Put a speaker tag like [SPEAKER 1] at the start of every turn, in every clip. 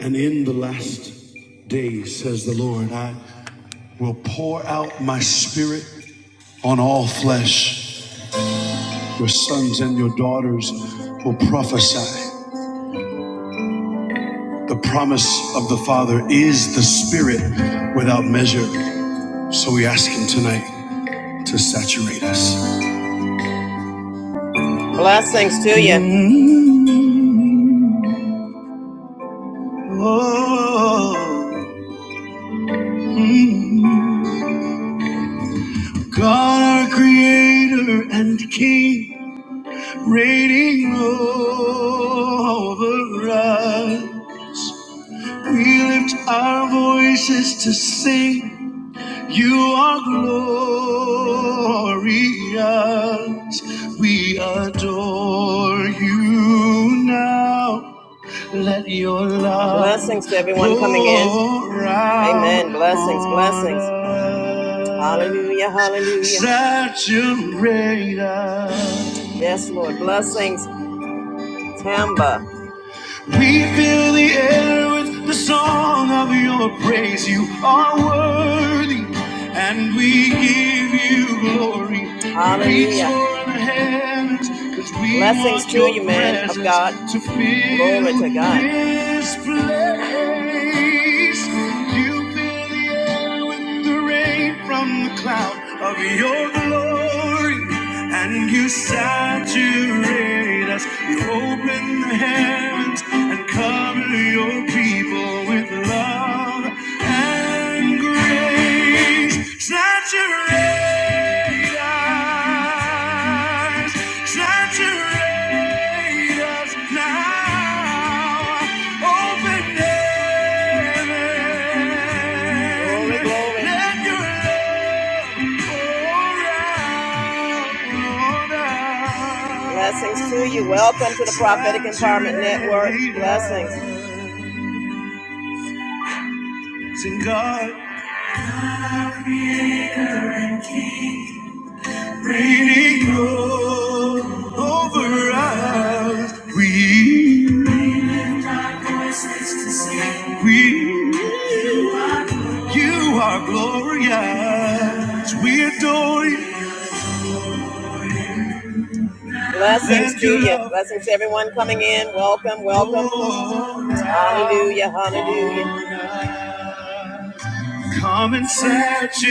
[SPEAKER 1] And in the last days, says the Lord, I will pour out my spirit on all flesh. Your sons and your daughters will prophesy. The promise of the Father is the Spirit without measure. So we ask Him tonight to saturate us. Blessings to you. Mm-hmm. Oh, mm-hmm. God, our Creator and King. Reigning over us, we lift our voices to sing. You are glorious. We adore you now. Let your love blessings to everyone coming in. Amen. Blessings, blessings. Hallelujah, hallelujah. Saturate us. Yes, Lord. Blessings. September. We fill the air with the song of your praise. You are worthy, and we give you glory. Hallelujah. Blessings to you, man of God. Glory to God fill the air with the rain from the cloud of your glory. And you saturate us. You open the heavens and cover your people with love and grace. Saturate us. Saturate us now. Blessings to you. Welcome to the Prophetic Empowerment Network. Blessings. To God, reigning over us. We, we, you are glorious. We adore you. Blessings to you. Blessings to everyone coming in. Welcome, welcome. Hallelujah, hallelujah. Come and saturate us.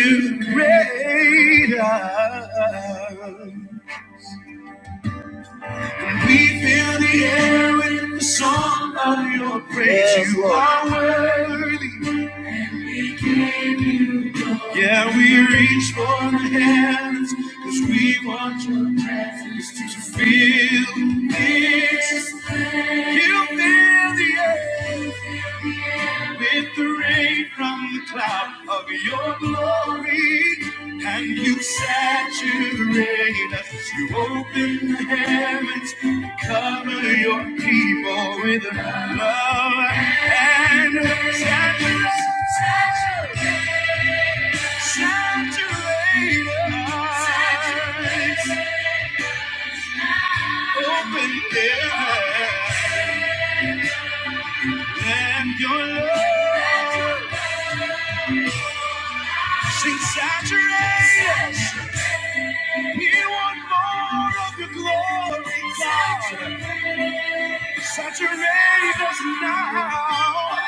[SPEAKER 1] We fill the air with the song of your praise. Yes, you are worthy. Yeah, we reach for the heavens because we want your presence to fill this. place. You fill the earth with the rain from the cloud of your glory. And you saturate us. You open the heavens and cover your people with love and saturate us. Saturate us. Saturate us. Open their eyes and your love. Sing saturate us. We want more of your glory, God. Saturate us now.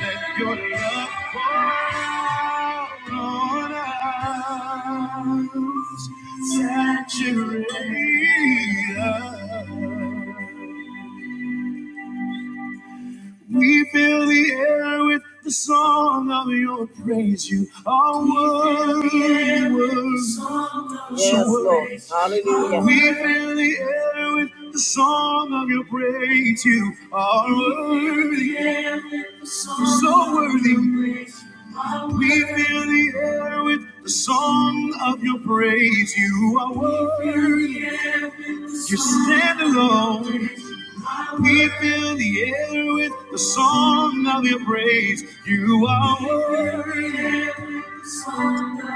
[SPEAKER 1] Let your love pour on us, saturate us. We fill the air with the song of your praise. You are worthy, worthy. Yes, Lord. Hallelujah. We fill the air with the song of your praise. You are worthy, so worthy. We fill the air with the song of your praise. You are worthy. You stand alone. We fill the air with the song of your praise. You are worthy.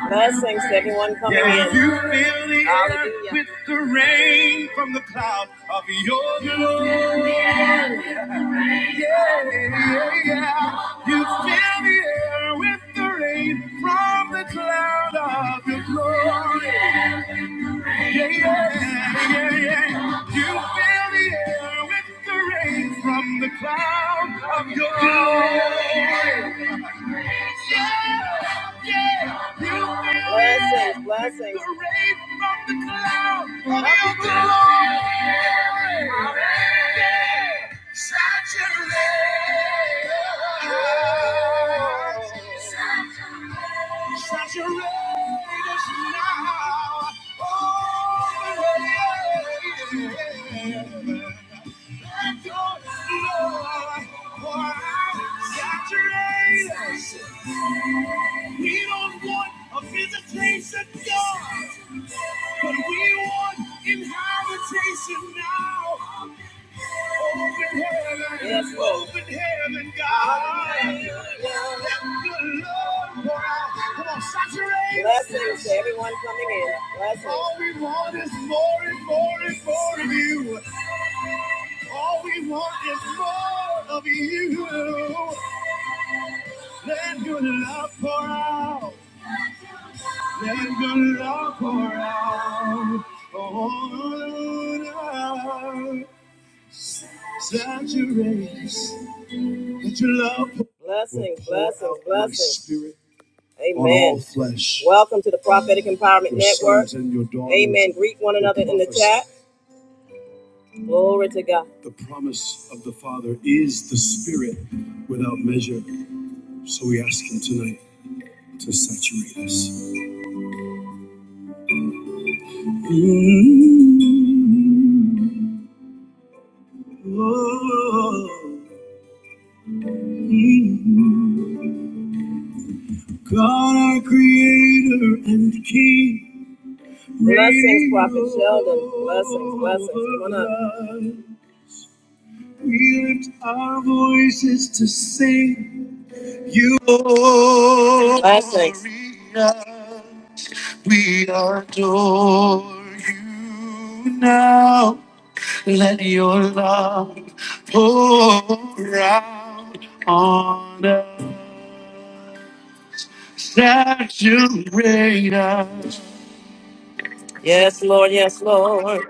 [SPEAKER 1] Blessings to everyone coming yeah, in. You fill the Hallelujah. air with the rain from the cloud of your glory. Yeah, Yeah, yeah. You fill the air with the rain from the cloud of your glory. Yeah, yeah, yeah, yeah. You fill the air with the rain from the cloud of your glory. Yeah, yeah. Blessings, blessings. The rain from the cloud of your glory. Yeah. Saturate. Saturate. Saturate us now. Oh, yeah. Let your Lord pour out. Saturate us. We don't want a visitation, God, but we want inhabitation now. Open heaven, yes, open heaven, God. Let good Lord pour out. Come on, saturate. Blessings to everyone coming in. Blessings. All we want is more and more and more of you. All we want is more of you. Let good love pour out. Let good love pour out. Oh, Lord, saturate. us. Let your love Blessings, blessings, blessings. Amen. Welcome to the Prophetic Empowerment Network. Amen. Greet one another in the chat. Glory to God. The promise of the Father is the Spirit without measure. So we ask Him tonight to saturate us. Mm, oh, mm. God, our Creator and King. Blessings, Prophet Sheldon. Blessings, blessings. Come on up. We lift our voices to sing you. Blessings. We adore you now. Let your love pour out on us. Saturate us. Yes, Lord. Yes, Lord.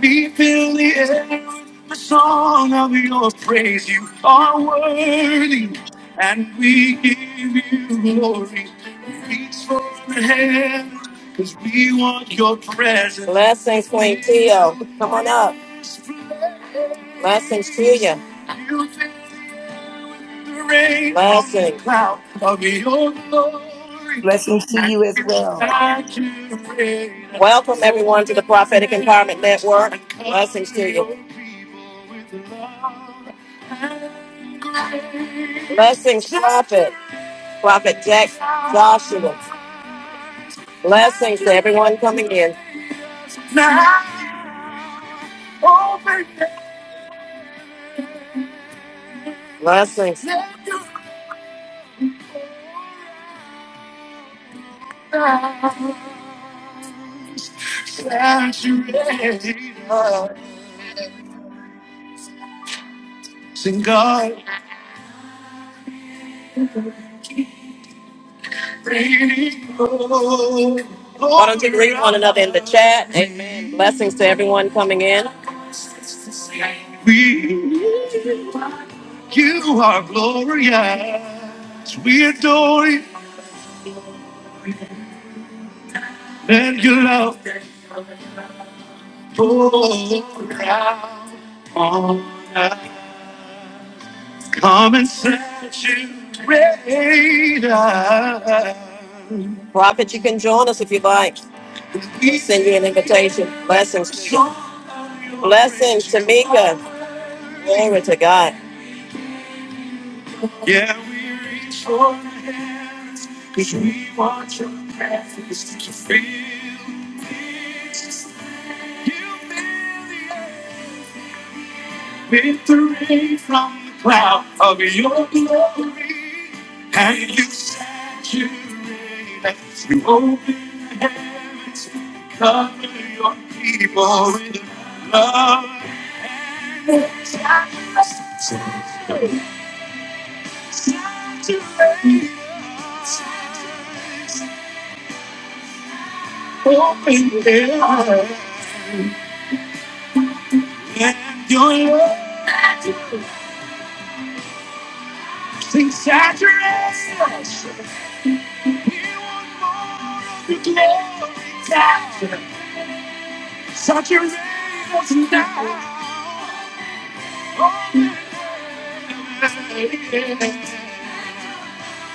[SPEAKER 1] We fill the air with the song of your praise. You are worthy, and we give you glory. We reach for the heaven, because we want your presence. Blessings, Queen Cleo. Come on up. Blessings to you. Blessings. Of your glory.
[SPEAKER 2] Blessings to you as well.
[SPEAKER 1] Welcome, everyone, to the Prophetic Empowerment Network. Blessings to you. Blessings, Prophet. Prophet Jack Joshua. Blessings to everyone coming in. Blessings. Why don't you greet one another in the chat? Amen. Blessings to everyone coming in. We, you are glorious. We adore you and your love pour out on us. Come and set you greater. Prophet, you can join us if you like. We'll send you an invitation. Blessings. Blessings, Tamika. Glory to God. Yeah, we reach for the hands because we want your presence to feel this. You feel the air, victory from the cloud of your glory. And you secure that you open your hands to cover your people with the love. You open your hands. Sing saturate us. The glory Saturate us now.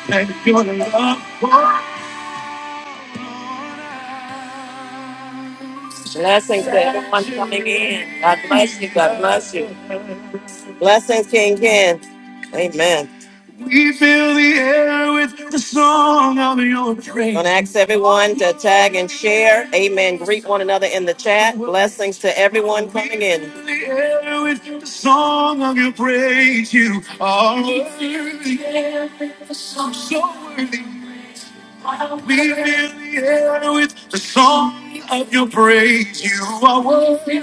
[SPEAKER 1] And your love. Blessings to everyone coming in. God bless you. God bless you. Blessings, King Ken. Amen. We fill the air with the song of your praise. Gonna ask everyone to tag and share. Amen. Greet one another in the chat. Blessings to everyone coming in. We fill the air with the song of your praise. You are worthy. We fill the air with the song. So worthy. We fill the air with the song of your praise. You are worthy.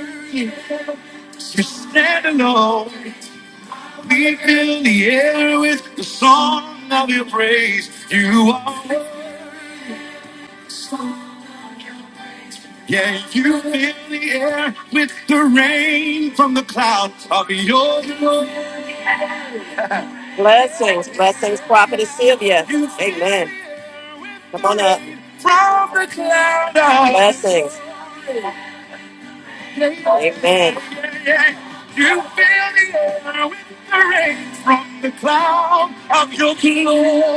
[SPEAKER 1] You stand alone. We fill the air with the song of your praise. You are worthy. Yeah, you fill the air with the rain from the clouds of your glory. Blessings, blessings, Prophetess Sylvia. You fill Amen. the Come on up. rain from the clouds. Blessings. Amen. From the cloud of your glory.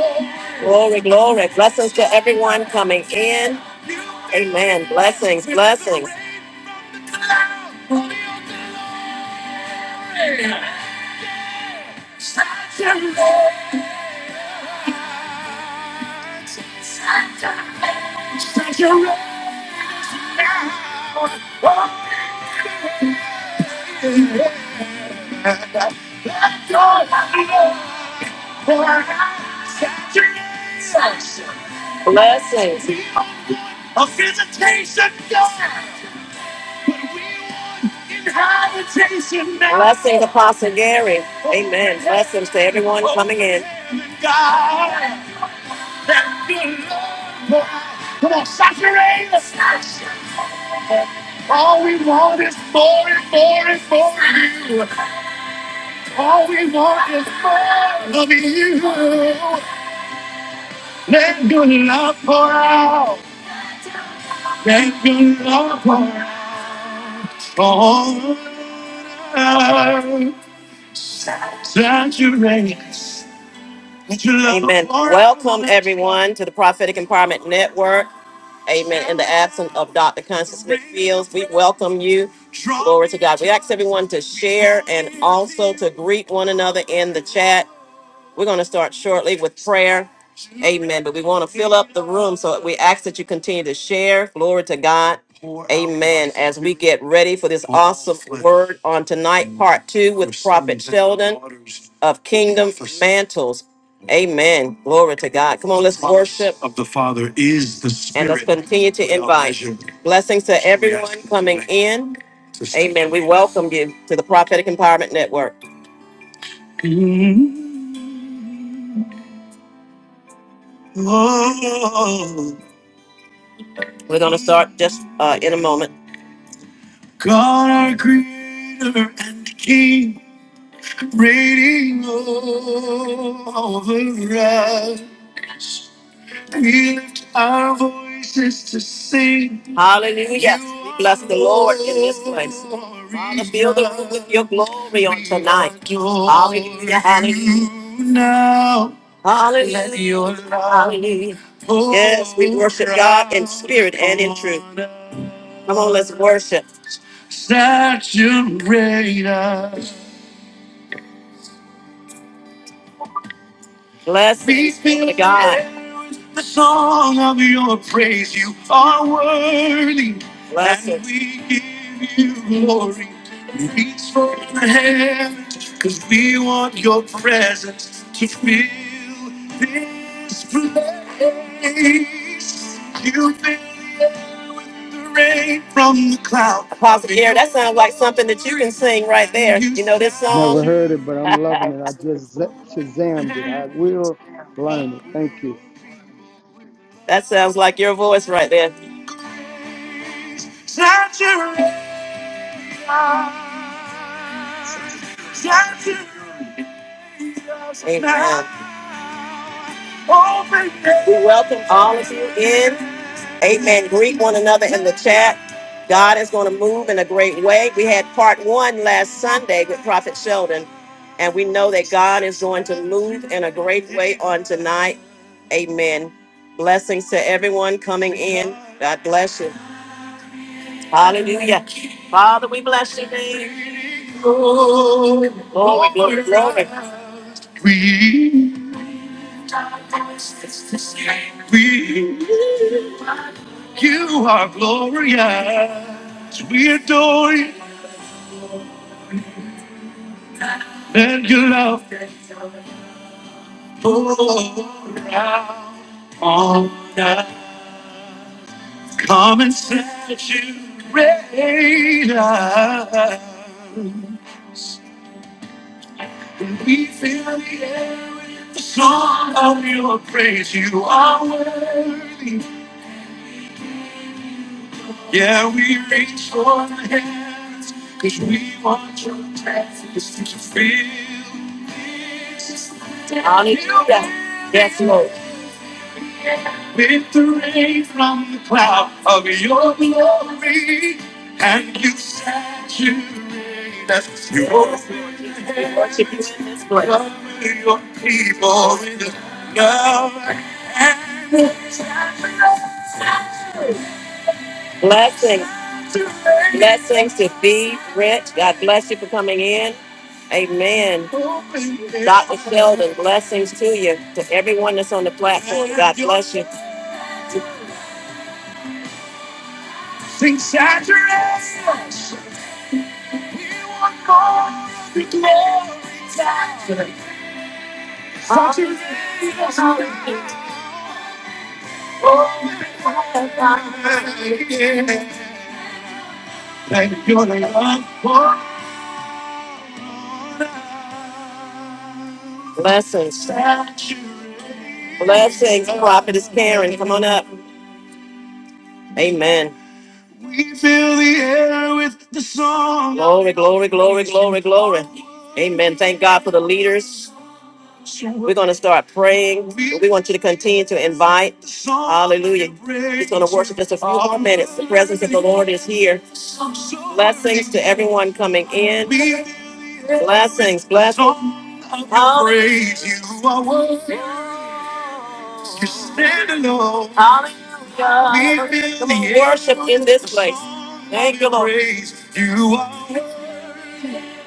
[SPEAKER 1] Glory, glory. Blessings to everyone coming in. Amen. Blessings, blessings. Blessings. A visitation God. inhabitation man. Blessings, Apostle Gary. Amen. Blessings to everyone coming in. God, that good Lord. Come on, saturate us. All we want is more and more and more. All we want is more of you. Let your love pour out. Let your love pour out. Oh, saturate us. Let your love Amen. pour out. Welcome, on us. everyone, to the Prophetic Empowerment Network. Amen. In the absence of Dr. Constance Smith Fields, we welcome you. Glory to God. We ask everyone to share and also to greet one another in the chat. We're going to start shortly with prayer. Amen. But we want to fill up the room, so we ask that you continue to share. Glory to God. Amen. As we get ready for this awesome word on tonight, part two with Prophet Sheldon of Kingdom Mantles. Amen. Glory to God. Come on, let's worship. The the Father is of And let's Spirit continue to invite. Blessings to everyone coming in. Amen. We welcome you to the Prophetic Empowerment Network. We're going to start just uh, in a moment. God, our creator and king, reigning over us. We lift our voices to sing. Hallelujah. We bless the Lord in this place. Father, fill the room with your glory on tonight. Hallelujah. Hallelujah. Now, hallelujah. Let your love hallelujah. Yes, we worship God in spirit and in truth. Come on, let's worship. saturator. Blessings Please be to God. the song of your praise. You are worthy, Blessings. and we give you glory. Reach for the hand, because we want your presence to fill this place. You bend the rain from the cloud. Apostle Gary, that sounds like something that you can sing right there. You know this
[SPEAKER 3] Never
[SPEAKER 1] song?
[SPEAKER 3] heard it, but I'm loving it. I just za- shazammed it. I
[SPEAKER 1] That
[SPEAKER 3] will learn it. Thank you.
[SPEAKER 1] sounds like your voice right there. Amen. We welcome all of you in. Amen. Greet one another in the chat. God is going to move in a great way. We had part one last Sunday with Prophet Sheldon, and we know that God is going to move in a great way on tonight. Amen. Blessings to everyone coming in. God bless you. Hallelujah. Father, we bless your name. Glory, glory, glory. We, we, you are glorious. We adore you and your love pour out on us. Come and set you reign. And we fill the air with the song of your praise. You are worthy. Yeah, we reach for the heavens because we want your presence to fill this. Hallelujah. Yes, Lord. Victory from the cloud of your glory, and you saturate us. You open worship this place. Cover your people with love and blessings. Blessings to be rich. God bless you for coming in. Amen. Dr. Sheldon, blessings to you, to everyone that's on the platform. God bless you. Sing saturate the glory. Saturate us Thank you, love. for- Blessings. Saturate. Blessings, prophetess Karen. Come on up. Amen. We fill the air with the song. Glory, glory, glory, glory, glory. Amen. Thank God for the leaders. We're going to start praying. We want you to continue to invite. Hallelujah. He's going to worship just a few more minutes. The presence of the Lord is here. Blessings to everyone coming in. Blessings, blessings. Praise you are worthy. You stand alone. Hallelujah. We Come on, worship in this place. Thank you, Lord. Praise you are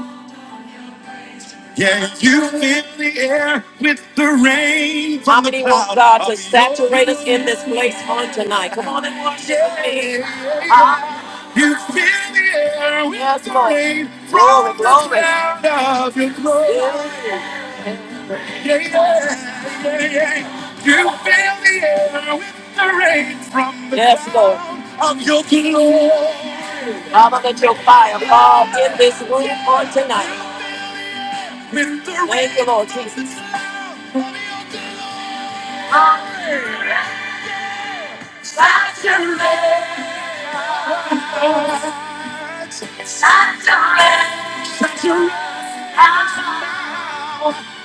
[SPEAKER 1] worthy. Yeah, you fill the air with the rain. How many want God to saturate us in this place on tonight? Come on and worship with me. Ah. You fill the air with yes, the Lord. rain glory, from the glory. sound of your glory. Yeah, yeah, yeah, yeah. You fill the air with the rain from the yes, Lord. sound of your glory. Father, let your fire fall in this room on tonight. With the Thank you, Lord Jesus.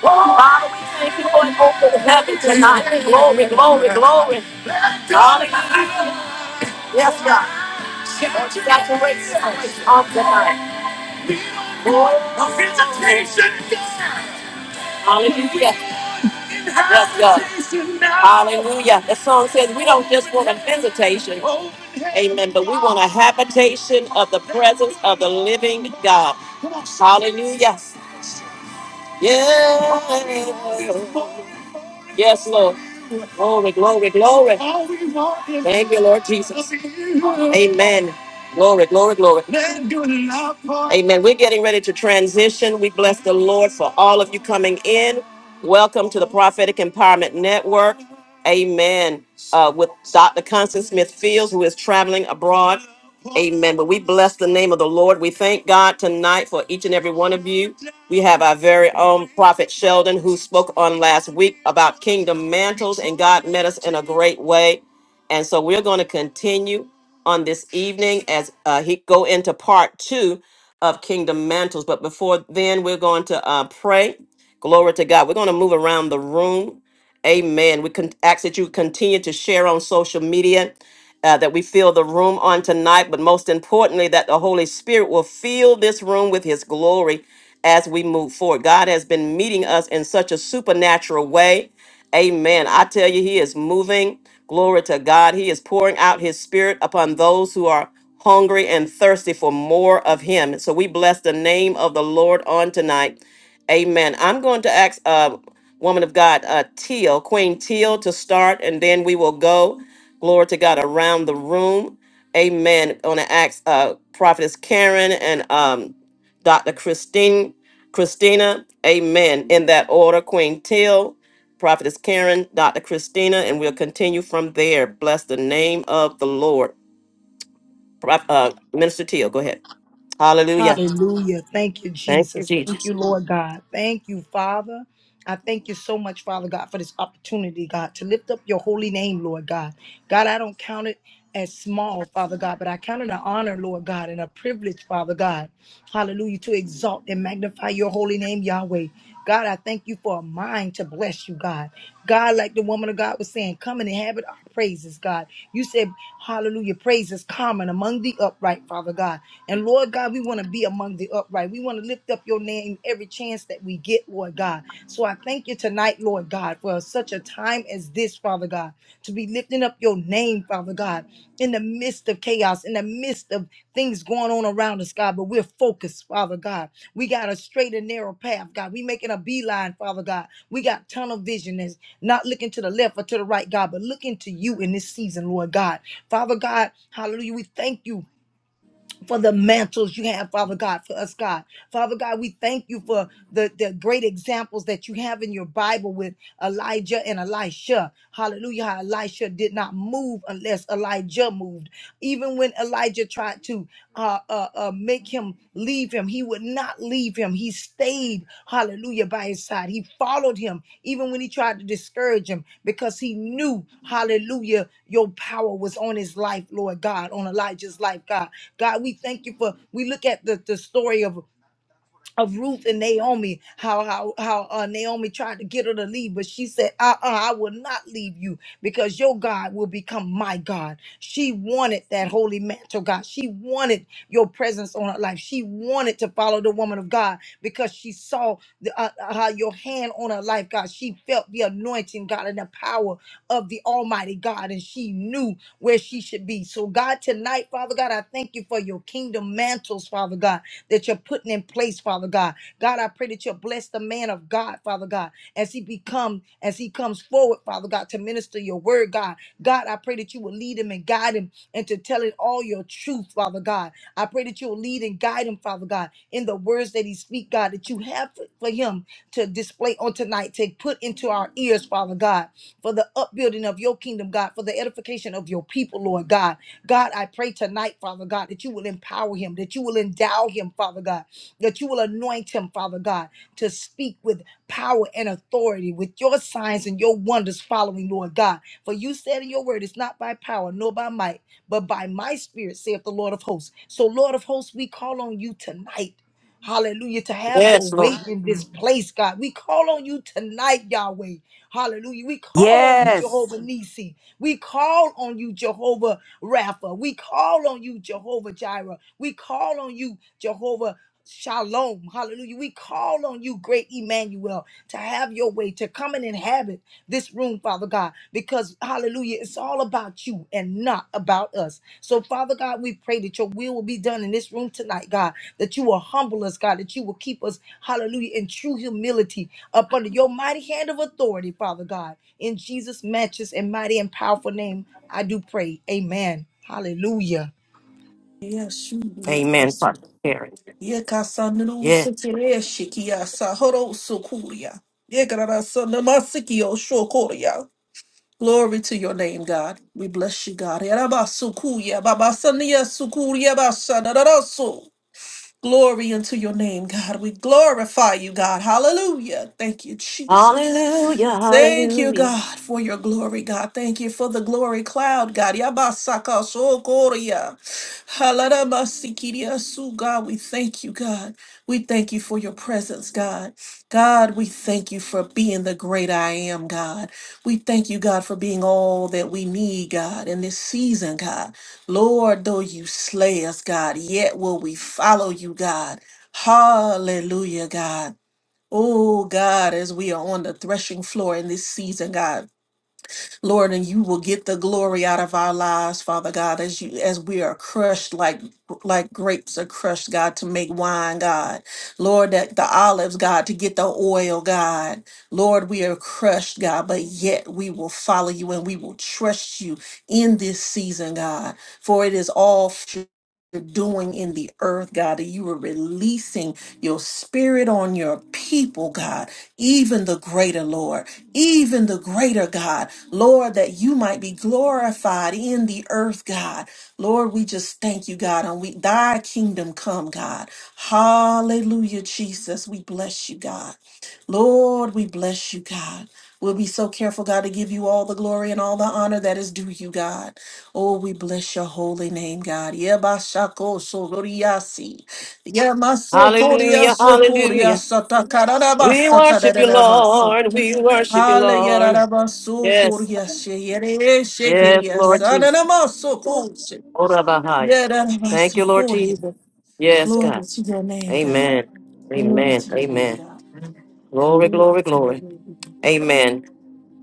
[SPEAKER 1] Father, we thank you for an open heaven tonight. Glory, glory, glory. Hallelujah. Yes, God. Saturate us on tonight. Lord, a visitation. Hallelujah. Yes, God. Hallelujah. The song says we don't just want a visitation. Amen. But we want a habitation of the presence of the living God. Hallelujah. Yeah. Yes, Lord. Glory, glory, glory. Thank you, Lord Jesus. Amen. Glory, glory, glory. Amen. We're getting ready to transition. We bless the Lord for all of you coming in. Welcome to the Prophetic Empowerment Network. Amen. Uh, with Dr. Constance Smith Fields, who is traveling abroad. Amen. But we bless the name of the Lord. We thank God tonight for each and every one of you. We have our very own Prophet Sheldon who spoke on last week about kingdom mantles, and God met us in a great way. And so we're going to continue on this evening as uh, he go into part two of kingdom mantles. But before then, we're going to uh, pray. Glory to God. We're going to move around the room. Amen. We can ask that you continue to share on social media uh, that we fill the room on tonight, but most importantly, that the Holy Spirit will fill this room with His glory as we move forward. God has been meeting us in such a supernatural way. Amen. I tell you, He is moving. Glory to God. He is pouring out His Spirit upon those who are hungry and thirsty for more of Him. So we bless the name of the Lord on tonight. Amen. I'm going to ask uh, woman of God, uh, Teal, Queen Teal, to start, and then we will go. Glory to God around the room. Amen. i On the Acts, uh, Prophetess Karen and um, Dr. Christine, Christina. Amen. In that order, Queen Till, Prophetess Karen, Dr. Christina, and we'll continue from there. Bless the name of the Lord. Proph- uh, Minister Till, go ahead. Hallelujah.
[SPEAKER 2] Hallelujah. Thank you,
[SPEAKER 1] Thank you,
[SPEAKER 2] Jesus. Thank
[SPEAKER 1] Jesus.
[SPEAKER 2] you, Lord God. Thank you, Father. I thank you so much, Father God, for this opportunity, God, to lift up your holy name, Lord God. God, I don't count it as small, Father God, but I count it an honor, Lord God, and a privilege, Father God. Hallelujah, to exalt and magnify your holy name, Yahweh. God, I thank you for a mind to bless you, God. God, like the woman of God was saying, come and inhabit our praises, God. You said, hallelujah, praise is common among the upright, Father God. And Lord God, we want to be among the upright. We want to lift up your name every chance that we get, Lord God. So I thank you tonight, Lord God, for such a time as this, Father God, to be lifting up your name, Father God, in the midst of chaos, in the midst of things going on around us, God, but we're focused, Father God. We got a straight and narrow path, God. We making a beeline, Father God. We got tunnel vision and not looking to the left or to the right, God, but looking to you in this season, Lord God. Father God, hallelujah. We thank you for the mantles you have, Father God, for us, God. Father God, we thank you for the, the great examples that you have in your Bible with Elijah and Elisha. Hallelujah. How Elisha did not move unless Elijah moved. Even when Elijah tried to uh, uh, uh, make him leave him, he would not leave him. He stayed, hallelujah, by his side. He followed him, even when he tried to discourage him, because he knew, hallelujah, your power was on his life, Lord God, on Elijah's life, God. God, we thank you for, we look at the, the story of of Ruth and Naomi, how how how uh, Naomi tried to get her to leave, but she said, uh-uh, "I will not leave you because your God will become my God." She wanted that holy mantle, God. She wanted your presence on her life. She wanted to follow the woman of God because she saw the, uh, uh, how your hand on her life, God. She felt the anointing, God, and the power of the Almighty God, and she knew where she should be. So, God, tonight, Father God, I thank you for your kingdom mantles, Father God that you're putting in place, Father God. God, I pray that you'll bless the man of God, Father God, as he become, as he comes forward, Father God, to minister your word, God. God, I pray that you will lead him and guide him and to tell it all your truth, Father God. I pray that you'll lead and guide him, Father God, in the words that he speak, God, that you have for for him to display on tonight, to put into our ears, Father God, for the upbuilding of your kingdom, God, for the edification of your people, Lord God. God, I pray tonight, Father God, that you will empower him, that you will endow him, Father God, that you will anoint him, Father God, to speak with power and authority, with your signs and your wonders following, Lord God. For you said in your word, it's not by power nor by might, but by my spirit, saith the Lord of hosts. So, Lord of hosts, we call on you tonight. Hallelujah, to have your
[SPEAKER 1] Yes,
[SPEAKER 2] way
[SPEAKER 1] Lord.
[SPEAKER 2] in this place, God. We call on you tonight, Yahweh. Hallelujah. We call on you,
[SPEAKER 4] Yes.
[SPEAKER 2] Jehovah Nisi. We call on you, Jehovah. Rapha. We call on you, Jehovah Jireh. We call on you, Jehovah Shalom. Hallelujah. We call on you, great Emmanuel, to have your way, to come and inhabit this room, Father God, because hallelujah, it's all about you and not about us. So, Father God, we pray that your will will be done in this room tonight, God, that you will humble us, God, that you will keep us, hallelujah, in true humility up under your mighty hand of authority, Father God. In Jesus' matchless and mighty and powerful name, I do pray. Amen. Hallelujah.
[SPEAKER 1] Amen.
[SPEAKER 5] Yeshuyafasu.
[SPEAKER 1] Prophetess Karen. Yes.
[SPEAKER 5] Yekasanrusekere shikiasa horosukuria. Yekarasanamasukio shokoria. Glory to your name, God. We bless you, God. Yarabasukuya babasaniya sukuria basanarasu. Glory unto your name, God. We glorify you, God. Hallelujah. Thank you, Jesus.
[SPEAKER 1] Hallelujah.
[SPEAKER 5] Thank you,
[SPEAKER 1] Hallelujah.
[SPEAKER 5] God, for your glory, God. Thank you for the glory cloud, God. Yabasaka sokoria. Haladabasikiria su, God, we thank you, God. We thank you for your presence, God. God, we thank you for being the great I am, God. We thank you, God, for being all that we need, God, in this season, God. Lord, though you slay us, God, yet will we follow you, God. Hallelujah, God. Oh God, as we are on the threshing floor in this season, God, Lord, and you will get the glory out of our lives, Father God, as you as we are crushed like like grapes are crushed, God, to make wine, God. Lord, that the olives, God, to get the oil, God. Lord, we are crushed, God, but yet we will follow you and we will trust you in this season, God. For it is all doing in the earth, God, that you are releasing your spirit on your people, God, even the greater, Lord, even the greater, God, Lord, that you might be glorified in the earth, God. Lord, we just thank you, God, and we thy kingdom come, God. Hallelujah, Jesus. We bless you, God. Lord, we bless you, God. We'll be so careful, God, to give you all the glory and all the honor that is due you, God. Oh, we bless your holy name, God. Yebashako sororiasi. Yemaso
[SPEAKER 1] Hallelujah.
[SPEAKER 5] koriaso
[SPEAKER 1] Hallelujah.
[SPEAKER 5] koriasa
[SPEAKER 1] We
[SPEAKER 5] takararabasa
[SPEAKER 1] worship you,
[SPEAKER 5] tadadadabaso.
[SPEAKER 1] Lord. We worship you, Lord.
[SPEAKER 5] Haleyararabaso
[SPEAKER 1] Yes.
[SPEAKER 5] koriashe yereeshe
[SPEAKER 1] Yes, Lord
[SPEAKER 5] kiriasa
[SPEAKER 1] Jesus.
[SPEAKER 5] nanamaso koshe.
[SPEAKER 1] Ora bahaya. Thank you,
[SPEAKER 5] Yerarabaso
[SPEAKER 1] Lord
[SPEAKER 5] koria.
[SPEAKER 1] Jesus. Yes,
[SPEAKER 5] Glory
[SPEAKER 1] God.
[SPEAKER 5] to your name, God.
[SPEAKER 1] Amen.
[SPEAKER 5] Glory
[SPEAKER 1] Amen.
[SPEAKER 5] to your name,
[SPEAKER 1] Amen.
[SPEAKER 5] God.
[SPEAKER 1] Glory,
[SPEAKER 5] Glory
[SPEAKER 1] glory,
[SPEAKER 5] to your
[SPEAKER 1] glory.
[SPEAKER 5] name.
[SPEAKER 1] Amen.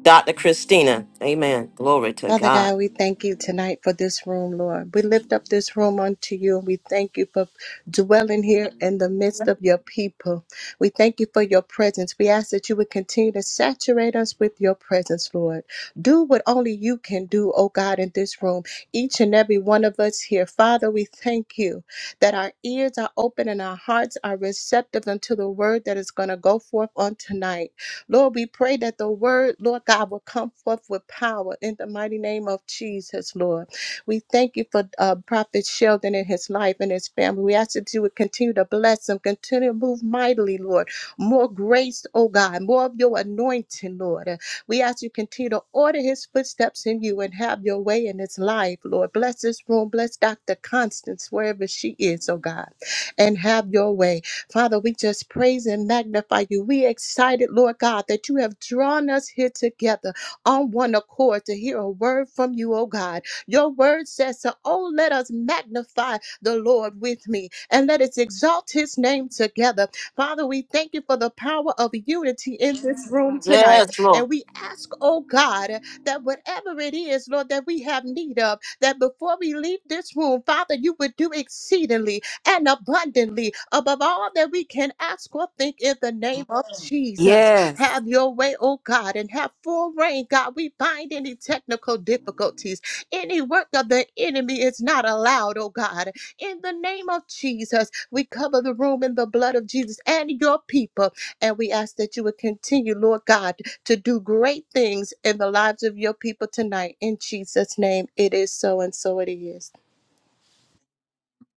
[SPEAKER 1] Dr. Christina. Amen. Glory to
[SPEAKER 6] Father
[SPEAKER 1] God.
[SPEAKER 6] God, we thank you tonight for this room, Lord. We lift up this room unto you. We thank you for dwelling here in the midst of your people. We thank you for your presence. We ask that you would continue to saturate us with your presence, Lord. Do what only you can do, oh God, in this room. Each and every one of us here. Father, we thank you that our ears are open and our hearts are receptive unto the word that is going to go forth on tonight. Lord, we pray that the word, Lord God, will come forth with power in the mighty name of Jesus, Lord. We thank you for uh, Prophet Sheldon and his life and his family. We ask that you would continue to bless him, continue to move mightily, Lord. More grace, oh God, more of your anointing, Lord. Uh, We ask you continue to order his footsteps in you and have your way in his life, Lord. Bless this room, bless Dr. Constance, wherever she is, oh God, and have your way. Father, we just praise and magnify you. We excited, Lord God, that you have drawn us here together on one accord to hear a word from you, oh God. Your word says, so, oh, let us magnify the Lord with me and let us exalt his name together. Father, we thank you for the power of unity in this room tonight.
[SPEAKER 1] Yes, Lord.
[SPEAKER 6] And we ask, oh God, that whatever it is, Lord, that we have need of, that before we leave this room, Father, you would do exceedingly and abundantly above all that we can ask or think in the name of Amen. Jesus.
[SPEAKER 4] Yes.
[SPEAKER 6] Have your way, oh God, and have full reign, God. We bind any technical difficulties. Any work of the enemy is not allowed, oh God. In the name of Jesus, we cover the room in the blood of Jesus and your people. And we ask that you would continue, Lord God, to do great things in the lives of your people tonight. In Jesus' name, it is so and so it is.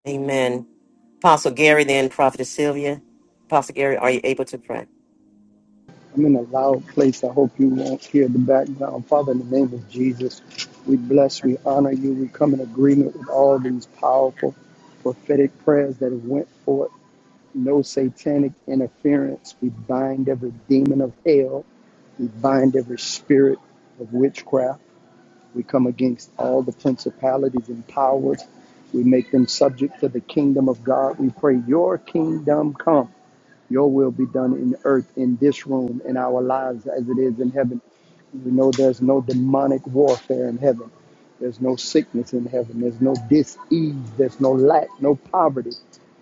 [SPEAKER 1] Amen. Apostle Gary, then Prophetess Sylvia. Apostle Gary, are you able to pray?
[SPEAKER 3] I'm in a loud place. I hope you won't hear the background. Father, in the name of Jesus, we bless, we honor you. We come in agreement with all these powerful prophetic prayers that have went forth. No satanic interference. We bind every demon of hell. We bind every spirit of witchcraft. We come against all the principalities and powers. We make them subject to the kingdom of God. We pray, Your kingdom come, Your will be done in earth, in this room, in our lives as it is in heaven. We know there's no demonic warfare in heaven. There's no sickness in heaven. There's no dis-ease. There's no lack, no poverty.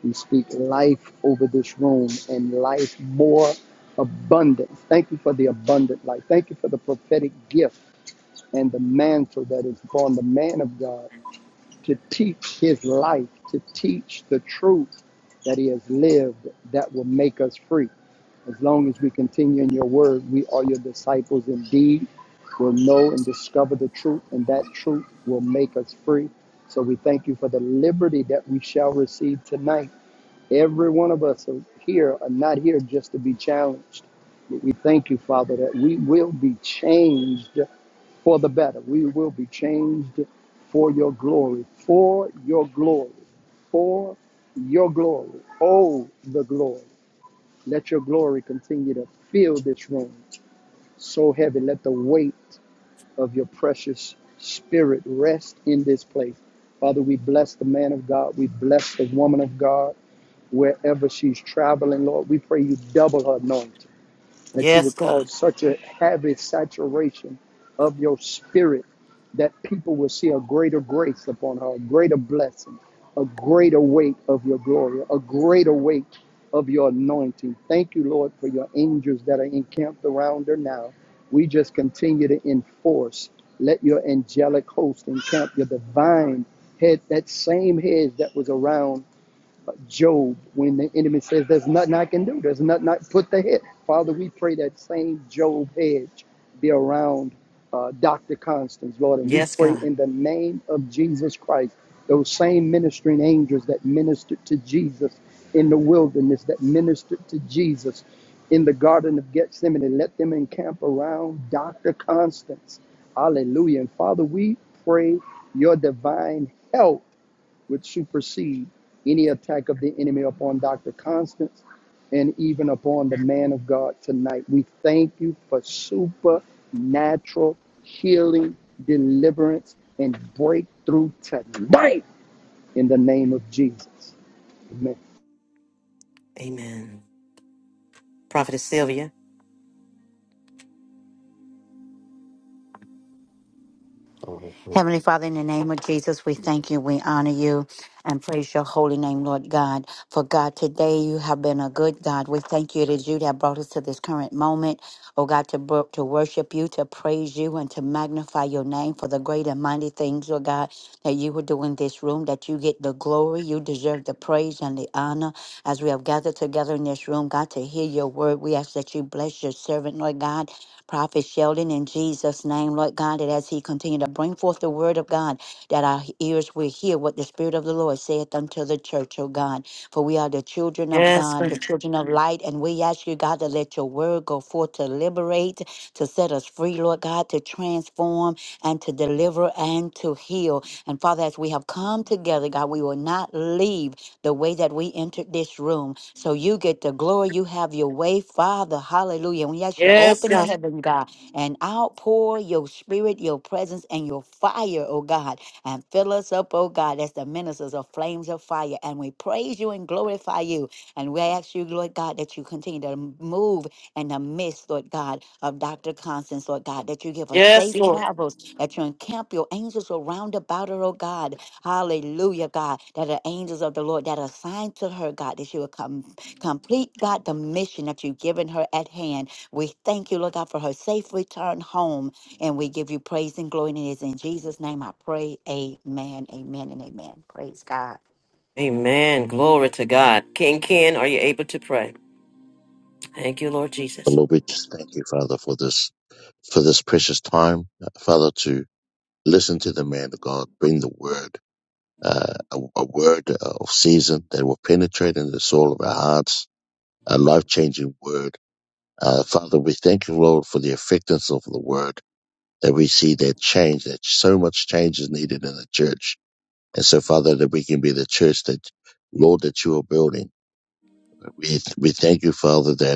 [SPEAKER 3] We speak life over this room and life more abundant. Thank you for the abundant life. Thank you for the prophetic gift and the mantle that is upon the man of God to teach his life, to teach the truth that he has lived that will make us free. As long as we continue in your word, we are your disciples indeed. We'll know and discover the truth, and that truth will make us free. So we thank you for the liberty that we shall receive tonight. Every one of us are here are not here just to be challenged. But we thank you, Father, that we will be changed for the better. We will be changed for your glory, for your glory, for your glory. Oh, the glory. Let your glory continue to fill this room so heavy. Let the weight of your precious spirit rest in this place. Father, we bless the man of God. We bless the woman of God wherever she's traveling, Lord. We pray you double her anointing that you
[SPEAKER 1] Yes,
[SPEAKER 3] would
[SPEAKER 1] God.
[SPEAKER 3] cause such a heavy saturation of your spirit that people will see a greater grace upon her, a greater blessing, a greater weight of your glory, a greater weight of your anointing. Thank you, Lord, for your angels that are encamped around her now. We just continue to enforce. Let your angelic host encamp your divine head, that same hedge that was around Job when the enemy says, There's nothing I can do, there's nothing I put the head. Father, we pray that same Job hedge be around uh, Dr. Constance, Lord, and we
[SPEAKER 1] Yes,
[SPEAKER 3] pray
[SPEAKER 1] God.
[SPEAKER 3] in the name of Jesus Christ, those same ministering angels that ministered to Jesus in the wilderness, that ministered to Jesus in the Garden of Gethsemane, let them encamp around Dr. Constance. Hallelujah. And Father, we pray your divine help would supersede any attack of the enemy upon Dr. Constance and even upon the man of God tonight. We thank you for supernatural healing, deliverance, and breakthrough tonight in the name of Jesus. Amen.
[SPEAKER 1] Amen. Prophetess Sylvia.
[SPEAKER 7] Heavenly Father, in the name of Jesus, we thank you, we honor you, and praise your holy name, Lord God. For God, today you have been a good God. We thank you it is you that brought us to this current moment, oh God, to, bro- to worship you, to praise you, and to magnify your name for the great and mighty things, oh God, that you will do in this room, that you get the glory, you deserve the praise and the honor as we have gathered together in this room, God, to hear your word. We ask that you bless your servant, Lord God. Prophet Sheldon, in Jesus' name, Lord God, that as he continue to bring forth the word of God, that our ears will hear what the Spirit of the Lord saith unto the church, O God. For we are the children of
[SPEAKER 1] Yes,
[SPEAKER 7] God, the
[SPEAKER 1] God.
[SPEAKER 7] children of light, and we ask you, God, to let your word go forth to liberate, to set us free, Lord God, to transform and to deliver and to heal. And Father, as we have come together, God, we will not leave the way that we entered this room. So you get the glory. You have your way, Father. Hallelujah. And we ask you to
[SPEAKER 1] Yes,
[SPEAKER 7] open the
[SPEAKER 1] God.
[SPEAKER 7] heaven, God, and outpour your spirit, your presence, and your fire, oh God, and fill us up, oh God, as the ministers of flames of fire. And we praise you and glorify you. And we ask you, Lord God, that you continue to move in the midst, Lord God, of Dr. Constance, Lord God, that you give us
[SPEAKER 1] Yes,
[SPEAKER 7] safe
[SPEAKER 1] Lord.
[SPEAKER 7] travels, that you encamp your angels around about her, oh God, Hallelujah, God, that the angels of the Lord that are assigned to her, God, that she will come complete, God, the mission that you've given her at hand. We thank you, Lord God, for her safe return home. And we give you praise and glory. And it is in Jesus' name I pray. Amen. Amen and amen. Praise God.
[SPEAKER 1] Amen. Glory to God. King Ken, are you able to pray? Thank you, Lord
[SPEAKER 8] And
[SPEAKER 1] Jesus.
[SPEAKER 8] Lord, we just thank you, Father, for this for this precious time, uh, Father, to listen to the man of God, bring the word, uh, a, a word of season that will penetrate into the soul of our hearts, a life changing word. Uh, Father, we thank you, Lord, for the effectiveness of the word that we see that change, that so much change is needed in the church. And so, Father, that we can be the church that, Lord, that you are building. We, we thank you, Father, that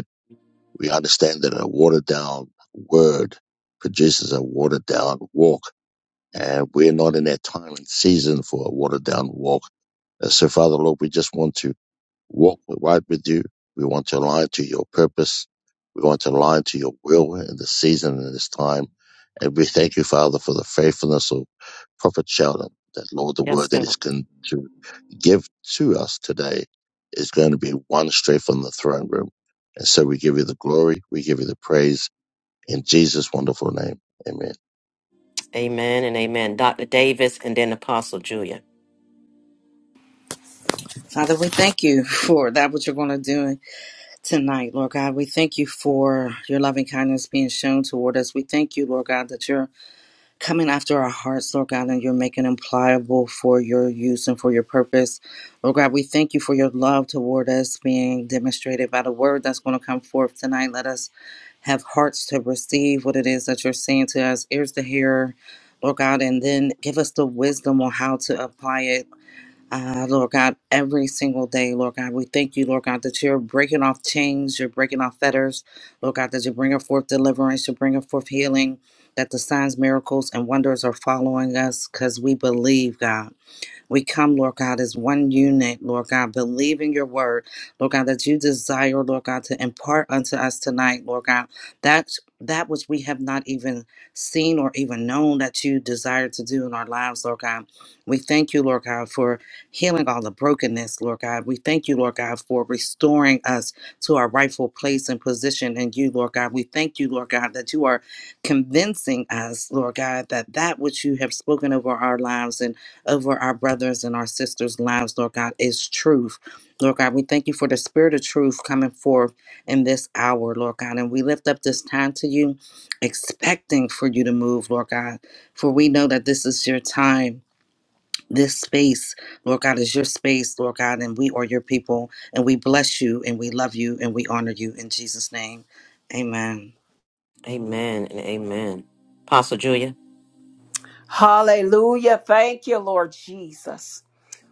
[SPEAKER 8] We understand that a watered down word produces a watered down walk, and we're not in that time and season for a watered down walk. Uh, So, Father Lord, we just want to walk right with you. We want to align to your purpose. We want to align to your will in this season and this time. And we thank you, Father, for the faithfulness of Prophet Sheldon, that Lord, the
[SPEAKER 1] Yes,
[SPEAKER 8] word that
[SPEAKER 1] God.
[SPEAKER 8] is con- to give to us today is going to be one straight from the throne room. And so we give you the glory, we give you the praise in Jesus' wonderful name. Amen.
[SPEAKER 1] Amen and amen. Dr. Davis and then Apostle Julia.
[SPEAKER 9] Father, we thank you for that what you're going to do tonight, Lord God. We thank you for your loving kindness being shown toward us. We thank you, Lord God, that you're coming after our hearts, Lord God, and you're making them pliable for your use and for your purpose. Lord God, we thank you for your love toward us being demonstrated by the word that's going to come forth tonight. Let us have hearts to receive what it is that you're saying to us, ears to hear. Lord God, and then give us the wisdom on how to apply it uh, Lord God, every single day, Lord God, we thank you, Lord God, that you're breaking off chains, you're breaking off fetters, Lord God, that you're bringing forth deliverance, you're bringing forth healing, that the signs, miracles, and wonders are following us because we believe, God. We come, Lord God, as one unit, Lord God, believing your word, Lord God, that you desire, Lord God, to impart unto us tonight, Lord God, that that which we have not even seen or even known that you desire to do in our lives, Lord God. We thank you, Lord God, for healing all the brokenness, Lord God. We thank you, Lord God, for restoring us to our rightful place and position in you, Lord God. We thank you, Lord God, that you are convincing us, Lord God, that that which you have spoken over our lives and over our brothers and our sisters' lives, Lord God, is truth. Lord God, we thank you for the spirit of truth coming forth in this hour, Lord God. And we lift up this time to you, expecting for you to move, Lord God. For we know that this is your time. This space, Lord God, is your space, Lord God, and we are your people. And we bless you and we love you and we honor you in Jesus' name. Amen.
[SPEAKER 1] Amen and amen. Apostle Julia.
[SPEAKER 4] Hallelujah. Thank you, Lord Jesus.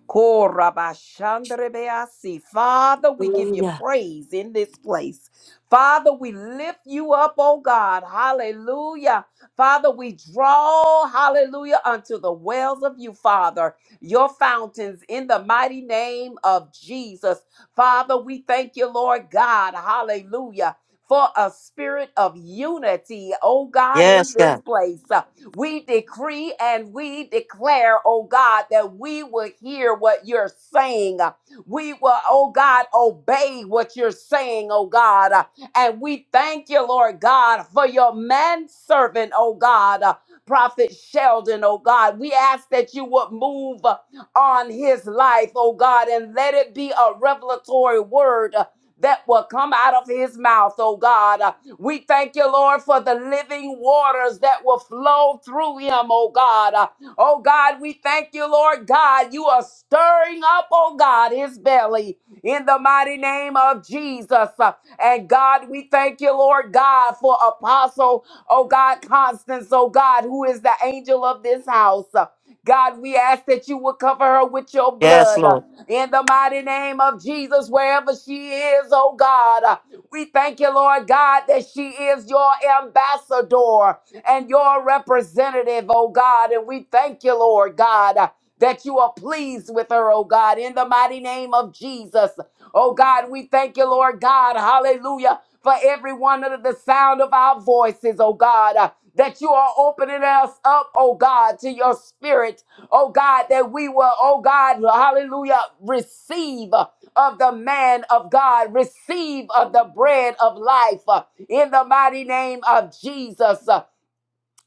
[SPEAKER 4] Korabashandarebeasi. Father, we give you
[SPEAKER 1] Hallelujah.
[SPEAKER 4] praise in this place. Father, we lift you up, oh God. Hallelujah. Father, we draw, hallelujah, unto the wells of you, Father, your fountains in the mighty name of Jesus. Father, we thank you, Lord God. Hallelujah. For a spirit of unity, oh God, in
[SPEAKER 1] Yes,
[SPEAKER 4] this
[SPEAKER 1] God.
[SPEAKER 4] place. We decree and we declare, oh God, that we will hear what you're saying. We will, oh God, obey what you're saying, oh God. And we thank you, Lord God, for your manservant, oh God, uh, Prophet Sheldon, oh God. We ask that you would move uh, on his life, oh God, and let it be a revelatory word. uh, That will come out of his mouth, oh God. We thank you, Lord, for the living waters that will flow through him, oh God. Uh, Oh God, we thank you, Lord God. You are stirring up, oh God, his belly in the mighty name of Jesus. Uh, And God, we thank you, Lord God, for Apostle, oh God, Constance, oh God, who is the angel of this house. Uh, God, we ask that you will cover her with your
[SPEAKER 1] Yes,
[SPEAKER 4] blood uh,
[SPEAKER 1] Lord.
[SPEAKER 4] in the mighty name of Jesus, wherever she is, oh God. We thank you, Lord God, that she is your ambassador and your representative, oh God. And we thank you, Lord God, that you are pleased with her, oh God, in the mighty name of Jesus. Oh God, we thank you, Lord God. Hallelujah. For everyone under the sound of our voices, oh God, uh, that you are opening us up, oh God, to your spirit, oh God, that we will, oh God, hallelujah, receive of the man of God. Receive of the bread of life uh, in the mighty name of Jesus. Uh,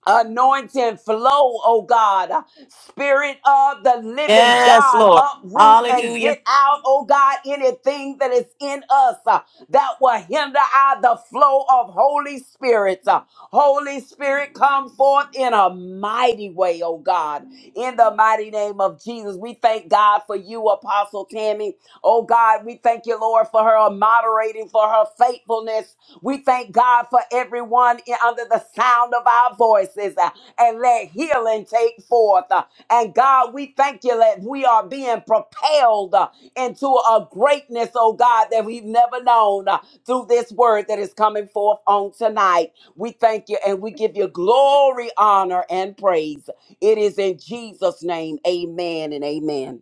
[SPEAKER 4] Anointing flow, oh God. Spirit of the living
[SPEAKER 1] Yes,
[SPEAKER 4] God,
[SPEAKER 1] Lord.
[SPEAKER 4] uproot and
[SPEAKER 1] Hallelujah.
[SPEAKER 4] get out, oh God, anything that is in us uh, that will hinder our the flow of Holy Spirit. Uh, Holy Spirit, come forth in a mighty way, oh God. In the mighty name of Jesus, we thank God for you, Apostle Tammy. Oh God, we thank you, Lord, for her moderating, for her faithfulness we thank God for everyone in- under the sound of our voices uh, and let healing take forth. uh, And God, we thank you that we are being propelled uh, into a greatness, oh God, that we've never known uh, through this word that is coming forth on tonight. We thank you and we give you glory, honor, and praise. It is in Jesus' name. Amen and amen.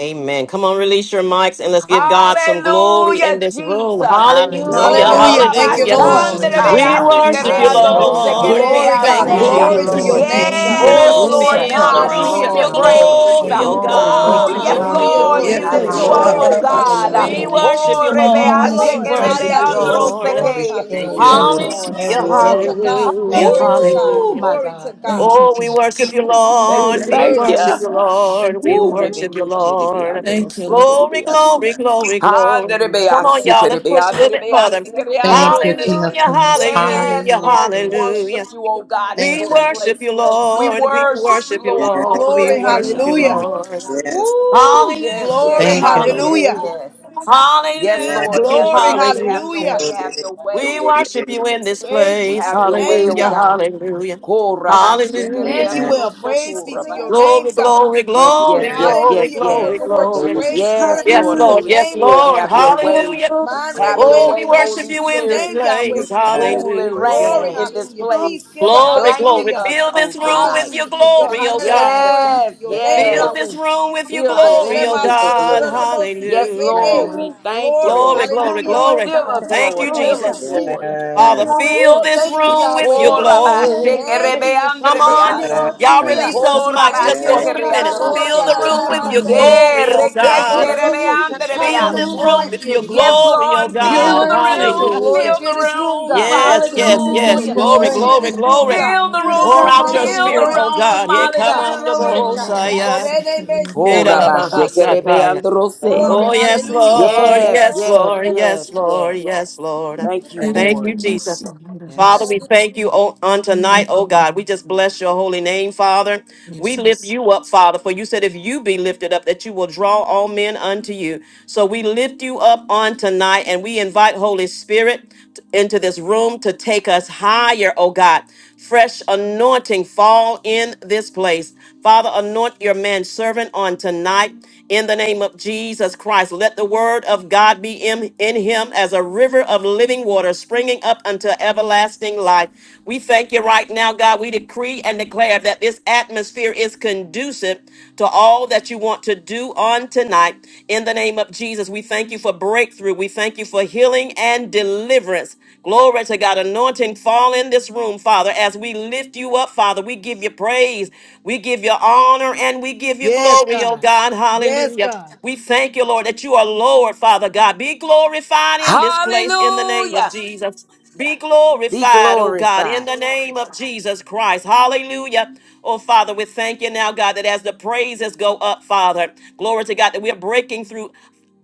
[SPEAKER 1] Amen. Come on, release your mics and let's give God some glory
[SPEAKER 4] Hallelujah,
[SPEAKER 1] in this room.
[SPEAKER 4] Jesus.
[SPEAKER 5] Yes,
[SPEAKER 1] Hallelujah,
[SPEAKER 5] Lord
[SPEAKER 7] Hallelujah.
[SPEAKER 3] Hallelujah.
[SPEAKER 2] Hallelujah. Thank
[SPEAKER 5] Jesus,
[SPEAKER 2] you,
[SPEAKER 1] hallelujah.
[SPEAKER 2] Lord.
[SPEAKER 3] Glory,
[SPEAKER 5] bless your
[SPEAKER 7] Glory to
[SPEAKER 5] name.
[SPEAKER 1] We
[SPEAKER 5] Lord.
[SPEAKER 7] God.
[SPEAKER 3] glory,
[SPEAKER 5] Give
[SPEAKER 1] worship you,
[SPEAKER 5] us
[SPEAKER 3] glory,
[SPEAKER 5] and
[SPEAKER 3] glory.
[SPEAKER 5] do
[SPEAKER 7] Hallelujah.
[SPEAKER 5] Lord.
[SPEAKER 1] Lord. We
[SPEAKER 2] Glory,
[SPEAKER 1] thank
[SPEAKER 9] Yes,
[SPEAKER 3] Arabakati
[SPEAKER 2] God.
[SPEAKER 1] you,
[SPEAKER 7] Thank
[SPEAKER 4] Korabashanderebeasikereandorosekereaseya.
[SPEAKER 7] you,
[SPEAKER 2] Glory to your
[SPEAKER 1] Jesus.
[SPEAKER 7] Lord.
[SPEAKER 5] Thank
[SPEAKER 3] shireremoko.
[SPEAKER 5] you.
[SPEAKER 2] name,
[SPEAKER 7] Thank
[SPEAKER 2] God.
[SPEAKER 7] you,
[SPEAKER 5] Fear of
[SPEAKER 4] Yes,
[SPEAKER 1] Oh,
[SPEAKER 5] us,
[SPEAKER 3] Rebenda
[SPEAKER 4] Lord
[SPEAKER 2] Glory.
[SPEAKER 1] fill
[SPEAKER 7] Jesus.
[SPEAKER 5] succor
[SPEAKER 1] the
[SPEAKER 4] God,
[SPEAKER 7] Yes,
[SPEAKER 4] we
[SPEAKER 1] room
[SPEAKER 5] us.
[SPEAKER 4] give
[SPEAKER 1] with
[SPEAKER 2] Hallelujah.
[SPEAKER 4] you
[SPEAKER 1] your
[SPEAKER 7] Lord.
[SPEAKER 5] Fear of
[SPEAKER 3] shikireremoko.
[SPEAKER 5] us.
[SPEAKER 4] praise.
[SPEAKER 1] glory, oh
[SPEAKER 7] Glory,
[SPEAKER 3] Rukuruyerebaba.
[SPEAKER 4] Oh,
[SPEAKER 5] Thank
[SPEAKER 7] glory,
[SPEAKER 5] you,
[SPEAKER 1] God.
[SPEAKER 4] yes,
[SPEAKER 5] Lord.
[SPEAKER 7] glory,
[SPEAKER 1] Fill
[SPEAKER 2] Hallelujah,
[SPEAKER 1] the
[SPEAKER 4] Lord,
[SPEAKER 7] glory.
[SPEAKER 1] room
[SPEAKER 4] we
[SPEAKER 1] with your
[SPEAKER 2] Jesus.
[SPEAKER 4] lift
[SPEAKER 3] Sinkondoro.
[SPEAKER 4] you up,
[SPEAKER 5] Yekusha,
[SPEAKER 7] Hallelujah.
[SPEAKER 1] glory.
[SPEAKER 4] oh
[SPEAKER 2] Glory,
[SPEAKER 5] Barabasha.
[SPEAKER 3] Rukuruyerebaba.
[SPEAKER 4] God.
[SPEAKER 2] hallelujah.
[SPEAKER 1] We
[SPEAKER 7] Thank you,
[SPEAKER 1] worship
[SPEAKER 4] Oh,
[SPEAKER 1] you,
[SPEAKER 7] Jesus.
[SPEAKER 5] Thank
[SPEAKER 2] Thank you,
[SPEAKER 1] Lord. We
[SPEAKER 2] Lord.
[SPEAKER 9] Thank
[SPEAKER 1] worship
[SPEAKER 2] Haya
[SPEAKER 1] you,
[SPEAKER 9] you,
[SPEAKER 2] day.
[SPEAKER 9] Lord.
[SPEAKER 1] Lord.
[SPEAKER 2] Glory,
[SPEAKER 4] rebeashekerebeandoroseke.
[SPEAKER 9] Thank you,
[SPEAKER 2] hallelujah.
[SPEAKER 4] yes,
[SPEAKER 9] Lord.
[SPEAKER 5] you,
[SPEAKER 4] Lord,
[SPEAKER 1] Hallelujah,
[SPEAKER 2] Glory
[SPEAKER 5] Jesus.
[SPEAKER 2] to
[SPEAKER 4] hallelujah.
[SPEAKER 2] God.
[SPEAKER 1] hallelujah,
[SPEAKER 5] Thank
[SPEAKER 2] Glory
[SPEAKER 5] you,
[SPEAKER 2] to
[SPEAKER 5] God.
[SPEAKER 2] God.
[SPEAKER 4] Woo,
[SPEAKER 1] hallelujah.
[SPEAKER 4] my
[SPEAKER 2] Glory to
[SPEAKER 4] God, thank
[SPEAKER 2] God.
[SPEAKER 4] you,
[SPEAKER 5] Thank you,
[SPEAKER 1] Oh,
[SPEAKER 4] Lord
[SPEAKER 1] we
[SPEAKER 5] God.
[SPEAKER 1] worship
[SPEAKER 4] Jesus.
[SPEAKER 1] you,
[SPEAKER 4] Thank you, thank
[SPEAKER 1] Lord.
[SPEAKER 5] Thank
[SPEAKER 4] you,
[SPEAKER 5] you,
[SPEAKER 1] We
[SPEAKER 5] Lord.
[SPEAKER 4] thank
[SPEAKER 2] Worthy.
[SPEAKER 4] you.
[SPEAKER 1] worship you, Lord.
[SPEAKER 5] Thank you,
[SPEAKER 1] We
[SPEAKER 4] Woo,
[SPEAKER 5] Lord.
[SPEAKER 1] worship you,
[SPEAKER 4] Rebeki Sherebe
[SPEAKER 1] Lord.
[SPEAKER 5] Thank you,
[SPEAKER 4] Androse
[SPEAKER 5] Lord.
[SPEAKER 1] Glory,
[SPEAKER 4] Kerebeasi.
[SPEAKER 1] glory, glory, glory. Come on,
[SPEAKER 4] Andrebeasi
[SPEAKER 1] y'all. Let's
[SPEAKER 4] Kerebe
[SPEAKER 1] push a little bit further.
[SPEAKER 4] Andrebeasi Kere
[SPEAKER 9] Yes,
[SPEAKER 4] Androse.
[SPEAKER 1] Hallelujah,
[SPEAKER 4] Yes,
[SPEAKER 1] hallelujah,
[SPEAKER 4] Lord, we
[SPEAKER 1] hallelujah.
[SPEAKER 4] worship you, oh God, in
[SPEAKER 1] We
[SPEAKER 4] this
[SPEAKER 1] worship
[SPEAKER 4] place.
[SPEAKER 1] you,
[SPEAKER 4] We
[SPEAKER 1] Lord. We
[SPEAKER 4] worship you,
[SPEAKER 1] worship you,
[SPEAKER 4] Lord.
[SPEAKER 9] yes,
[SPEAKER 4] We
[SPEAKER 1] Lord. We
[SPEAKER 2] Glory,
[SPEAKER 4] bless you,
[SPEAKER 1] worship
[SPEAKER 4] God.
[SPEAKER 1] you,
[SPEAKER 9] God.
[SPEAKER 2] hallelujah.
[SPEAKER 1] Lord.
[SPEAKER 9] Yes,
[SPEAKER 4] Woo,
[SPEAKER 9] God.
[SPEAKER 4] yes, yes,
[SPEAKER 1] Hallelujah,
[SPEAKER 2] Glory,
[SPEAKER 4] yes, yes,
[SPEAKER 2] hallelujah.
[SPEAKER 1] hallelujah,
[SPEAKER 4] yes. Yes, Lord, have
[SPEAKER 1] hallelujah,
[SPEAKER 4] your
[SPEAKER 2] Glory,
[SPEAKER 4] way, have your
[SPEAKER 2] hallelujah.
[SPEAKER 1] hallelujah.
[SPEAKER 4] way,
[SPEAKER 9] Yes,
[SPEAKER 4] have your
[SPEAKER 1] We
[SPEAKER 4] way.
[SPEAKER 1] worship you in this
[SPEAKER 2] Praise be
[SPEAKER 1] place.
[SPEAKER 2] to
[SPEAKER 4] Have
[SPEAKER 2] your
[SPEAKER 4] your way,
[SPEAKER 2] name,
[SPEAKER 4] oh
[SPEAKER 1] Hallelujah,
[SPEAKER 2] God.
[SPEAKER 4] God.
[SPEAKER 1] hallelujah.
[SPEAKER 4] Korabashe
[SPEAKER 1] Hallelujah,
[SPEAKER 4] Kere
[SPEAKER 2] Emmanuel,
[SPEAKER 1] Jesus.
[SPEAKER 4] Androse
[SPEAKER 2] praise be to your
[SPEAKER 4] Korabande.
[SPEAKER 1] Glory,
[SPEAKER 2] name, God.
[SPEAKER 1] glory,
[SPEAKER 4] Yes, yes,
[SPEAKER 1] glory,
[SPEAKER 9] yes,
[SPEAKER 4] yes,
[SPEAKER 1] glory,
[SPEAKER 4] yes,
[SPEAKER 2] Hallelujah,
[SPEAKER 6] Thank
[SPEAKER 1] glory,
[SPEAKER 4] yes.
[SPEAKER 6] you,
[SPEAKER 2] miracle
[SPEAKER 6] Lord
[SPEAKER 2] worker.
[SPEAKER 1] glory.
[SPEAKER 9] Lord,
[SPEAKER 2] Praise
[SPEAKER 6] Jesus.
[SPEAKER 2] be
[SPEAKER 4] Yes,
[SPEAKER 1] Yes,
[SPEAKER 4] Lord,
[SPEAKER 2] to
[SPEAKER 6] Hallelujah.
[SPEAKER 1] Lord,
[SPEAKER 2] your
[SPEAKER 4] Holy
[SPEAKER 1] yes,
[SPEAKER 2] name,
[SPEAKER 4] Spirit,
[SPEAKER 2] Lord
[SPEAKER 1] Lord.
[SPEAKER 4] have
[SPEAKER 2] God.
[SPEAKER 4] your
[SPEAKER 9] yes,
[SPEAKER 6] Lord,
[SPEAKER 4] way.
[SPEAKER 1] Hallelujah.
[SPEAKER 2] Mind
[SPEAKER 4] Have your
[SPEAKER 1] Oh,
[SPEAKER 9] hallelujah,
[SPEAKER 2] regulator,
[SPEAKER 1] we
[SPEAKER 4] way,
[SPEAKER 2] praise
[SPEAKER 1] worship
[SPEAKER 2] be
[SPEAKER 4] Holy
[SPEAKER 1] you
[SPEAKER 2] to your
[SPEAKER 1] in this
[SPEAKER 4] Spirit.
[SPEAKER 2] name, Yahweh.
[SPEAKER 1] place.
[SPEAKER 4] Rule and
[SPEAKER 9] yes,
[SPEAKER 4] reign
[SPEAKER 2] Glory,
[SPEAKER 1] Hallelujah.
[SPEAKER 4] in this
[SPEAKER 2] hallelujah. Peace
[SPEAKER 4] place.
[SPEAKER 2] giver,
[SPEAKER 1] Glory,
[SPEAKER 4] Blanket
[SPEAKER 1] glory.
[SPEAKER 2] hallelujah.
[SPEAKER 4] us
[SPEAKER 1] Fill this
[SPEAKER 4] on
[SPEAKER 1] room with
[SPEAKER 4] tonight.
[SPEAKER 1] your
[SPEAKER 2] Hallelujah to your
[SPEAKER 9] yes,
[SPEAKER 1] glory, oh
[SPEAKER 2] hallelujah.
[SPEAKER 1] God.
[SPEAKER 2] Glory
[SPEAKER 9] God,
[SPEAKER 2] be to
[SPEAKER 4] Yes,
[SPEAKER 2] your
[SPEAKER 9] thank you,
[SPEAKER 2] name,
[SPEAKER 9] Lord,
[SPEAKER 4] yes.
[SPEAKER 1] Fill this
[SPEAKER 2] Yahweh.
[SPEAKER 1] room with your
[SPEAKER 4] Fill the
[SPEAKER 2] Hallelujah.
[SPEAKER 1] glory, oh
[SPEAKER 4] room
[SPEAKER 2] my
[SPEAKER 4] with your
[SPEAKER 2] soul, do, do,
[SPEAKER 1] God.
[SPEAKER 2] do,
[SPEAKER 4] glory.
[SPEAKER 2] do, mo, si, ke,
[SPEAKER 4] Yes,
[SPEAKER 2] eh,
[SPEAKER 6] Have
[SPEAKER 4] Lord,
[SPEAKER 2] nay.
[SPEAKER 1] Hallelujah.
[SPEAKER 6] your way,
[SPEAKER 4] we thank you,
[SPEAKER 2] Glory,
[SPEAKER 9] yes,
[SPEAKER 1] Glory,
[SPEAKER 4] Lord.
[SPEAKER 6] have
[SPEAKER 1] glory,
[SPEAKER 6] your
[SPEAKER 2] hallelujah.
[SPEAKER 6] way,
[SPEAKER 1] glory.
[SPEAKER 4] Fill
[SPEAKER 6] God.
[SPEAKER 4] us,
[SPEAKER 6] Have
[SPEAKER 1] Thank
[SPEAKER 4] Lord.
[SPEAKER 1] you,
[SPEAKER 6] your way,
[SPEAKER 4] Fill
[SPEAKER 2] Thank
[SPEAKER 6] God.
[SPEAKER 2] you,
[SPEAKER 4] us,
[SPEAKER 1] Jesus.
[SPEAKER 4] Lord.
[SPEAKER 2] Jesus.
[SPEAKER 6] Have
[SPEAKER 1] Father,
[SPEAKER 9] yes,
[SPEAKER 6] your way,
[SPEAKER 2] Woo,
[SPEAKER 1] fill
[SPEAKER 6] Lord.
[SPEAKER 1] this
[SPEAKER 2] thank
[SPEAKER 9] thank
[SPEAKER 2] you,
[SPEAKER 9] you,
[SPEAKER 1] room with
[SPEAKER 2] Yahweh.
[SPEAKER 1] your
[SPEAKER 6] Hey,
[SPEAKER 1] glory.
[SPEAKER 2] Thank
[SPEAKER 6] hey.
[SPEAKER 2] you,
[SPEAKER 1] Come
[SPEAKER 2] Yeshua
[SPEAKER 6] Thank
[SPEAKER 4] Korabashekerebeandrebeas.
[SPEAKER 1] on.
[SPEAKER 6] you,
[SPEAKER 2] Messiah
[SPEAKER 6] Lord.
[SPEAKER 1] Y'all
[SPEAKER 9] yes,
[SPEAKER 2] HaMashiach.
[SPEAKER 1] release those mics
[SPEAKER 2] Thank
[SPEAKER 1] just for a
[SPEAKER 2] you.
[SPEAKER 9] yes,
[SPEAKER 1] few
[SPEAKER 9] God,
[SPEAKER 1] minutes.
[SPEAKER 9] my
[SPEAKER 2] Glory,
[SPEAKER 1] Fill
[SPEAKER 2] ah,
[SPEAKER 1] the
[SPEAKER 4] Korabashekereandrose.
[SPEAKER 2] da,
[SPEAKER 9] Master,
[SPEAKER 6] Ba-ba-ba-ba-sanda.
[SPEAKER 2] da,
[SPEAKER 1] room
[SPEAKER 2] da,
[SPEAKER 9] yes,
[SPEAKER 1] with
[SPEAKER 2] my
[SPEAKER 1] your
[SPEAKER 2] say.
[SPEAKER 4] Yeah,
[SPEAKER 1] glory, oh
[SPEAKER 2] Mo,
[SPEAKER 6] Thank
[SPEAKER 5] Sanamanamasinti.
[SPEAKER 2] do,
[SPEAKER 6] you,
[SPEAKER 1] God.
[SPEAKER 9] Lord,
[SPEAKER 2] do, do, mo,
[SPEAKER 6] Jesus.
[SPEAKER 2] shi, God,
[SPEAKER 1] Fill
[SPEAKER 2] let your
[SPEAKER 1] this
[SPEAKER 4] rekesherebeanderebeasi.
[SPEAKER 6] Hallelujah.
[SPEAKER 1] room
[SPEAKER 2] glory
[SPEAKER 1] with
[SPEAKER 2] fill
[SPEAKER 1] your
[SPEAKER 2] this
[SPEAKER 4] Yes,
[SPEAKER 2] room.
[SPEAKER 1] glory,
[SPEAKER 4] Lord,
[SPEAKER 1] oh
[SPEAKER 6] You're
[SPEAKER 1] God.
[SPEAKER 4] fill the
[SPEAKER 6] worthy, oh
[SPEAKER 2] Let your
[SPEAKER 6] God.
[SPEAKER 4] room,
[SPEAKER 2] glory
[SPEAKER 1] Hallelujah.
[SPEAKER 4] fill the
[SPEAKER 2] fill this
[SPEAKER 5] Sanamanamasinti.
[SPEAKER 2] room,
[SPEAKER 6] You're
[SPEAKER 4] room,
[SPEAKER 2] God.
[SPEAKER 1] Yes,
[SPEAKER 6] worthy. You
[SPEAKER 1] yes,
[SPEAKER 2] Let
[SPEAKER 6] deserve
[SPEAKER 2] your
[SPEAKER 1] yes.
[SPEAKER 4] hallelujah.
[SPEAKER 6] the
[SPEAKER 1] Glory,
[SPEAKER 2] glory
[SPEAKER 5] Jesus.
[SPEAKER 2] fill
[SPEAKER 1] glory,
[SPEAKER 6] praise.
[SPEAKER 2] this room,
[SPEAKER 1] glory.
[SPEAKER 2] God.
[SPEAKER 4] Fill the
[SPEAKER 6] You
[SPEAKER 1] Pour
[SPEAKER 6] deserve
[SPEAKER 4] room,
[SPEAKER 1] out
[SPEAKER 2] Let
[SPEAKER 1] your
[SPEAKER 6] all
[SPEAKER 2] your
[SPEAKER 6] the
[SPEAKER 4] fill the
[SPEAKER 1] spirit,
[SPEAKER 2] glory
[SPEAKER 6] honor.
[SPEAKER 1] oh
[SPEAKER 2] fill this
[SPEAKER 4] room,
[SPEAKER 1] God. Yeah,
[SPEAKER 2] room,
[SPEAKER 1] come
[SPEAKER 2] God.
[SPEAKER 6] Have
[SPEAKER 1] on, the
[SPEAKER 6] your way,
[SPEAKER 4] hallelujah,
[SPEAKER 6] God.
[SPEAKER 4] Jesus.
[SPEAKER 6] Have
[SPEAKER 1] Bohosaya.
[SPEAKER 2] Ikorene mesi,
[SPEAKER 4] Oh,
[SPEAKER 2] arararabashe.
[SPEAKER 4] rabashekerebeandrose.
[SPEAKER 2] Glory,
[SPEAKER 1] Oh, yes,
[SPEAKER 2] hallelujah.
[SPEAKER 1] Lord.
[SPEAKER 4] Yes,
[SPEAKER 1] Yes,
[SPEAKER 6] your way.
[SPEAKER 4] yes,
[SPEAKER 1] Lord.
[SPEAKER 4] yes,
[SPEAKER 1] Yes, Lord.
[SPEAKER 4] yes.
[SPEAKER 1] Yes, Lord.
[SPEAKER 4] Thank you,
[SPEAKER 1] Thank you,
[SPEAKER 4] Lord.
[SPEAKER 1] Jesus. Father,
[SPEAKER 9] yes,
[SPEAKER 1] we thank you o- on tonight, oh God. We just bless your holy name, Father. We lift you up, Father, for you said if you be lifted up, that you will draw all men unto you. So we lift you up on tonight and we invite Holy Spirit t- into this room to take us higher, oh God. Fresh anointing fall in this place. Father, anoint your man servant on tonight in the name of Jesus Christ. Let the word of God be in, in him as a river of living water springing up unto everlasting life. We thank you right now, God. We decree and declare that this atmosphere is conducive to all that you want to do on tonight. In the name of Jesus, we thank you for breakthrough. We thank you for healing and deliverance. Glory to God. Anointing fall in this room, Father, as we lift you up, Father. We give you praise. We give you honor and we give you
[SPEAKER 2] Yes,
[SPEAKER 1] glory, oh
[SPEAKER 2] God.
[SPEAKER 1] God.
[SPEAKER 2] Yes,
[SPEAKER 1] Hallelujah.
[SPEAKER 2] God.
[SPEAKER 1] We thank you, Lord, that you are Lord, Father God. Be glorified in this place in the name of
[SPEAKER 4] Hallelujah.
[SPEAKER 1] Jesus. Be
[SPEAKER 4] Be
[SPEAKER 1] glorified, oh God, in the
[SPEAKER 4] glorified.
[SPEAKER 1] name of Jesus Christ. Hallelujah. Oh, Father, we thank you now, God, that as the praises go up, Father, glory to God, that we're breaking through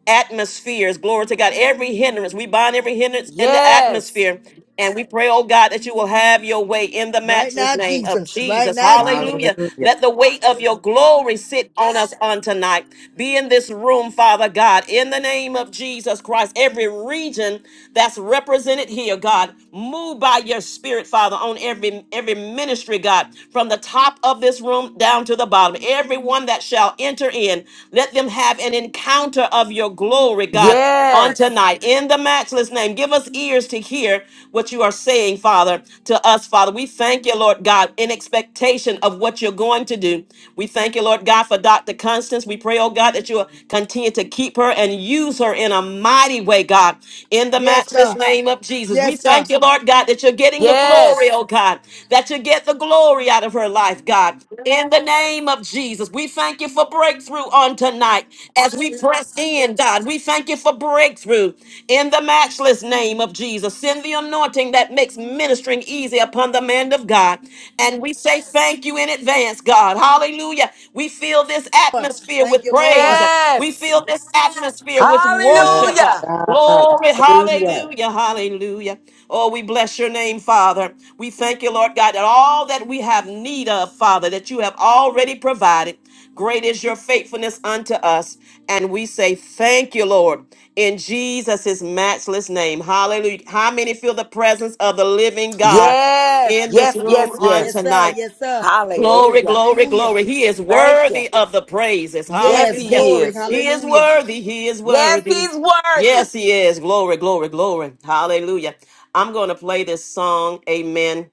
[SPEAKER 1] atmospheres. Glory to God. Every hindrance, we bind every hindrance in the
[SPEAKER 4] Yes,
[SPEAKER 1] atmosphere. And we pray, oh God, that you will have your way in the
[SPEAKER 2] Right
[SPEAKER 1] matchless
[SPEAKER 2] now,
[SPEAKER 1] name of
[SPEAKER 2] Jesus. Right
[SPEAKER 1] Jesus.
[SPEAKER 2] now, Jesus.
[SPEAKER 1] Hallelujah.
[SPEAKER 9] hallelujah,
[SPEAKER 1] Let the weight of your glory sit on us on tonight. Be in this room, Father God, in the name of Jesus Christ. Every region that's represented here, God. Move by your spirit, Father, on every every ministry, God, from the top of this room down to the bottom. Everyone that shall enter in, let them have an encounter of your glory, God, on
[SPEAKER 4] yes,
[SPEAKER 1] tonight. In the matchless name, give us ears to hear what you are saying, Father, to us, Father. We thank you, Lord God, in expectation of what you're going to do. We thank you, Lord God, for Dr. Constance. We pray, oh God, that you will continue to keep her and use her in a mighty way, God, in the
[SPEAKER 2] Yes,
[SPEAKER 1] matchless
[SPEAKER 2] God.
[SPEAKER 1] name of Jesus. We
[SPEAKER 2] Yes,
[SPEAKER 1] thank
[SPEAKER 2] God.
[SPEAKER 1] you, Lord God, that you're getting the glory,
[SPEAKER 4] yes,
[SPEAKER 1] oh God, that you get the glory out of her life, God, in the name of Jesus. We thank you for breakthrough on tonight as we press in, God. We thank you for breakthrough in the matchless name of Jesus. Send the anointing that makes ministering easy upon the man of God. And we say thank you in advance, God. Hallelujah. Hallelujah. We fill this atmosphere
[SPEAKER 2] Thank
[SPEAKER 1] with
[SPEAKER 2] you,
[SPEAKER 1] praise.
[SPEAKER 2] Lord.
[SPEAKER 1] We
[SPEAKER 4] yes.
[SPEAKER 1] fill this atmosphere with
[SPEAKER 9] yes,
[SPEAKER 1] worship.
[SPEAKER 4] Hallelujah.
[SPEAKER 9] God,
[SPEAKER 1] Glory,
[SPEAKER 9] hallelujah.
[SPEAKER 1] hallelujah, hallelujah. Oh, we bless your name, Father. We thank you, Lord God, that all that we have need of, Father, that you have already provided. Great is your faithfulness unto us. And we say, Thank you, Lord, in Jesus' matchless name. Hallelujah. How many feel the presence of the living God
[SPEAKER 4] Yes,
[SPEAKER 1] in this
[SPEAKER 4] yes,
[SPEAKER 1] room
[SPEAKER 4] yes,
[SPEAKER 1] on
[SPEAKER 2] Yes,
[SPEAKER 4] yes.
[SPEAKER 2] sir.
[SPEAKER 1] tonight?
[SPEAKER 2] Yes, sir. Glory,
[SPEAKER 1] Glory,
[SPEAKER 4] Hallelujah.
[SPEAKER 1] glory,
[SPEAKER 2] hallelujah.
[SPEAKER 1] glory. He is
[SPEAKER 4] Thank you.
[SPEAKER 1] worthy of the praises.
[SPEAKER 4] Yes,
[SPEAKER 2] Yes,
[SPEAKER 1] Hallelujah.
[SPEAKER 4] he
[SPEAKER 2] glory,
[SPEAKER 4] is.
[SPEAKER 1] He is
[SPEAKER 2] hallelujah.
[SPEAKER 1] worthy. He is
[SPEAKER 4] Yes,
[SPEAKER 1] worthy.
[SPEAKER 4] he's worthy.
[SPEAKER 1] Yes, he is. Glory, glory, glory. Hallelujah. I'm going to play this song, amen,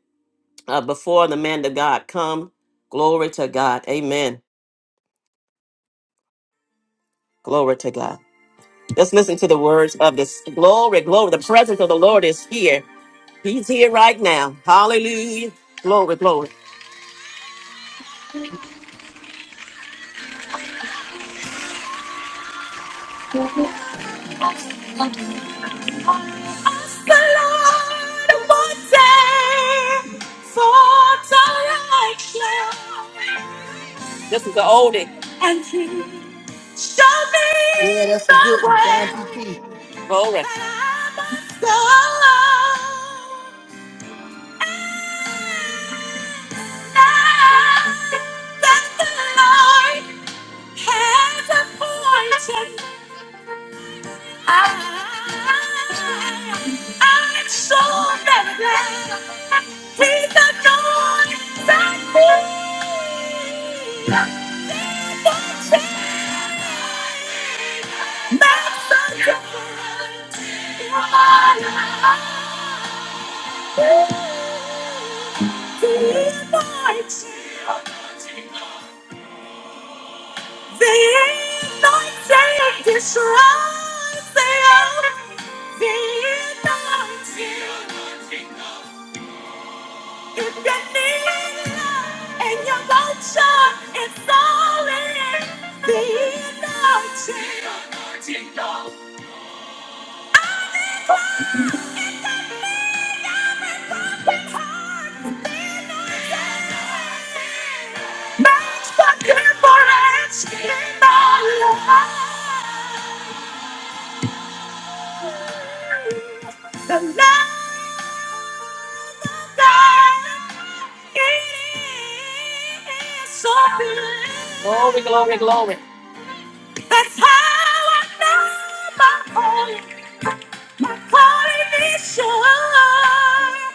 [SPEAKER 1] uh, before the man of God come. Glory to God. Amen. Glory to God. Let's listen to the words of this. Glory, glory. The presence of the Lord is here. He's here right now. Hallelujah. Glory, glory. This is the oldie.
[SPEAKER 2] Yeah, that's a good one. John P. T.
[SPEAKER 1] Glory. That's the difference. in my life. If you need love and you won't shine, it's all in the anointing. Makes the difference in my life. The love of God, it is so big. Glory, glory, glory. That's how I know my calling, my calling is sure.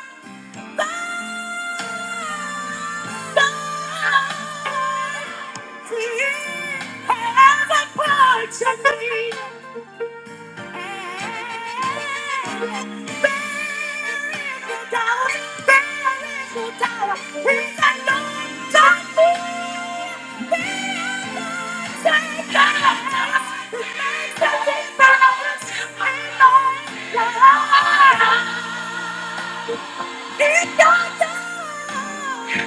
[SPEAKER 1] Thank you.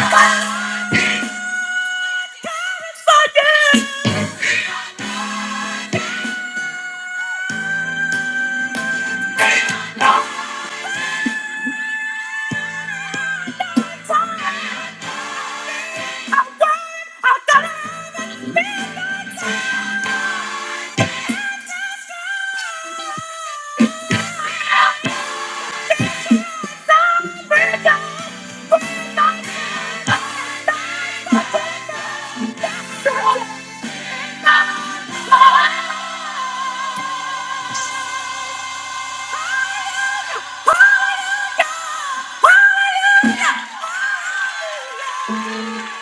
[SPEAKER 1] Bye.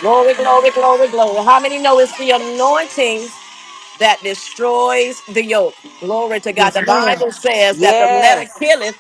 [SPEAKER 1] Glory, glory, glory, glory. How many know it's the anointing that destroys the yoke? Glory to God.
[SPEAKER 2] Yes,
[SPEAKER 1] The
[SPEAKER 2] ma'am.
[SPEAKER 1] Bible says that the letter
[SPEAKER 4] Yes.
[SPEAKER 1] killeth,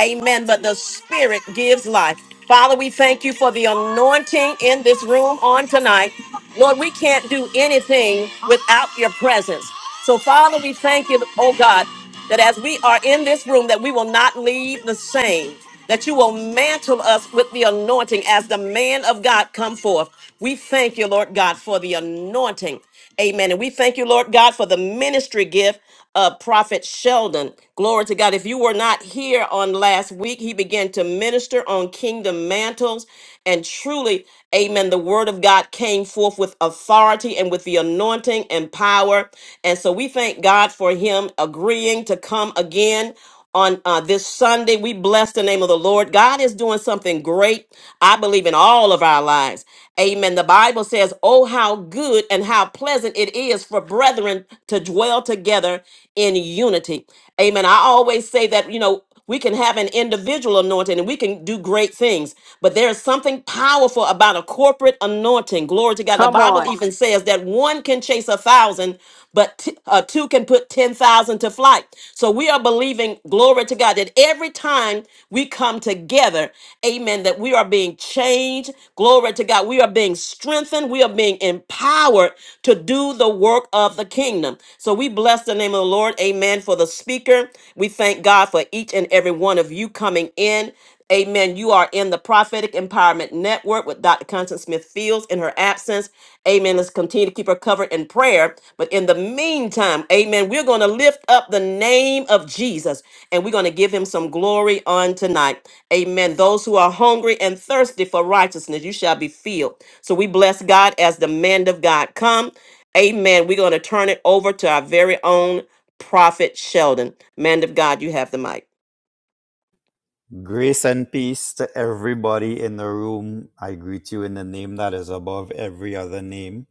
[SPEAKER 1] Amen. But the Spirit gives life. Father, we thank you for the anointing in this room on tonight. Lord, we can't do anything without your presence. So, Father, we thank you, oh God, that as we are in this room, that we will not leave the same, that you will mantle us with the anointing as the man of God come forth. We thank you, Lord God, for the anointing. Amen. And we thank you, Lord God, for the ministry gift uh, Prophet Sheldon. Glory to God. If you were not here on last week, he began to minister on kingdom mantles. And truly, amen, the word of God came forth with authority and with the anointing and power. And so we thank God for him agreeing to come again on uh, this Sunday. We bless the name of the Lord. God is doing something great, I believe, in all of our lives. Amen. The Bible says, Oh, how good and how pleasant it is for brethren to dwell together in unity. Amen. I always say that, you know, we can have an individual anointing and we can do great things, but there is something powerful about a corporate anointing. Glory to God. The
[SPEAKER 4] Come
[SPEAKER 1] Bible
[SPEAKER 4] on.
[SPEAKER 1] even says that one can chase a thousand, but t- uh, two can put 10,000 to flight. So we are believing, glory to God, that every time we come together, amen, that we are being changed. Glory to God. We are being strengthened. We are being empowered to do the work of the kingdom. So we bless the name of the Lord, amen, for the speaker. We thank God for each and every one of you coming in. Amen. You are in the Prophetic Empowerment Network with Dr. Constance Smith Fields in her absence. Amen. Let's continue to keep her covered in prayer. But in the meantime, amen, we're going to lift up the name of Jesus and we're going to give him some glory on tonight. Amen. Those who are hungry and thirsty for righteousness, you shall be filled. So we bless God as the man of God come. Amen. We're going to turn it over to our very own prophet Sheldon. Man of God, you have the mic.
[SPEAKER 10] Grace and peace to everybody in the room. I greet you in the name that is above every other name.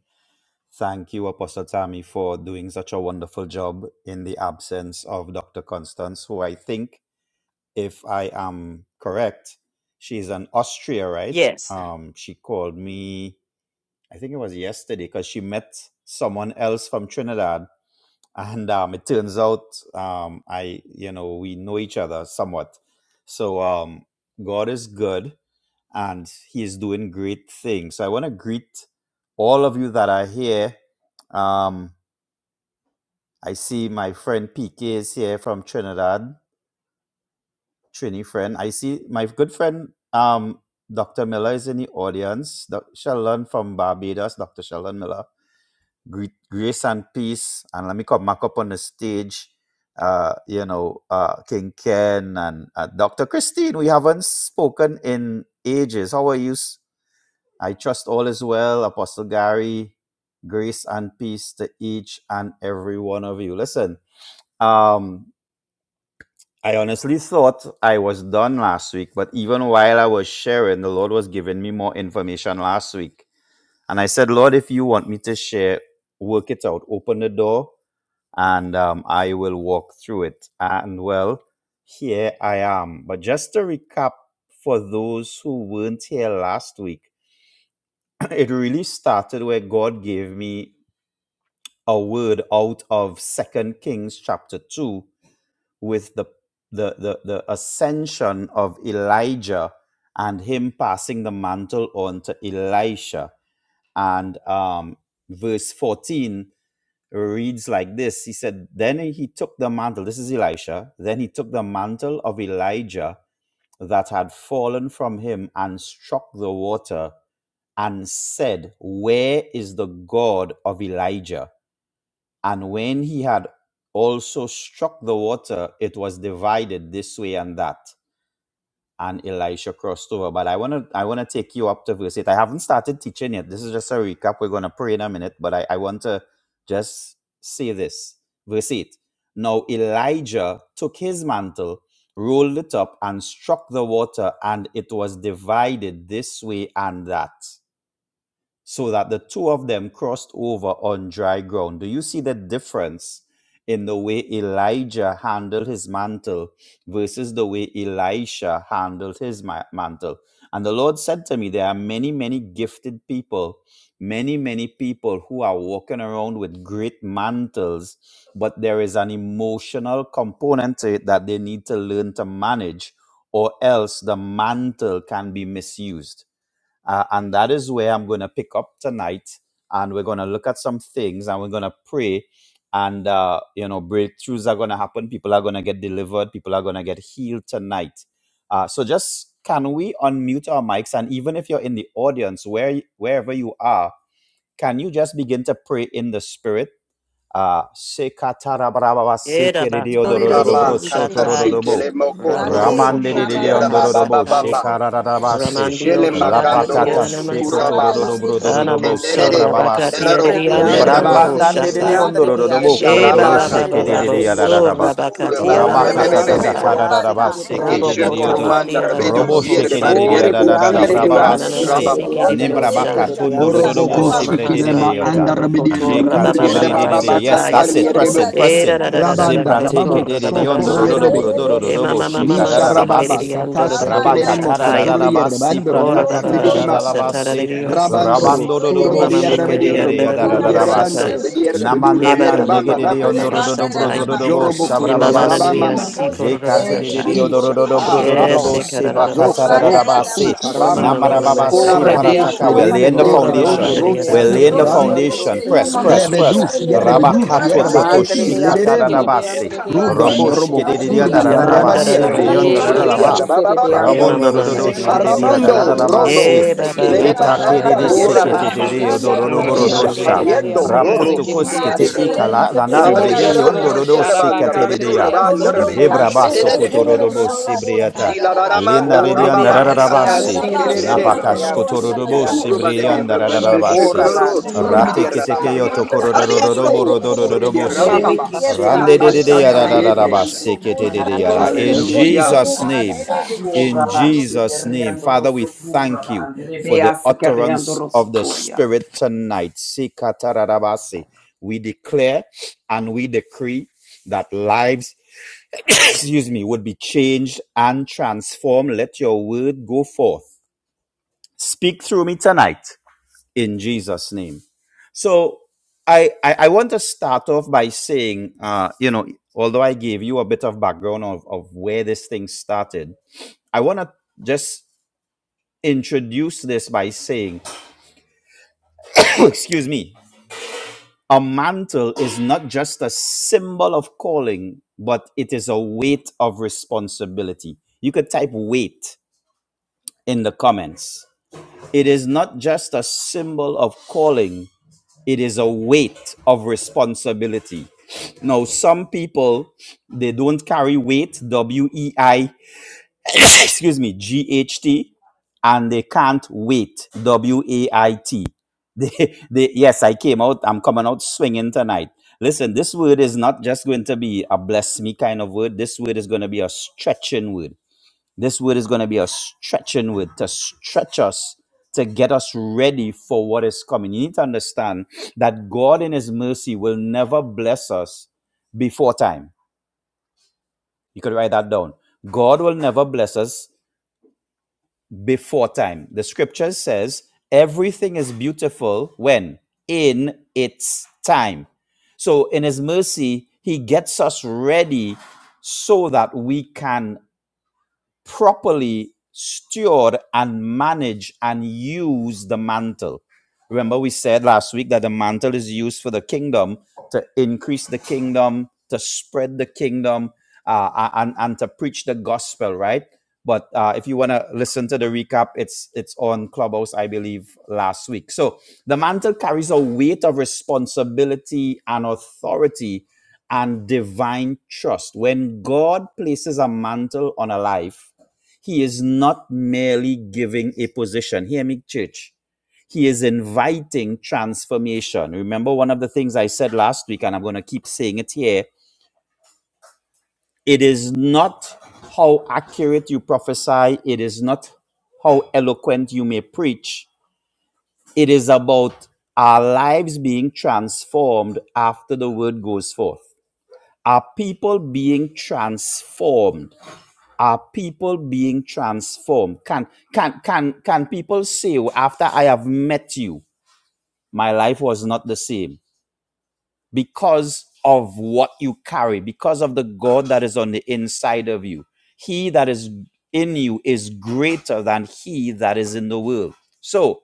[SPEAKER 10] Thank you, Apostle Tammy, for doing such a wonderful job in the absence of Dr. Constance, who I think, if I am correct, she's an Austria, right?
[SPEAKER 1] Yes.
[SPEAKER 10] Um, she called me, I think it was yesterday, because she met someone else from Trinidad. And um, it turns out um, I, you know, we know each other somewhat. So um, God is good and he is doing great things. So I want to greet all of you that are here. Um, I see my friend PK is here from Trinidad, Trini friend. I see my good friend um, Dr. Miller is in the audience. Doctor Sheldon from Barbados, Dr. Sheldon Miller. Greet, grace and peace. And let me come back up on the stage. Uh, you know, uh, King Ken and uh, Dr. Christine. We haven't spoken in ages. How are you? s- I trust all is well, Apostle Gary. Grace and peace to each and every one of you. Listen, um, I honestly thought I was done last week, but even while I was sharing, the Lord was giving me more information last week. And I said, Lord, if you want me to share, work it out, open the door, and um, I will walk through it. And well, here I am. But just to recap for those who weren't here last week, it really started where God gave me a word out of Second Kings chapter two with the the the, the ascension of Elijah and him passing the mantle on to Elisha. And um, verse 14 reads like this He said, Then he took the mantle, this is Elisha, then he took the mantle of Elijah that had fallen from him and struck the water and said, Where is the God of Elijah? And when he had also struck the water, it was divided this way and that. And Elisha crossed over. But I wanna I wanna take you up to verse 8. I haven't started teaching yet. This is just a recap. We're gonna pray in a minute, but I, I want to just say this. Verse 8. Now Elijah took his mantle, rolled it up, and struck the water, and it was divided this way and that so that the two of them crossed over on dry ground. Do you see the difference in the way Elijah handled his mantle versus the way Elisha handled his ma- mantle? And the Lord said to me, There are many, many gifted people, many, many people who are walking around with great mantles, but there is an emotional component to it that they need to learn to manage, or else the mantle can be misused uh, and that is where I'm going to pick up tonight. And we're going to look at some things and we're going to pray. And, uh, you know, breakthroughs are going to happen. People are going to get delivered. People are going to get healed tonight. Uh, so just can we unmute our mics? And even if you're in the audience, where wherever you are, can you just begin to pray in the spirit? Ah, sekatarabarababa
[SPEAKER 1] Era
[SPEAKER 2] Glory,
[SPEAKER 1] bakanda
[SPEAKER 2] de- de- de-
[SPEAKER 3] Rabba
[SPEAKER 1] boho
[SPEAKER 10] sekerediodororobroso
[SPEAKER 2] mesi.
[SPEAKER 1] shataya,
[SPEAKER 10] tororobo.
[SPEAKER 3] katasikele mokoto
[SPEAKER 1] ramanda
[SPEAKER 2] Rane,
[SPEAKER 3] rokoturu
[SPEAKER 11] Nashana
[SPEAKER 3] yeraba baba
[SPEAKER 10] Ramandedededondororobo
[SPEAKER 11] basaka Ninashanabasaka,
[SPEAKER 1] boho
[SPEAKER 3] baba.
[SPEAKER 2] rababasha,
[SPEAKER 11] Rababasine
[SPEAKER 10] shekarararabase.
[SPEAKER 1] Ramandio
[SPEAKER 3] Jele
[SPEAKER 2] Isi
[SPEAKER 11] Roboshata,
[SPEAKER 2] arare
[SPEAKER 1] Rabakatia
[SPEAKER 3] makandoro
[SPEAKER 10] Lapakata
[SPEAKER 2] lombe ke
[SPEAKER 3] sukura
[SPEAKER 1] Namasa.
[SPEAKER 11] Irebe
[SPEAKER 2] arada
[SPEAKER 3] baba.
[SPEAKER 2] rebeshe.
[SPEAKER 11] Satando
[SPEAKER 10] shekotororobrodorobo
[SPEAKER 1] Anamasur
[SPEAKER 11] Robosha,
[SPEAKER 2] O
[SPEAKER 3] Sikenderebe
[SPEAKER 2] lani
[SPEAKER 10] sabrababase.
[SPEAKER 1] Rabakatia
[SPEAKER 2] si
[SPEAKER 3] kilararo uru
[SPEAKER 2] arade
[SPEAKER 1] Rianda
[SPEAKER 5] Shandu,
[SPEAKER 4] Rebeandro,
[SPEAKER 11] Ekabashanda
[SPEAKER 3] yerbaba.
[SPEAKER 2] rebe.
[SPEAKER 1] Rabaho Shataya.
[SPEAKER 11] Rabasaya,
[SPEAKER 2] Rabako she
[SPEAKER 4] sekerebeandrebea,
[SPEAKER 10] Lebranbandandedededondororobo
[SPEAKER 2] ke ni
[SPEAKER 1] E
[SPEAKER 11] Robo
[SPEAKER 10] korodoro
[SPEAKER 3] Nisharaba
[SPEAKER 2] robe
[SPEAKER 1] Baba Baba
[SPEAKER 3] kato
[SPEAKER 2] kese.
[SPEAKER 11] Sanda
[SPEAKER 1] Baba
[SPEAKER 4] sikerebeandrebeasi.
[SPEAKER 3] sukuro
[SPEAKER 1] Sur
[SPEAKER 10] shekedededeyarararaba.
[SPEAKER 11] Rabashaya,
[SPEAKER 3] kuturu
[SPEAKER 1] Rabakatia
[SPEAKER 3] baba bebe
[SPEAKER 2] Ralene ne
[SPEAKER 3] bebe
[SPEAKER 2] mi
[SPEAKER 11] Ikanabose,
[SPEAKER 3] bebe.
[SPEAKER 1] Namansataya.
[SPEAKER 4] Korebeandrebea,
[SPEAKER 10] Rabakatatakatarabaraba
[SPEAKER 2] robata.
[SPEAKER 11] Rapaye
[SPEAKER 3] Nije
[SPEAKER 1] Roboko
[SPEAKER 10] sekededediodo.
[SPEAKER 11] Ropo
[SPEAKER 3] koromanda
[SPEAKER 4] sekerebeandrebeasi.
[SPEAKER 1] Tamandia
[SPEAKER 2] Homo
[SPEAKER 3] rebedur
[SPEAKER 10] Robo
[SPEAKER 2] shana
[SPEAKER 1] Rabaho
[SPEAKER 11] Norobosaka,
[SPEAKER 2] rebe
[SPEAKER 3] yerbar
[SPEAKER 1] Shata.
[SPEAKER 3] yerbu
[SPEAKER 2] kese ke.
[SPEAKER 3] shrik demanda
[SPEAKER 4] Korebeandrebeasi,
[SPEAKER 1] Ekamanana
[SPEAKER 10] shekedededeyarararabrababase.
[SPEAKER 2] Elisi
[SPEAKER 11] Itanabashaya,
[SPEAKER 3] rababa.
[SPEAKER 1] Siki
[SPEAKER 2] rona
[SPEAKER 4] terebeandro,
[SPEAKER 1] Dio
[SPEAKER 2] rebe
[SPEAKER 1] Shine.
[SPEAKER 2] shani
[SPEAKER 3] Orobo
[SPEAKER 10] Nebrabakatondororobo
[SPEAKER 2] karere
[SPEAKER 3] bu
[SPEAKER 11] Lobenamasike
[SPEAKER 1] Ora
[SPEAKER 4] sekerebeandrebeasi.
[SPEAKER 2] basuto.
[SPEAKER 3] sikilema
[SPEAKER 11] Yobosa,
[SPEAKER 1] Mahastani
[SPEAKER 10] sebredededeyota.
[SPEAKER 3] anda rebedir
[SPEAKER 1] Rabakotor
[SPEAKER 3] budur
[SPEAKER 2] Ikona
[SPEAKER 1] Rabababa
[SPEAKER 3] yerbaba
[SPEAKER 2] rebe
[SPEAKER 11] Itanabashando
[SPEAKER 3] baba
[SPEAKER 10] Jekatebrededede. Yes,
[SPEAKER 2] shani
[SPEAKER 1] Shataya.
[SPEAKER 3] katar
[SPEAKER 11] Robosa,
[SPEAKER 10] that's
[SPEAKER 2] ni
[SPEAKER 10] it.
[SPEAKER 6] My
[SPEAKER 10] Press
[SPEAKER 3] yerbu.
[SPEAKER 2] roba
[SPEAKER 10] in, press
[SPEAKER 1] E
[SPEAKER 10] in.
[SPEAKER 2] rebe.
[SPEAKER 11] Yanaba
[SPEAKER 3] Rabanda
[SPEAKER 11] seke
[SPEAKER 3] rababo
[SPEAKER 1] Rabakotor
[SPEAKER 11] ropo
[SPEAKER 3] sokoro
[SPEAKER 1] Rababasha.
[SPEAKER 11] raba
[SPEAKER 3] yerbe.
[SPEAKER 2] Amare
[SPEAKER 6] baby,
[SPEAKER 2] rebe
[SPEAKER 1] E
[SPEAKER 6] this
[SPEAKER 10] Zepratekedededeyondorororoborodorodorobo
[SPEAKER 1] Mama
[SPEAKER 2] kose.
[SPEAKER 1] Mama
[SPEAKER 11] inebosa
[SPEAKER 3] Misha
[SPEAKER 1] Sekiri
[SPEAKER 11] ando
[SPEAKER 3] Rababa,
[SPEAKER 10] shekarararabase.
[SPEAKER 1] Rianda
[SPEAKER 11] robosa
[SPEAKER 3] Katasi
[SPEAKER 1] Rabaho
[SPEAKER 3] Keleremo,
[SPEAKER 2] Ramanasa.
[SPEAKER 1] Shataya.
[SPEAKER 3] Kulturi
[SPEAKER 11] ikeyabo
[SPEAKER 10] Rabakatararararabasi
[SPEAKER 3] Yerbando,
[SPEAKER 1] Ora
[SPEAKER 3] Rush
[SPEAKER 1] Baba
[SPEAKER 2] Korondo
[SPEAKER 1] Baba
[SPEAKER 11] sandarabasha
[SPEAKER 3] Lidima,
[SPEAKER 2] dobo she.
[SPEAKER 1] Shatara
[SPEAKER 10] pratakataralararabase.
[SPEAKER 1] Dio
[SPEAKER 11] yenanabo
[SPEAKER 3] Vrabandoro,
[SPEAKER 11] sike
[SPEAKER 2] Korere
[SPEAKER 1] Oh,
[SPEAKER 11] yo
[SPEAKER 10] Rabandororobo
[SPEAKER 3] Surbari
[SPEAKER 1] mama,
[SPEAKER 2] rebe
[SPEAKER 1] mama,
[SPEAKER 2] siya.
[SPEAKER 3] Yerbadio,
[SPEAKER 11] shata
[SPEAKER 1] Lydia,
[SPEAKER 3] Bukuri
[SPEAKER 1] Lydia,
[SPEAKER 11] yeya
[SPEAKER 2] Rani
[SPEAKER 3] Yerbando,
[SPEAKER 2] ya
[SPEAKER 10] shekedededeyadaradarabase.
[SPEAKER 1] Satire.
[SPEAKER 11] masa
[SPEAKER 3] Rebedir,
[SPEAKER 2] rebe kose.
[SPEAKER 3] Rebedur,
[SPEAKER 1] Ye ba
[SPEAKER 11] yeya
[SPEAKER 1] ba ba ba
[SPEAKER 3] Yerbamba,
[SPEAKER 1] ba ba ba
[SPEAKER 11] hokomo
[SPEAKER 1] ba
[SPEAKER 3] Damerere,
[SPEAKER 2] Miranda da
[SPEAKER 11] shata
[SPEAKER 2] da
[SPEAKER 1] Satire.
[SPEAKER 10] Namananandegededeyondorororoborodorodorobo
[SPEAKER 11] ike
[SPEAKER 2] basata.
[SPEAKER 1] Ye
[SPEAKER 3] Jorobokuro,
[SPEAKER 11] mamasa
[SPEAKER 1] mama,
[SPEAKER 10] sabrababase.
[SPEAKER 1] Lydia,
[SPEAKER 3] Yerabamama,
[SPEAKER 1] see
[SPEAKER 11] atata
[SPEAKER 2] Komosi
[SPEAKER 1] Cordoba
[SPEAKER 2] ele de
[SPEAKER 11] rabasha
[SPEAKER 2] mi
[SPEAKER 1] Satire.
[SPEAKER 2] robe
[SPEAKER 3] Ishaka,
[SPEAKER 2] geche.
[SPEAKER 11] unanabo
[SPEAKER 1] Yes,
[SPEAKER 5] Thank
[SPEAKER 3] Rabo,
[SPEAKER 10] Jekatedededeyodorororoborodorodorobo
[SPEAKER 1] se
[SPEAKER 6] is-
[SPEAKER 11] sata
[SPEAKER 5] you.
[SPEAKER 3] Zoko,
[SPEAKER 1] Carabasso.
[SPEAKER 2] Moranda da
[SPEAKER 3] Rosso,
[SPEAKER 2] da
[SPEAKER 10] sebakatarararabase.
[SPEAKER 11] Yeyabosa
[SPEAKER 6] What
[SPEAKER 1] Oh,
[SPEAKER 3] Kutarama,
[SPEAKER 1] mama,
[SPEAKER 2] basende
[SPEAKER 11] Raba
[SPEAKER 2] e
[SPEAKER 1] mama,
[SPEAKER 11] Seto
[SPEAKER 10] Namarababase
[SPEAKER 2] maroba
[SPEAKER 1] Secre.
[SPEAKER 2] si
[SPEAKER 11] Roboshe
[SPEAKER 3] Rabadesh,
[SPEAKER 10] parataka.
[SPEAKER 4] Korebeandro,
[SPEAKER 10] We're
[SPEAKER 3] Ledem,
[SPEAKER 2] komesi.
[SPEAKER 10] laying
[SPEAKER 3] and
[SPEAKER 10] the
[SPEAKER 1] Oh, ra ba ba
[SPEAKER 3] Dekedo,
[SPEAKER 10] foundation.
[SPEAKER 1] ba Lydia,
[SPEAKER 11] Yekamoshanda
[SPEAKER 1] da
[SPEAKER 3] Rosso,
[SPEAKER 4] sukurabandrebea,
[SPEAKER 10] We're
[SPEAKER 1] da da
[SPEAKER 10] laying
[SPEAKER 11] Raba
[SPEAKER 10] the
[SPEAKER 1] da
[SPEAKER 2] Mirodo
[SPEAKER 1] da.
[SPEAKER 3] Kutarama,
[SPEAKER 2] do
[SPEAKER 11] Seke
[SPEAKER 4] sekerebeandro,
[SPEAKER 10] foundation.
[SPEAKER 2] bose.
[SPEAKER 10] Press, press,
[SPEAKER 11] Robosha
[SPEAKER 4] sekerebeandro,
[SPEAKER 10] press.
[SPEAKER 3] Rebedus,
[SPEAKER 4] seke.
[SPEAKER 3] Yerebedus,
[SPEAKER 10] Rabakato
[SPEAKER 2] Miroda
[SPEAKER 11] Ninebesa
[SPEAKER 2] lele
[SPEAKER 10] toto
[SPEAKER 3] Yerebakati,
[SPEAKER 2] be.
[SPEAKER 4] Manderebeya
[SPEAKER 11] Yabaso
[SPEAKER 10] shikata
[SPEAKER 3] Lideremo,
[SPEAKER 4] sekerebe
[SPEAKER 10] rabasi.
[SPEAKER 2] Oka
[SPEAKER 4] anderebeya
[SPEAKER 2] ba
[SPEAKER 3] Rudan,
[SPEAKER 11] Yetanamosha
[SPEAKER 2] ye
[SPEAKER 4] sekerebe
[SPEAKER 10] Roposhke
[SPEAKER 3] Robo,
[SPEAKER 10] de
[SPEAKER 2] komosi
[SPEAKER 10] diata
[SPEAKER 4] anderebeya
[SPEAKER 3] Surbidi,
[SPEAKER 11] Yanaba
[SPEAKER 4] sa.
[SPEAKER 2] anani
[SPEAKER 1] Amanda,
[SPEAKER 3] Rebadi,
[SPEAKER 1] da
[SPEAKER 11] Nita
[SPEAKER 10] rabasi
[SPEAKER 2] araba.
[SPEAKER 3] Rebo,
[SPEAKER 10] brianda
[SPEAKER 4] Yerebe
[SPEAKER 3] Kuturbidi,
[SPEAKER 4] ki
[SPEAKER 10] rabba.
[SPEAKER 11] Shononomosha
[SPEAKER 2] Kore
[SPEAKER 1] Ye
[SPEAKER 3] Rabababa,
[SPEAKER 2] lele be
[SPEAKER 10] Ramondo
[SPEAKER 1] mama,
[SPEAKER 11] Yemama
[SPEAKER 4] Manderebeasa, kerebeanderebeasa, kerebeanderebeasa. Yerebeki, serebeandrose,
[SPEAKER 1] mama,
[SPEAKER 2] si
[SPEAKER 11] Seke
[SPEAKER 1] Lydia,
[SPEAKER 10] rododoshke
[SPEAKER 2] arodo
[SPEAKER 10] de
[SPEAKER 2] do
[SPEAKER 10] diata
[SPEAKER 11] Yabosha
[SPEAKER 4] kerebeandrose,
[SPEAKER 2] bosa mi.
[SPEAKER 3] Taramando, Rodo,
[SPEAKER 10] rabasi.
[SPEAKER 1] Ye
[SPEAKER 4] kerebeandrose,
[SPEAKER 1] ba ba
[SPEAKER 4] ke.
[SPEAKER 2] O
[SPEAKER 1] ba
[SPEAKER 3] Sikilerema,
[SPEAKER 1] ba
[SPEAKER 10] Lita
[SPEAKER 11] Nakandorobosha
[SPEAKER 2] gara
[SPEAKER 1] ba ba
[SPEAKER 10] kede
[SPEAKER 11] Ya
[SPEAKER 3] Andar,
[SPEAKER 1] ba
[SPEAKER 10] de
[SPEAKER 2] laba
[SPEAKER 1] ba
[SPEAKER 2] e
[SPEAKER 1] sa.
[SPEAKER 10] sekete de
[SPEAKER 3] Yereboso,
[SPEAKER 11] Yema
[SPEAKER 4] Korabase,
[SPEAKER 2] mani
[SPEAKER 10] de
[SPEAKER 2] si
[SPEAKER 1] Urda
[SPEAKER 11] Sanamasite
[SPEAKER 2] korodo do
[SPEAKER 3] Fisha,
[SPEAKER 4] kerebeandrebease,
[SPEAKER 1] mandia,
[SPEAKER 10] dorodobrodosha.
[SPEAKER 2] bose.
[SPEAKER 1] Lydia,
[SPEAKER 3] Carriendo,
[SPEAKER 1] Satin.
[SPEAKER 11] Rono
[SPEAKER 3] Roro,
[SPEAKER 4] kerebeandrose,
[SPEAKER 10] Rapoto
[SPEAKER 2] O God
[SPEAKER 3] Surbidi,
[SPEAKER 10] koskete
[SPEAKER 11] Ramasa
[SPEAKER 4] kerebease.
[SPEAKER 2] lele
[SPEAKER 3] Reba,
[SPEAKER 2] mi
[SPEAKER 10] ikala
[SPEAKER 2] si
[SPEAKER 4] Oh,
[SPEAKER 3] Rabari,
[SPEAKER 10] danandre
[SPEAKER 2] roda
[SPEAKER 10] de de
[SPEAKER 4] yes,
[SPEAKER 6] I'm
[SPEAKER 2] alaba
[SPEAKER 4] Lord.
[SPEAKER 11] Yedabashando
[SPEAKER 10] ondorodosi
[SPEAKER 2] sata.
[SPEAKER 3] Rebanda,
[SPEAKER 10] kate de
[SPEAKER 11] Repa
[SPEAKER 3] Rebedur,
[SPEAKER 10] dea.
[SPEAKER 4] Sharabakanderebeasi,
[SPEAKER 3] Rabanda,
[SPEAKER 11] Yabasaka
[SPEAKER 10] Zebra
[SPEAKER 3] Rebedus,
[SPEAKER 2] Rororoboshi ke
[SPEAKER 10] basso
[SPEAKER 4] kerebeandrebeasi.
[SPEAKER 2] Elia,
[SPEAKER 3] Lideremeke,
[SPEAKER 10] kotorodobo
[SPEAKER 2] rorororobosi
[SPEAKER 10] sibriata.
[SPEAKER 11] Yitarabasike
[SPEAKER 3] Zila
[SPEAKER 11] Yobosha
[SPEAKER 2] ararabasha.
[SPEAKER 10] Lina
[SPEAKER 3] Ramanda,
[SPEAKER 10] redianda
[SPEAKER 3] Rababa,
[SPEAKER 2] Yes,
[SPEAKER 11] Yea, Lord.
[SPEAKER 2] God,
[SPEAKER 10] rabasi.
[SPEAKER 4] Korebeandrebeasi,
[SPEAKER 3] Katasi,
[SPEAKER 2] alabaso,
[SPEAKER 3] Keremendo,
[SPEAKER 11] Abasata.
[SPEAKER 4] kerebeandrebeasi,
[SPEAKER 2] rororoboshi ke.
[SPEAKER 10] Napakashkotorobo
[SPEAKER 11] Yes, sir.
[SPEAKER 3] Surba de bir
[SPEAKER 4] kerebeandroso.
[SPEAKER 10] Sibrianda
[SPEAKER 3] men ve
[SPEAKER 11] Adnabashata
[SPEAKER 10] Radarabasi.
[SPEAKER 2] Morerebe,
[SPEAKER 3] şükrü
[SPEAKER 11] Yabosa.
[SPEAKER 3] surbi
[SPEAKER 2] komasi,
[SPEAKER 10] Rate
[SPEAKER 3] diye
[SPEAKER 4] Korabanderebeasi,
[SPEAKER 3] rababa.
[SPEAKER 10] Ketekeo
[SPEAKER 2] rerebe,
[SPEAKER 4] kerebeandrebeasi.
[SPEAKER 2] shadio,
[SPEAKER 11] Andorabosata
[SPEAKER 10] Tokororobo
[SPEAKER 3] Kariyendo
[SPEAKER 2] rorerebe,
[SPEAKER 3] surbi
[SPEAKER 11] Yabasite.
[SPEAKER 3] diye
[SPEAKER 2] kosa.
[SPEAKER 10] Rodorobosi.
[SPEAKER 5] Yerida
[SPEAKER 3] rababa.
[SPEAKER 4] Yerebeki
[SPEAKER 5] basi
[SPEAKER 2] Yes,
[SPEAKER 10] Rande
[SPEAKER 2] God,
[SPEAKER 4] şerebi
[SPEAKER 10] de de
[SPEAKER 5] yerida
[SPEAKER 11] Yabosa.
[SPEAKER 10] de
[SPEAKER 4] andro
[SPEAKER 3] Katasa
[SPEAKER 2] alesa,
[SPEAKER 5] sutra
[SPEAKER 2] rebe,
[SPEAKER 4] sukuri
[SPEAKER 3] kariyende.
[SPEAKER 11] Nabasha.
[SPEAKER 4] andro
[SPEAKER 5] koriyas.
[SPEAKER 10] yarararabasi kete
[SPEAKER 4] sukuri.
[SPEAKER 2] komosi,
[SPEAKER 10] de de
[SPEAKER 2] ke
[SPEAKER 10] yara.
[SPEAKER 2] rerebe,
[SPEAKER 10] In
[SPEAKER 2] she.
[SPEAKER 3] Hallelujah.
[SPEAKER 11] Yabasato.
[SPEAKER 10] Jesus' name,
[SPEAKER 2] Ranerebe, si,
[SPEAKER 11] Yanabosha.
[SPEAKER 10] in
[SPEAKER 4] Kura başı
[SPEAKER 10] Jesus'
[SPEAKER 4] kere
[SPEAKER 10] name,
[SPEAKER 4] andro
[SPEAKER 10] Father, we
[SPEAKER 4] sukura
[SPEAKER 11] Amen.
[SPEAKER 10] thank you
[SPEAKER 4] bandre
[SPEAKER 10] for the
[SPEAKER 4] beyası kere
[SPEAKER 10] utterance
[SPEAKER 4] andro
[SPEAKER 10] of the
[SPEAKER 4] sukuya.
[SPEAKER 10] Spirit tonight. Sikatararabasi. We declare and we decree that lives, excuse me, would be changed and transformed. Let your word go forth Speak through me tonight in Jesus' name. So I, I, I want to start off by saying, uh, you know, although I gave you a bit of background of, of where this thing started, I want to just introduce this by saying, excuse me, a mantle is not just a symbol of calling, but it is a weight of responsibility. You could type weight in the comments. It is not just a symbol of calling, It is a weight of responsibility. Now, some people they don't carry weight, W E I, excuse me, G H T, and they can't wait, W A I T. They, they, yes, I came out. I'm coming out swinging tonight. Listen, this word is not just going to be a bless me kind of word. This word is going to be a stretching word this word is going to be a stretching word to stretch us, to get us ready for what is coming. You need to understand that God, in His mercy, will never bless us before time. You could write that down. God will never bless us before time. The scripture says everything is beautiful when? In its time. So, in His mercy, He gets us ready so that we can properly steward and manage and use the mantle. Remember, we said last week that the mantle is used for the kingdom to increase the kingdom, to spread the kingdom, uh, and and to preach the gospel, right? But uh, if you want to listen to the recap, it's it's on Clubhouse, I believe, last week. So the mantle carries a weight of responsibility and authority and divine trust. When God places a mantle on a life, he is not merely giving a position. Hear me, church. He is inviting transformation. Remember one of the things I said last week, and I'm going to keep saying it here. It is not how accurate you prophesy, it is not how eloquent you may preach. It is about our lives being transformed after the word goes forth. Are people being transformed? are people being transformed can can can can people say "Oh, after i have met you my life was not the same because of what you carry because of the god that is on the inside of you he that is in you is greater than he that is in the world so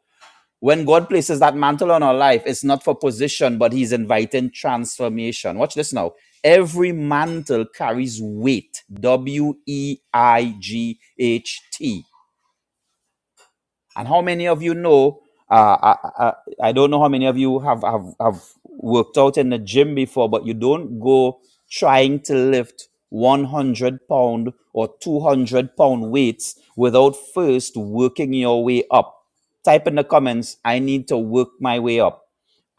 [SPEAKER 10] when God places that mantle on our life, it's not for position, but He's inviting transformation. Watch this now. Every mantle carries weight. W E I G H T and how many of you know? Uh, I, I I don't know how many of you have, have have worked out in the gym before, but you don't go trying to lift 100 pound or 200 pound weights without first working your way up. Type in the comments. I need to work my way up.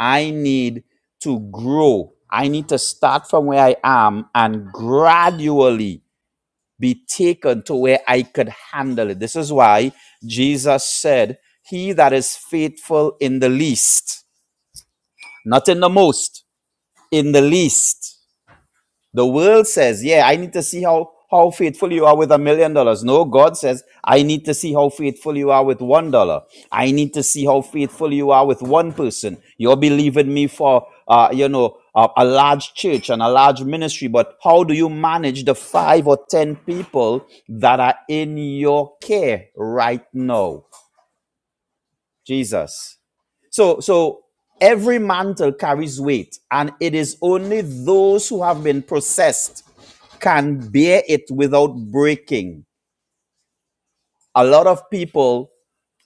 [SPEAKER 10] I need to grow. I need to start from where I am and gradually be taken to where I could handle it. This is why Jesus said, He that is faithful in the least, not in the most, in the least. The world says, yeah, I need to see how, how faithful you are with a million dollars. No, God says, I need to see how faithful you are with one dollar. I need to see how faithful you are with one person. You're believing me for, uh, you know, a, a large church and a large ministry, but how do you manage the five or 10 people that are in your care right now? Jesus. So, so every mantle carries weight, and it is only those who have been processed can bear it without breaking. A lot of people,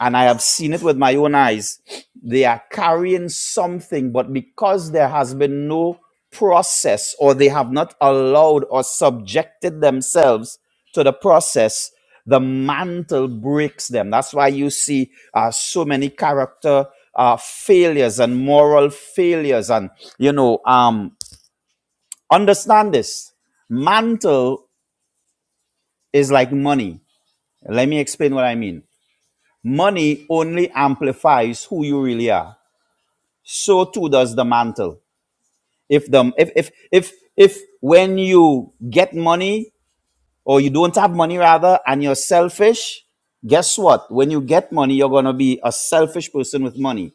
[SPEAKER 10] and I have seen it with my own eyes, they are carrying something, but because there has been no process or they have not allowed or subjected themselves to the process, the mantle breaks them. That's why you see uh, so many character uh, failures and moral failures. And, you know, um, understand this mantle is like money Let me explain what I mean. Money only amplifies who you really are. So too does the mantle. If the if if if if when you get money or you don't have money rather and you're selfish, guess what? When you get money, you're gonna be a selfish person with money.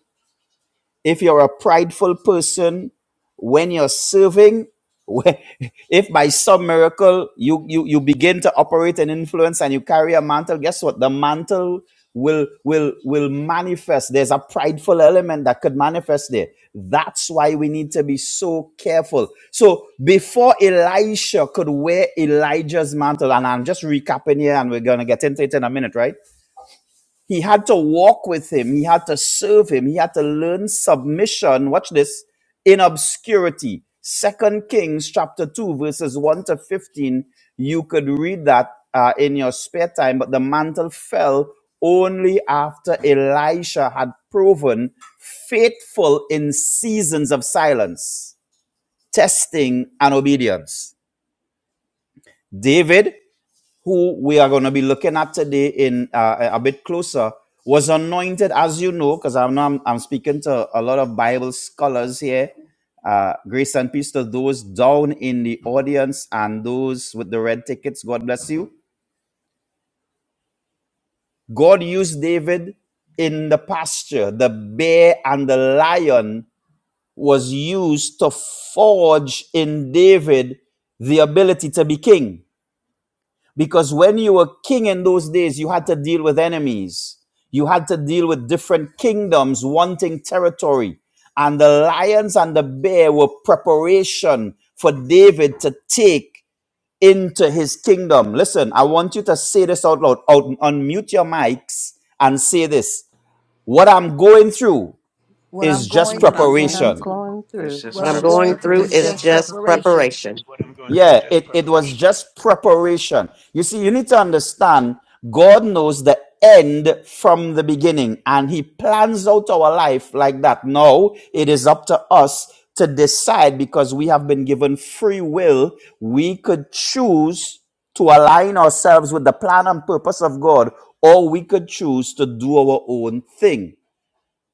[SPEAKER 10] if you're a prideful person when you're serving when- if by some miracle you, you you begin to operate an influence and you carry a mantle guess what the mantle will will will manifest there's a prideful element that could manifest there that's why we need to be so careful so before elisha could wear elijah's mantle and i'm just recapping here and we're going to get into it in a minute right he had to walk with him. He had to serve him. He had to learn submission. Watch this in obscurity. Second Kings chapter 2, verses 1 to 15. You could read that uh, in your spare time, but the mantle fell only after Elisha had proven faithful in seasons of silence, testing, and obedience. David who we are going to be looking at today in uh, a bit closer, was anointed, as you know, because I know I'm, I'm speaking to a lot of Bible scholars here. Uh, grace and peace to those down in the audience and those with the red tickets. God bless you. God used David in the pasture. The bear and the lion was used to forge in David the ability to be king. Because when you were king in those days, you had to deal with enemies. You had to deal with different kingdoms wanting territory. And the lions and the bear were preparation for David to take into his kingdom. Listen, I want you to say this out loud. Out, unmute your mics and say this. What I'm going through
[SPEAKER 2] What I'm
[SPEAKER 10] is just
[SPEAKER 2] going
[SPEAKER 5] What
[SPEAKER 2] through,
[SPEAKER 5] I'm going
[SPEAKER 10] preparation.
[SPEAKER 5] through
[SPEAKER 6] going
[SPEAKER 9] It's
[SPEAKER 6] through
[SPEAKER 2] what
[SPEAKER 9] just
[SPEAKER 5] is
[SPEAKER 2] I'm
[SPEAKER 9] perfect.
[SPEAKER 5] just
[SPEAKER 2] going through
[SPEAKER 6] is
[SPEAKER 2] is just
[SPEAKER 5] preparation.
[SPEAKER 2] preparation.
[SPEAKER 11] What I'm going through is
[SPEAKER 10] Yeah,
[SPEAKER 11] just
[SPEAKER 10] it, it was
[SPEAKER 11] preparation.
[SPEAKER 10] just preparation. You see, you need to understand God knows the end from the beginning and He plans out our life like that. Now it is up to us to decide because we have been given free will. We could choose to align ourselves with the plan and purpose of God or we could choose to do our own thing.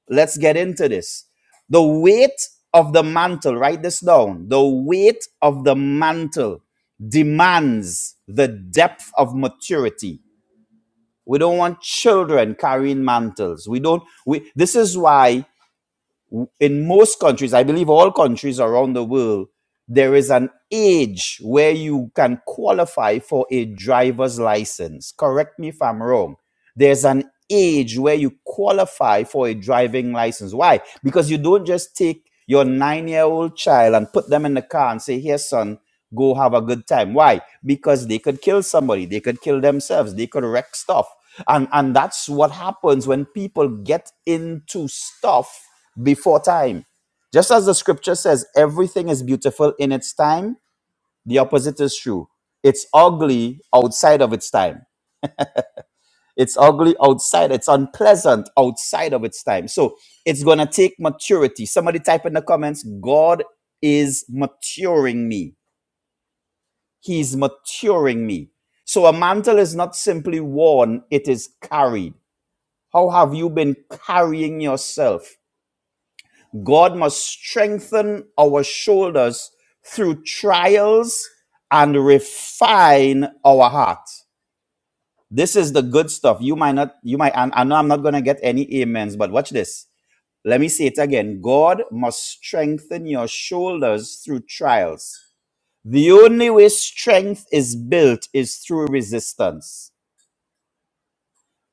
[SPEAKER 10] Let's get into this. The weight of the mantle, write this down. The weight of the mantle demands the depth of maturity. We don't want children carrying mantles. We don't we this is why in most countries, I believe all countries around the world, there is an age where you can qualify for a driver's license. Correct me if I'm wrong there's an age where you qualify for a driving license. Why? Because you don't just take your nine year old child and put them in the car and say, Here, son, go have a good time. Why? Because they could kill somebody, they could kill themselves, they could wreck stuff. And, and that's what happens when people get into stuff before time. Just as the scripture says, everything is beautiful in its time, the opposite is true. It's ugly outside of its time it's ugly outside. It's unpleasant outside of its time. So it's going to take maturity. Somebody type in the comments God is maturing me. He's maturing me. So a mantle is not simply worn, it is carried. How have you been carrying yourself? God must strengthen our shoulders through trials and refine our heart. This is the good stuff. You might not, you might, and I know I'm not going to get any amens, but watch this. Let me say it again. God must strengthen your shoulders through trials. The only way strength is built is through resistance.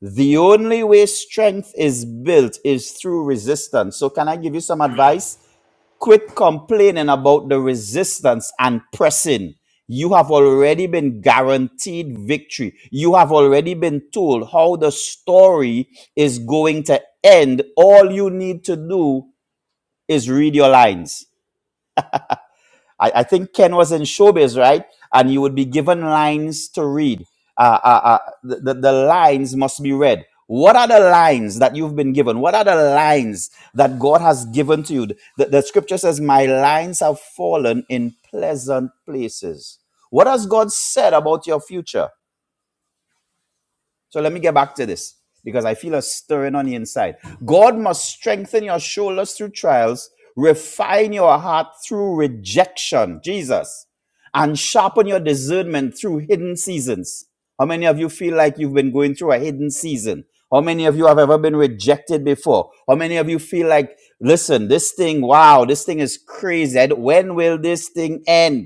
[SPEAKER 10] The only way strength is built is through resistance. So, can I give you some
[SPEAKER 11] Amen.
[SPEAKER 10] advice? Quit complaining about the resistance and pressing. You have already been guaranteed victory. You have already been told how the story is going to end. All you need to do is read your lines. I, I think Ken was in showbiz, right? And you would be given lines to read. Uh, uh, uh, the, the, the lines must be read. What are the lines that you've been given? What are the lines that God has given to you? The, the scripture says, My lines have fallen in pleasant places. What has God said about your future? So let me get back to this because I feel a stirring on the inside. God must strengthen your shoulders through trials, refine your heart through rejection, Jesus, and sharpen your discernment through hidden seasons. How many of you feel like you've been going through a hidden season? How many of you have ever been rejected before? How many of you feel like, listen, this thing, wow, this thing is crazy. I don't- When will this thing end?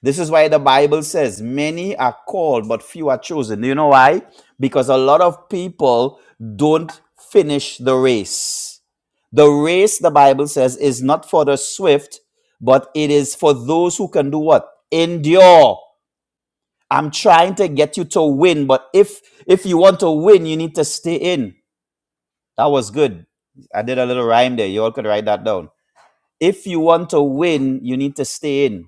[SPEAKER 10] This is why the Bible says many are called, but few are chosen. You know why? Because a lot of people don't finish the race. The race, the Bible says, is not for the swift, but it is for those who can do what? Endure. I'm trying to get you to win, but if if you want to win, you need to stay in. That was good. I did a little rhyme there. You all could write that down. If you want to win, you need to stay in.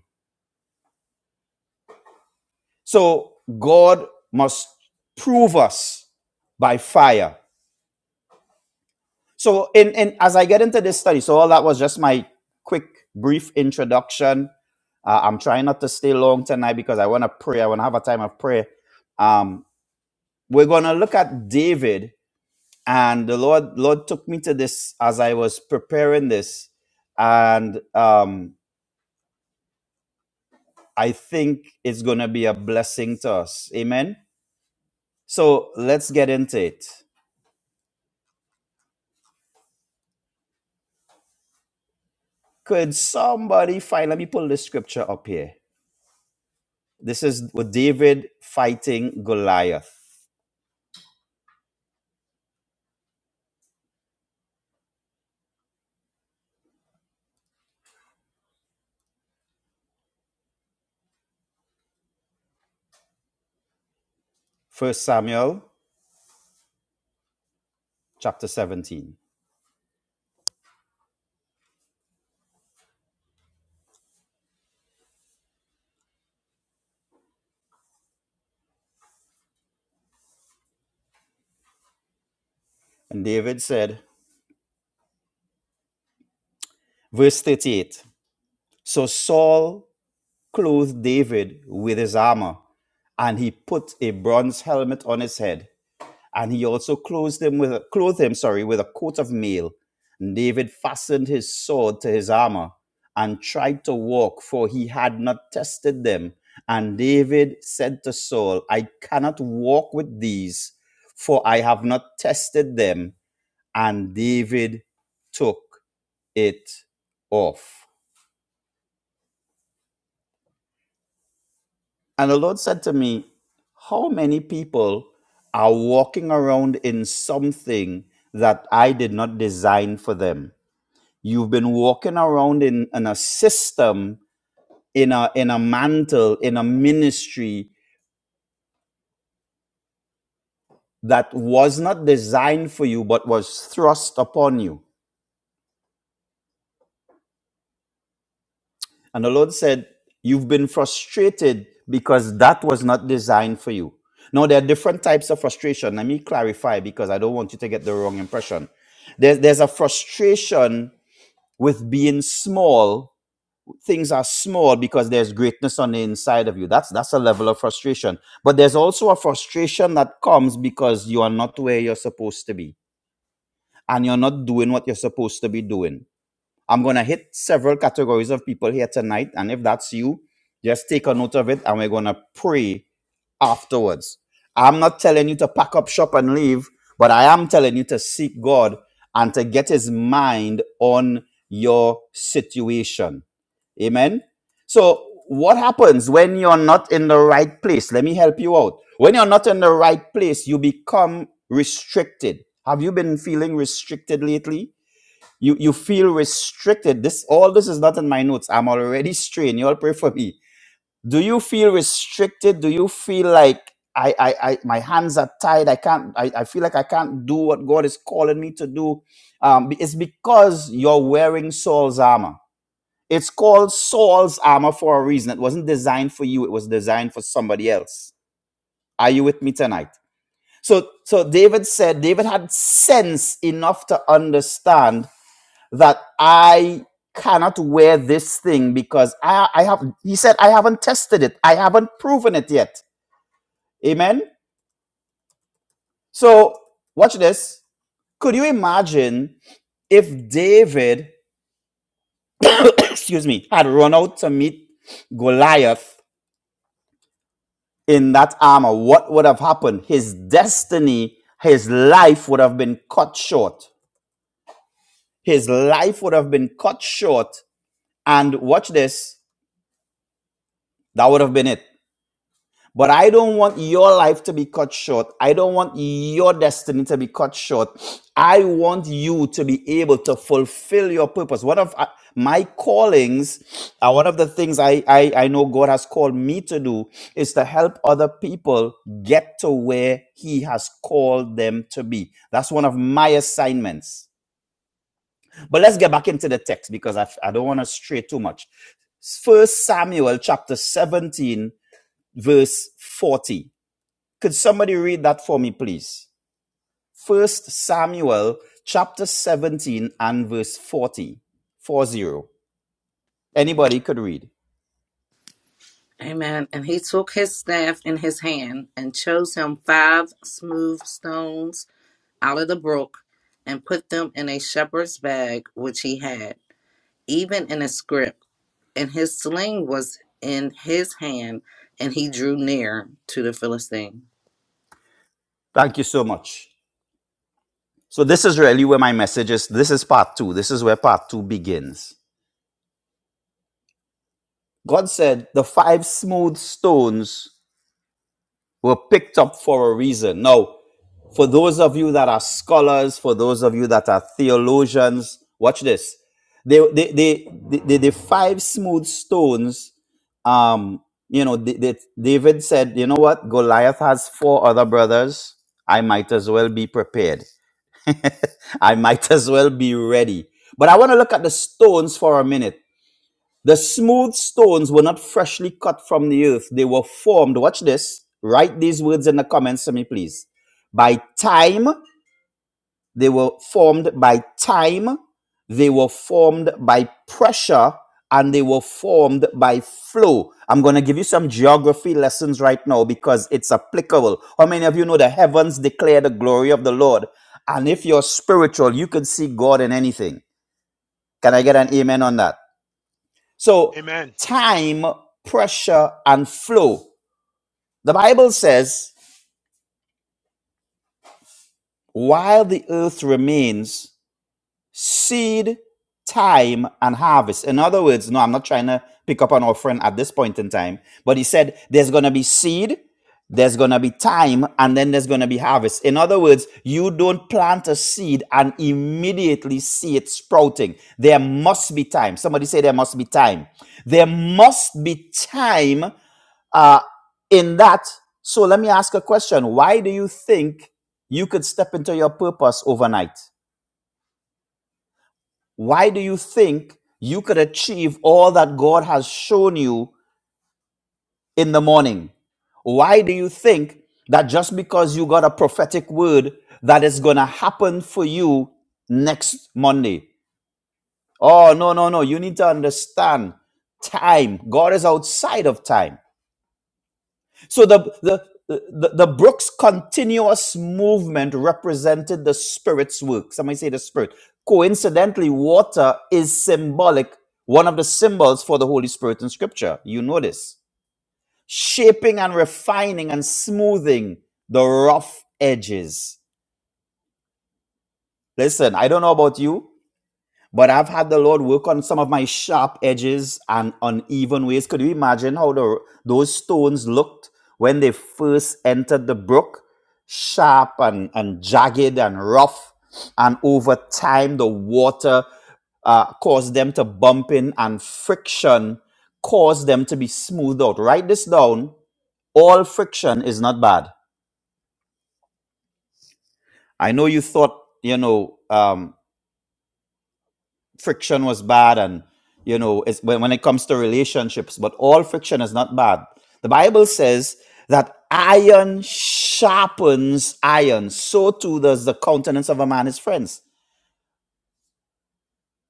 [SPEAKER 10] So God must prove us by fire. So in, in as I get into this study, so all that was just my quick brief introduction. Uh, I'm trying not to stay long tonight because I want to pray. I want to have a time of prayer. Um, we're going to look at David, and the Lord Lord took me to this as I was preparing this, and um, I think it's going to be a blessing to us. Amen. So let's get into it. Could somebody find? Let me pull this scripture up here. This is with David fighting Goliath. First Samuel chapter 17. And David said, verse 38 So Saul clothed David with his armor, and he put a bronze helmet on his head and he also clothed him with a, clothed him, sorry, with a coat of mail. And David fastened his sword to his armor and tried to walk, for he had not tested them. And David said to Saul, I cannot walk with these, for I have not tested them. And David took it off. And the Lord said to me, How many people are walking around in something that I did not design for them? You've been walking around in, in a system, in a in a mantle, in a ministry that was not designed for you but was thrust upon you. And the Lord said, You've been frustrated because that was not designed for you. Now there are different types of frustration. Let me clarify because I don't want you to get the wrong impression. There's there's a frustration with being small things are small because there's greatness on the inside of you. That's that's a level of frustration. But there's also a frustration that comes because you are not where you're supposed to be and you're not doing what you're supposed to be doing. I'm gonna hit several categories of people here tonight, and if that's you, just take a note of it and we're gonna pray afterwards. I'm not telling you to pack up shop and leave, but I am telling you to seek God and to get his mind on your situation Amen. So, what happens when you're not in the right place? Let me help you out. When you're not in the right place, you become restricted. Have you been feeling restricted lately? You you feel restricted. This all this is not in my notes. I'm already strained. You all pray for me. Do you feel restricted? Do you feel like I, I, I my hands are tied. I can't. I, I feel like I can't do what God is calling me to do. Um, it's because you're wearing Saul's armor it's called Saul's armor for a reason. It wasn't designed for you, it was designed for somebody else. Are you with me tonight? So so David said David had sense enough to understand that I cannot wear this thing because I I have he said I haven't tested it. I haven't proven it yet. Amen. So watch this. Could you imagine if David, excuse me, had run out to meet Goliath in that armor, what would have happened? His destiny, his life would have been cut short. His life would have been cut short. And watch this, that would have been it. But I don't want your life to be cut short. I don't want your destiny to be cut short. I want you to be able to fulfill your purpose. One of uh, my callings, uh, one of the things I, I, I know God has called me to do is to help other people get to where He has called them to be. That's one of my assignments. But let's get back into the text because I, I don't want to stray too much. First Samuel chapter 17, verse 40. Could somebody read that for me, please? First Samuel chapter 17 and verse 40. 40. Anybody could read.
[SPEAKER 9] Amen. And he took his staff in his hand and chose him five smooth stones out of the brook and put them in a shepherd's bag which he had, even in a scrip, and his sling was in his hand, and he drew near to the Philistine.
[SPEAKER 10] Thank you so much. So this is really where my message is. This is part two. This is where part two begins. God said the five smooth stones were picked up for a reason. Now, for those of you that are scholars, for those of you that are theologians, watch this. They, they, they, the the the five smooth stones um, you know, D- D- David said, you know what? Goliath has four other brothers. I might as well be prepared. I might as well be ready. But I want to look at the stones for a minute. The smooth stones were not freshly cut from the earth. They were formed. Watch this. Write these words in the comments to me, please. By time they were formed by time, they were formed by pressure, and they were formed by flow. I'm going to give you some geography lessons right now because it's applicable. How many of you know the heavens declare the glory of the Lord? And if you're spiritual, you can see God in anything. Can I get an amen on that? So,
[SPEAKER 11] Amen.
[SPEAKER 10] time, pressure, and flow. The Bible says, while the earth remains, seed, time, and harvest. In other words, no, I'm not trying to pick up an offering at this point in time, but he said there's going to be seed, there's going to be time, and then there's going to be harvest. In other words, you don't plant a seed and immediately see it sprouting. There must be time. Somebody say there must be time. There must be time uh, in that. So let me ask a question. Why do you think you could step into your purpose overnight? Why do you think you could achieve all that God has shown you in the morning? Why do you think that just because you got a prophetic word that is going to happen for you next Monday? Oh, no, no, no. You need to understand time. God is outside of time. So the the the, the Brooks continuous movement represented the Spirit's work. Somebody say the Spirit. Coincidentally, water is symbolic, one of the symbols for the Holy Spirit in Scripture. You notice. Shaping and refining and smoothing the rough edges. Listen, I don't know about you, But I've had the Lord work on some of my sharp edges and uneven ways. Could you imagine how the, those stones looked when they first entered the brook? Sharp and, and jagged and rough. And over time, the water uh, caused them to bump in, and friction caused them to be smoothed out. Write this down. All friction is not bad. I know you thought, you know, um, friction was bad and you know it's when, when it comes to relationships but all friction is not bad the bible says that iron sharpens iron so too does the countenance of a man his friends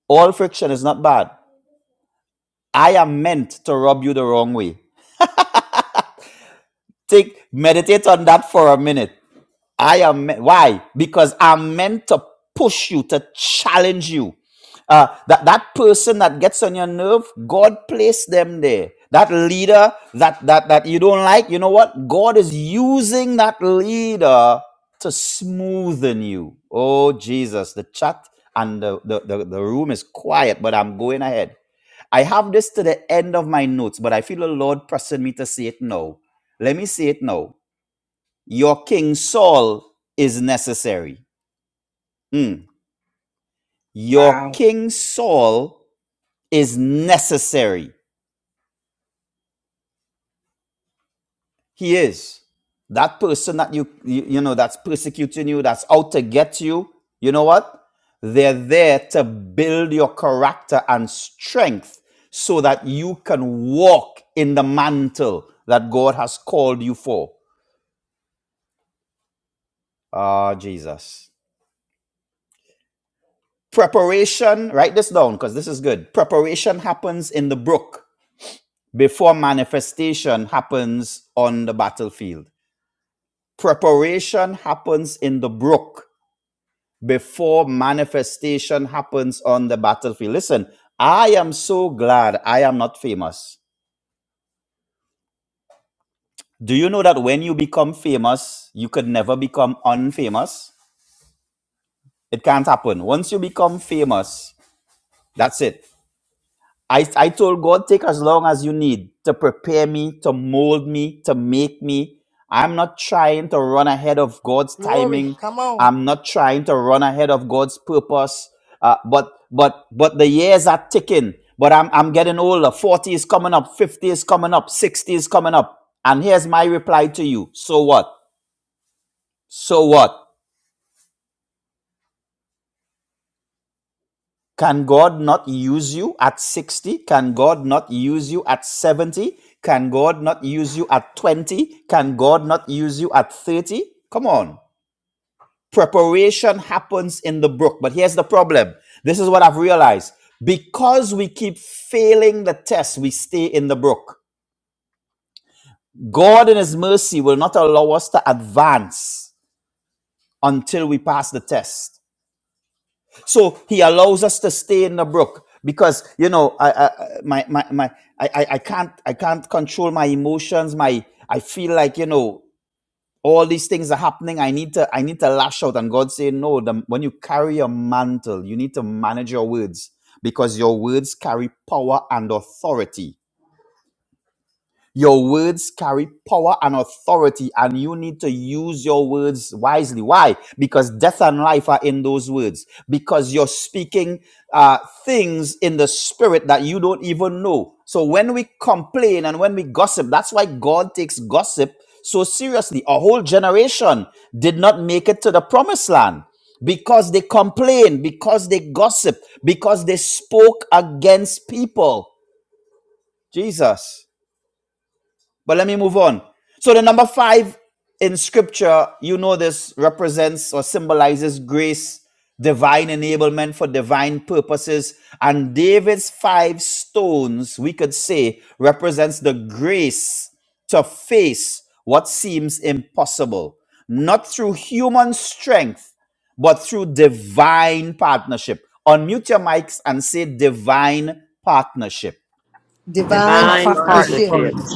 [SPEAKER 10] all friction is not bad i am meant to rub you the wrong way take meditate on that for a minute I am me- why? Because I'm meant to push you, to challenge you. Uh, that that person that gets on your nerve, God placed them there. That leader that that that you don't like, you know what? God is using that leader to smoothen you. Oh Jesus, the chat and the, the, the, the room is quiet, but I'm going ahead. I have this to the end of my notes, but I feel the Lord pressing me to say it now. Let me say it now. Your King Saul is necessary. Mm. Your
[SPEAKER 9] Wow.
[SPEAKER 10] King Saul is necessary. He is. That person that you, you, you know, that's persecuting you, that's out to get you, you know what? They're there to build your character and strength so that you can walk in the mantle that God has called you for. Ah, Jesus. Preparation, write this down because this is good. Preparation happens in the brook. before manifestation happens on the battlefield. Preparation happens in the brook before manifestation happens on the battlefield. Listen, I am so glad I am not famous. Do you know that when you become famous, you could never become unfamous? It can't happen. Once you become famous, that's it. I, I told God, take as long as you need to prepare me, to mold me, to make me. I'm not trying to run ahead of God's
[SPEAKER 2] Glory,
[SPEAKER 10] timing.
[SPEAKER 2] come on.
[SPEAKER 10] I'm not trying to run ahead of God's purpose. Uh, but but but the years are ticking. But I'm I'm getting older. 40 is coming up, 50 is coming up, 60 is coming up. And here's my reply to you. So what? So what? Can God not use you at 60? Can God not use you at 70? Can God not use you at 20? Can God not use you at 30? Come on. Preparation happens in the brook. But here's the problem this is what I've realized. Because we keep failing the test, we stay in the brook. God, in His mercy, will not allow us to advance until we pass the test. So he allows us to stay in the brook because you know I, I my my, my I, I I can't I can't control my emotions. My I feel like you know all these things are happening. I need to I need to lash out. And God saying no. The, when you carry a mantle, you need to manage your words because your words carry power and authority your words carry power and authority, and you need to use your words wisely. Why? Because death and life are in those words. Because you're speaking uh, things in the spirit that you don't even know. So when we complain and when we gossip, that's why God takes gossip so seriously. A whole generation did not make it to the promised land because they complained, because they gossiped, because they spoke against people. Jesus. But let me move on. So the number five in scripture, you know this represents or symbolizes grace, divine enablement for divine purposes. And David's five stones, we could say, represents the grace to face what seems impossible, not through human strength, but through divine partnership. Unmute your mics and say divine partnership
[SPEAKER 1] Divine
[SPEAKER 2] Divine
[SPEAKER 8] Hi, God
[SPEAKER 2] partnership.
[SPEAKER 1] partnerships.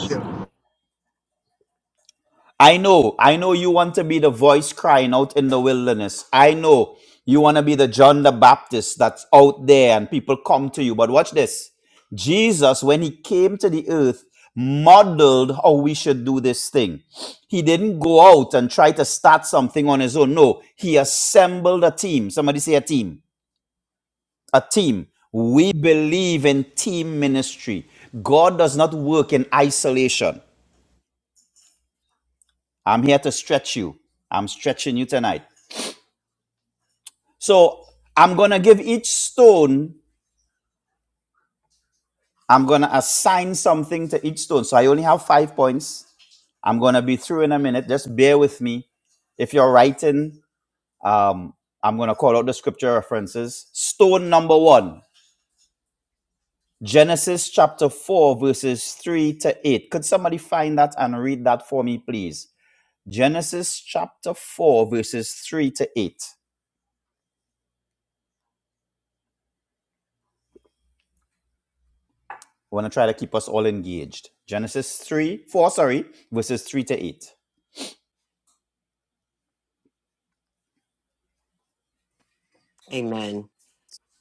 [SPEAKER 10] I know, I know you want to be the voice crying out in the wilderness. I know you want to be the John the Baptist that's out there and people come to you. But watch this Jesus, when he came to the earth, modeled how we should do this thing. He didn't go out and try to start something on his own. No, he assembled a team. Somebody say a team. A team. We believe in team ministry. God does not work in isolation. I'm here to stretch you. I'm stretching you tonight. So I'm going to give each stone, I'm going to assign something to each stone. So I only have five points. I'm going to be through in a minute. Just bear with me. If you're writing, um, I'm going to call out the scripture references. Stone number one, Genesis chapter 4, verses 3 to 8. Could somebody find that and read that for me, please? Genesis chapter 4, verses 3 to 8. I want to try to keep us all engaged. Genesis 3, 4, sorry, verses 3 to 8.
[SPEAKER 1] Amen.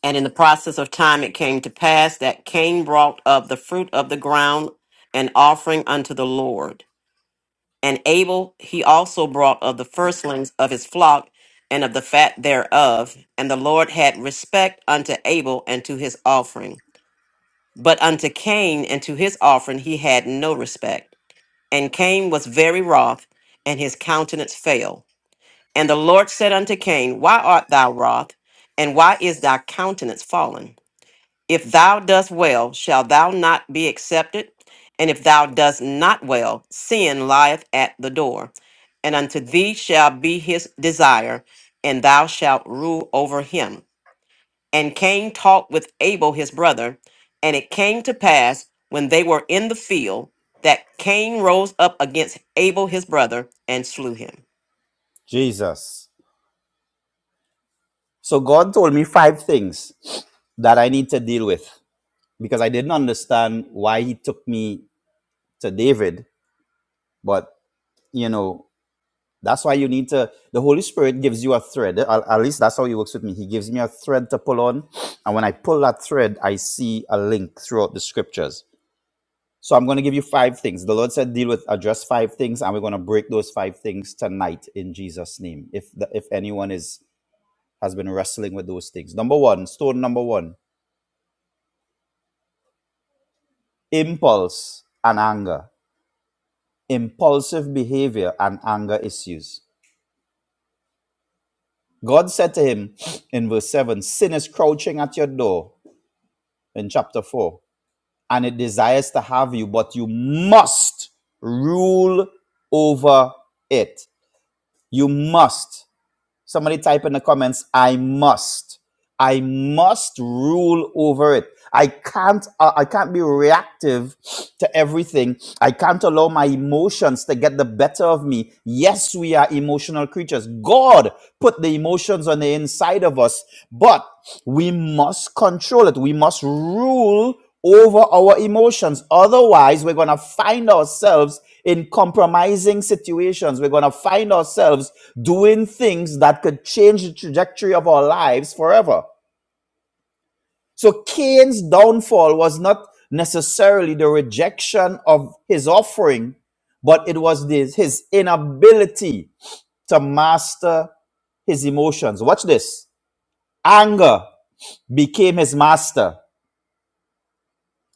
[SPEAKER 1] And in the process of time it came to pass that Cain brought up the fruit of the ground, an offering unto the Lord. And Abel he also brought of the firstlings of his flock and of the fat thereof. And the Lord had respect unto Abel and to his offering. But unto Cain and to his offering he had no respect. And Cain was very wroth, and his countenance fell. And the Lord said unto Cain, Why art thou wroth? And why is thy countenance fallen? If thou dost well, shall thou not be accepted? And if thou dost not well, sin lieth at the door. And unto thee shall be his desire, and thou shalt rule over him. And Cain talked with Abel his brother. And it came to pass when they were in the field that Cain rose up against Abel his brother and slew him.
[SPEAKER 10] Jesus. So God told me five things that I need to deal with because I didn't understand why he took me to David. But, you know, that's why you need to, the Holy Spirit gives you a thread. At, at least that's how he works with me. He gives me a thread to pull on. And when I pull that thread, I see a link throughout the scriptures. So I'm going to give you five things. The Lord said, deal with, address five things, and we're going to break those five things tonight in Jesus' name. If, the, if anyone is, has been wrestling with those things. Number one, stone number one impulse and anger, impulsive behavior and anger issues. God said to him in verse 7 Sin is crouching at your door in chapter 4, and it desires to have you, but you must rule over it. You must. Somebody type in the comments, I must. I must rule over it. I can't uh, I can't be reactive to everything. I can't allow my emotions to get the better of me. Yes, we are emotional creatures. God put the emotions on the inside of us, but we must control it. We must rule over our emotions. Otherwise, we're going to find ourselves in compromising situations. We're going to find ourselves doing things that could change the trajectory of our lives forever. So Cain's downfall was not necessarily the rejection of his offering, but it was this, his inability to master his emotions. Watch this. Anger became his master.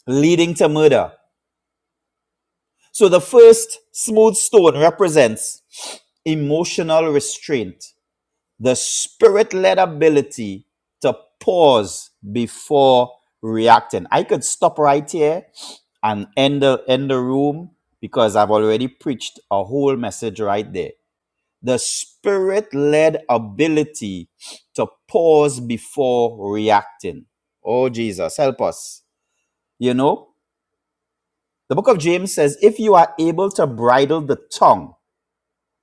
[SPEAKER 10] leading to murder. So the first smooth stone represents emotional restraint, the spirit led ability to pause before reacting. I could stop right here and end the, end the room because I've already preached a whole message right there. The spirit led ability to pause before reacting. Oh, Jesus, help us. You know? The book of James says, if you are able to bridle the tongue,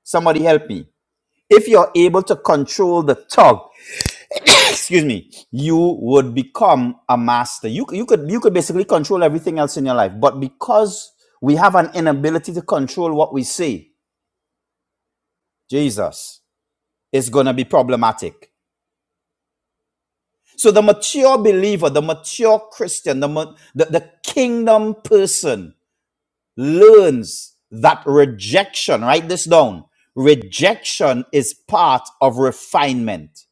[SPEAKER 10] somebody help me. If you're able to control the tongue, excuse me, you would become a master. You, you could you could basically control everything else in your life. But because we have an inability to control what we say, Jesus, it's gonna be problematic. So the mature believer, the mature Christian, the, ma- the, the kingdom person learns that rejection, write this down. Rejection is part of refinement.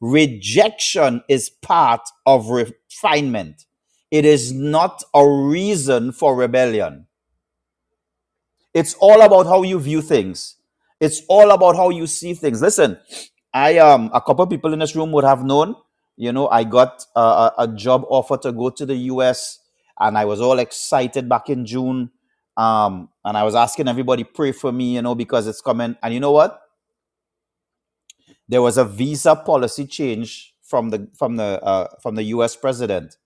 [SPEAKER 10] Rejection is part of refinement. It is not a reason for rebellion. It's all about how you view things. It's all about how you see things. Listen, I um a couple of people in this room would have known. You know, I got a, a, a job offer to go to the U.S. and I was all excited back in June. Um, and I was asking everybody pray for me, you know, because it's coming. And you know what? There was a visa policy change from the from the uh, from the U.S. president,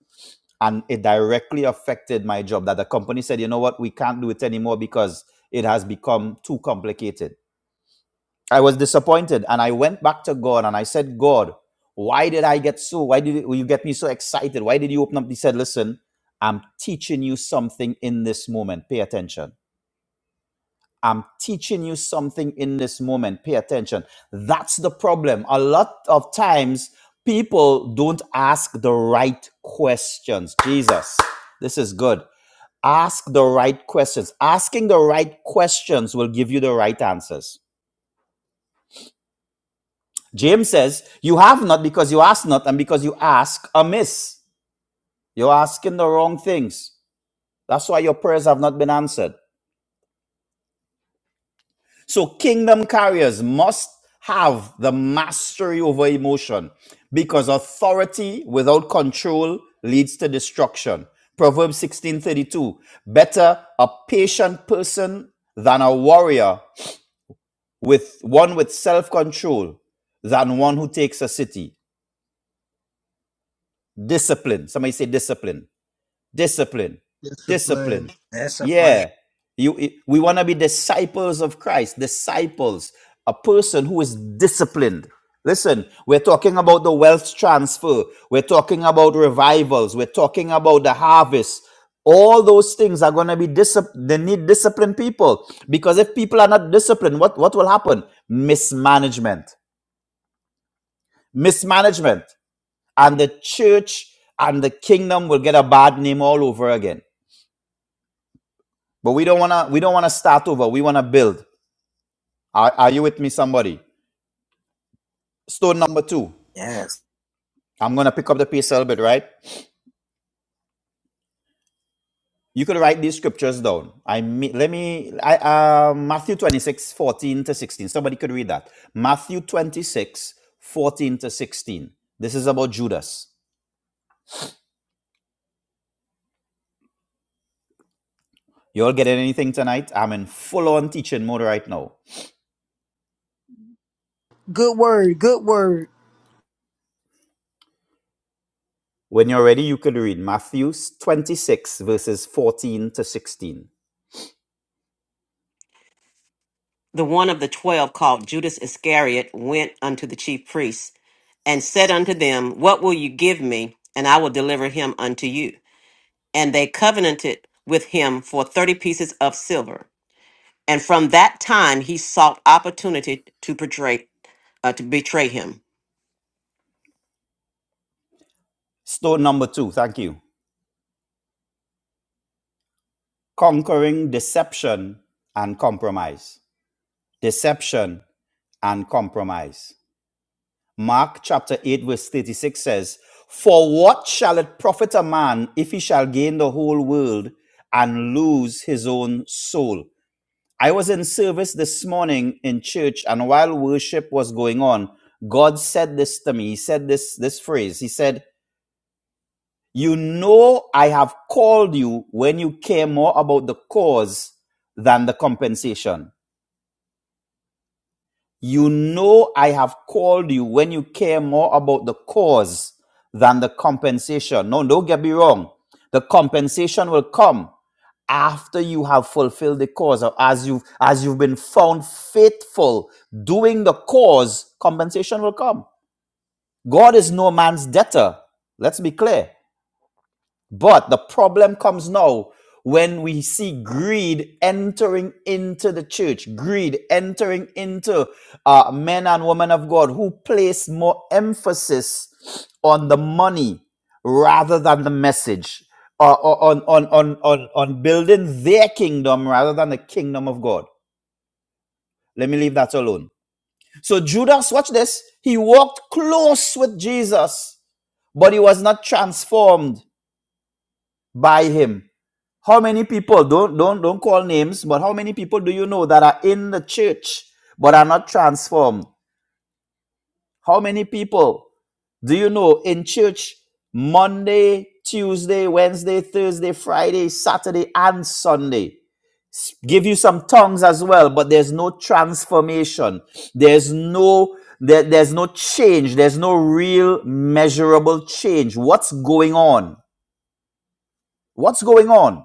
[SPEAKER 10] and it directly affected my job. That the company said, you know what, we can't do it anymore because it has become too complicated I was disappointed and I went back to God and I said, God, why did I get so, why did you get me so excited? Why did you open up? He said, listen, I'm teaching you something in this moment. Pay attention. I'm teaching you something in this moment. Pay attention. That's the problem. A lot of times people don't ask the right questions. Jesus, this is good. Ask the right questions. Asking the right questions will give you the right answers James says, You have not because you ask not, and because you ask amiss. You're asking the wrong things. That's why your prayers have not been answered. So, kingdom carriers must have the mastery over emotion because authority without control leads to destruction. Proverbs 16:32 Better a patient person than a warrior with one with self-control than one who takes a city. Discipline. Somebody say discipline discipline discipline
[SPEAKER 9] That's a plan.
[SPEAKER 10] yeah you we want to be disciples of christ disciples a person who is disciplined listen we're talking about the wealth transfer we're talking about revivals we're talking about the harvest all those things are going to be disciplined they need disciplined people because if people are not disciplined what what will happen mismanagement mismanagement and the church and the kingdom will get a bad name all over again But we don't wanna we don't wanna start over. We wanna build. Are, are you with me, somebody? Stone number two.
[SPEAKER 9] Yes,
[SPEAKER 10] I'm gonna pick up the pace a little bit, right? You could write these scriptures down. I mean, let me I uh, Matthew 26, 14 to 16. Somebody could read that. Matthew 26, 14 to 16. This is about Judas. You all getting anything tonight? I'm in full on teaching mode right now.
[SPEAKER 2] Good word, good word
[SPEAKER 10] When you're ready, you could read Matthew 26, verses 14 to 16.
[SPEAKER 1] The one of the twelve, called Judas Iscariot, went unto the chief priests and said unto them, What will you give me? And I will deliver him unto you. and they covenanted with him for 30 pieces of silver. And from that time, he sought opportunity to betray, uh, to betray him.
[SPEAKER 10] Stone number two. Thank you. Conquering deception and compromise. Deception and compromise. Mark chapter 8, verse 36 says, For what shall it profit a man if he shall gain the whole world and lose his own soul? I was in service this morning in church, and while worship was going on, God said this to me. He said this, this phrase. He said, You know, I have called you when you care more about the cause than the compensation. You know I have called you when you care more about the cause than the compensation. No, don't get me wrong. The compensation will come after you have fulfilled the cause or as you've as you've been found faithful doing the cause compensation will come god is no man's debtor let's be clear but the problem comes now when we see greed entering into the church, greed entering into uh, men and women of God who place more emphasis on the money rather than the message, or or- on, on, on, on, on building their kingdom rather than the kingdom of God. Let me leave that alone. So, Judas, watch this. He walked close with Jesus, but he was not transformed by him. How many people don't don't don't call names, but how many people do you know that are in the church but are not transformed? How many people do you know in church Monday, Tuesday, Wednesday, Thursday, Friday, Saturday, and Sunday? Give you some tongues as well, but there's no transformation. There's no there, there's no change. There's no real measurable change. What's going on? What's going on?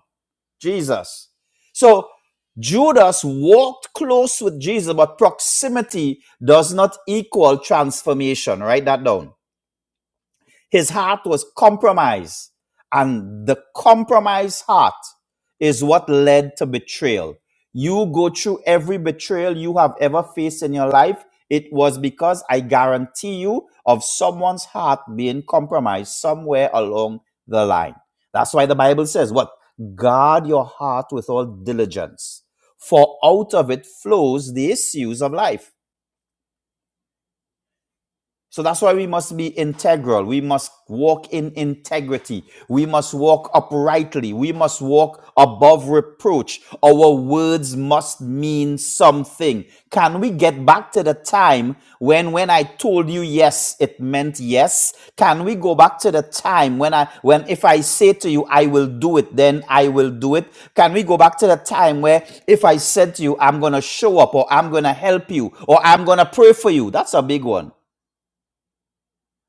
[SPEAKER 10] Jesus. So Judas walked close with Jesus, but proximity does not equal transformation. Write that down. His heart was compromised. And the compromised heart is what led to betrayal. You go through every betrayal you have ever faced in your life. It was because I guarantee you of someone's heart being compromised somewhere along the line. That's why the Bible says, What? Guard your heart with all diligence, for out of it flows the issues of life. So that's why we must be integral. We must walk in integrity. We must walk uprightly. We must walk above reproach. Our words must mean something. Can we get back to the time when when I told you yes, it meant yes? Can we go back to the time when I when if I say to you I will do it, then I will do it? Can we go back to the time where if I said to you I'm going to show up or I'm going to help you or I'm going to pray for you? That's a big one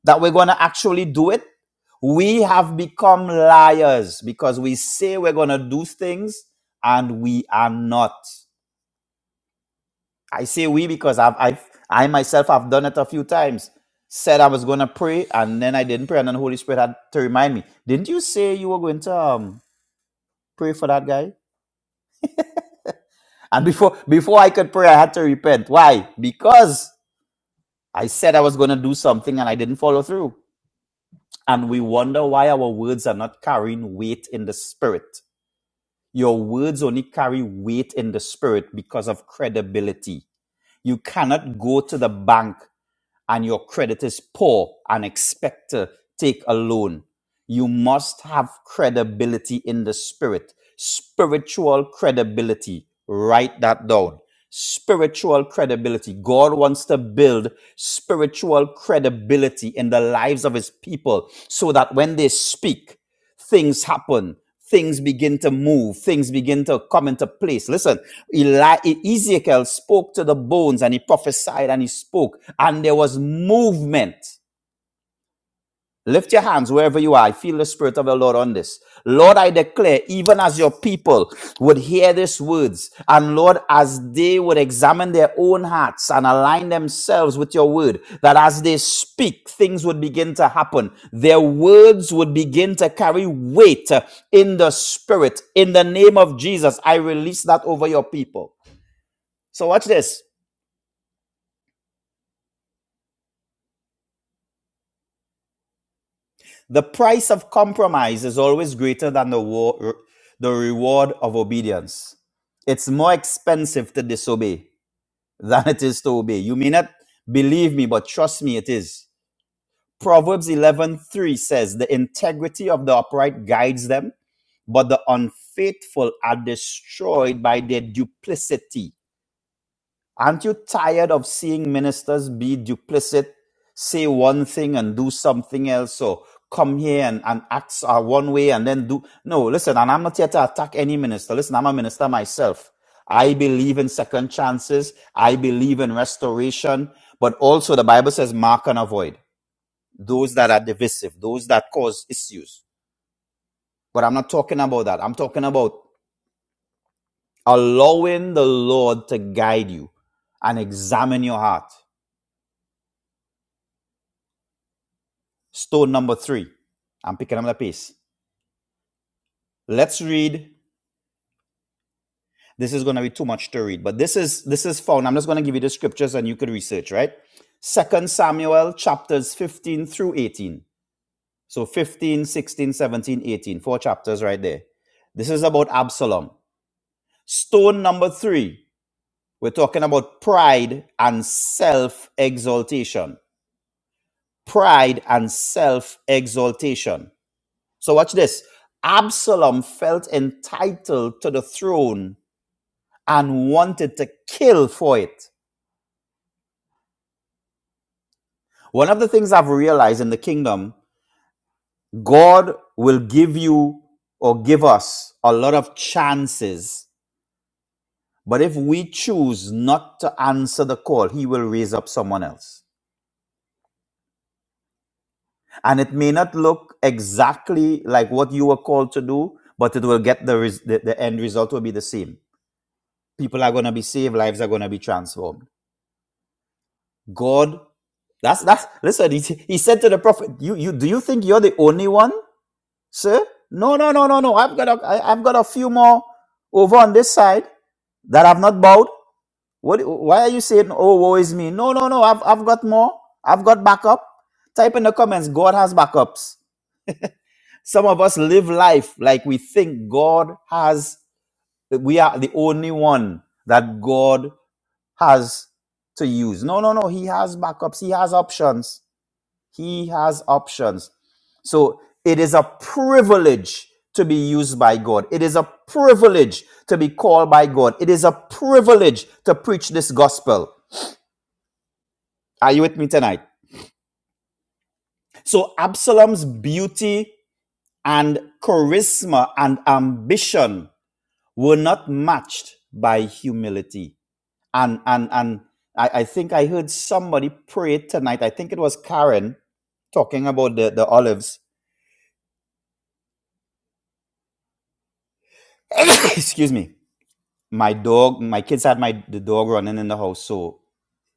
[SPEAKER 10] that we're going to actually do it. We have become liars because we say we're going to do things and we are not. I say we because I've, I've, I myself have done it a few times. Said I was going to pray and then I didn't pray, and then the Holy Spirit had to remind me. Didn't you say you were going to um, pray for that guy? And before before I could pray, I had to repent. Why? Because I said I was going to do something and I didn't follow through. And we wonder why our words are not carrying weight in the spirit. Your words only carry weight in the spirit because of credibility. You cannot go to the bank and your credit is poor and expect to take a loan. You must have credibility in the spirit, spiritual credibility. Write that down. Spiritual credibility. God wants to build spiritual credibility in the lives of his people so that when they speak, things happen things begin to move things begin to come into place listen Eli- E- ezekiel spoke to the bones and he prophesied and he spoke and there was movement Lift your hands wherever you are. I feel the Spirit of the Lord on this. Lord, I declare, even as your people would hear these words, and Lord, as they would examine their own hearts and align themselves with your word, that as they speak, things would begin to happen. Their words would begin to carry weight uh, in the Spirit. In the name of Jesus, I release that over your people. So, watch this. The price of compromise is always greater than the, war, the reward of obedience. It's more expensive to disobey than it is to obey. You may not believe me, but trust me, it is. Proverbs 11:3 says, "The integrity of the upright guides them, but the unfaithful are destroyed by their duplicity." Aren't you tired of seeing ministers be duplicit, say one thing and do something else, or come here and, and act uh, one way and then do? No, listen, and I'm not here to attack any minister. Listen, I'm a minister myself. I believe in second chances. I believe in restoration. But also the Bible says mark and avoid those that are divisive, those that cause issues. But I'm not talking about that. I'm talking about allowing the Lord to guide you and examine your heart. Stone number three. I'm picking up the pace. Let's read. This is going to be too much to read, but this is this is found. I'm just going to give you the scriptures and you could research, right? Second Samuel chapters 15 through 18. So 15, sixteen, seventeen, eighteen, Four chapters right there. This is about Absalom. Stone number three. We're talking about pride and self exaltation. Pride and self exaltation So watch this. Absalom felt entitled to the throne and wanted to kill for it. One of the things I've realized in the kingdom, God will give you or give us a lot of chances. But if we choose not to answer the call, he will raise up someone else. And it may not look exactly like what you were called to do, but it will get the, res- the, the end result will be the same. People are going to be saved, lives are going to be transformed. God That's that's listen. He, he said to the prophet, "You you do you think you're the only one, sir? No no no no no. I've got a I, I've got a few more over on this side that I've not bowed. What? Why are you saying, oh woe is me? No no no. I've I've got more. I've got backup. Type in the comments. God has backups. Some of us live life like we think God has. We are the only one that God has to use. No no no. He has backups. He has options. He has options. So it is a privilege to be used by God. It is a privilege to be called by God. It is a privilege to preach this gospel. Are you with me tonight? So Absalom's beauty and charisma and ambition were not matched by humility. And and and I, I think I heard somebody pray tonight. I think it was Karen talking about the, the olives. Excuse me my dog my kids had my the dog running in the house so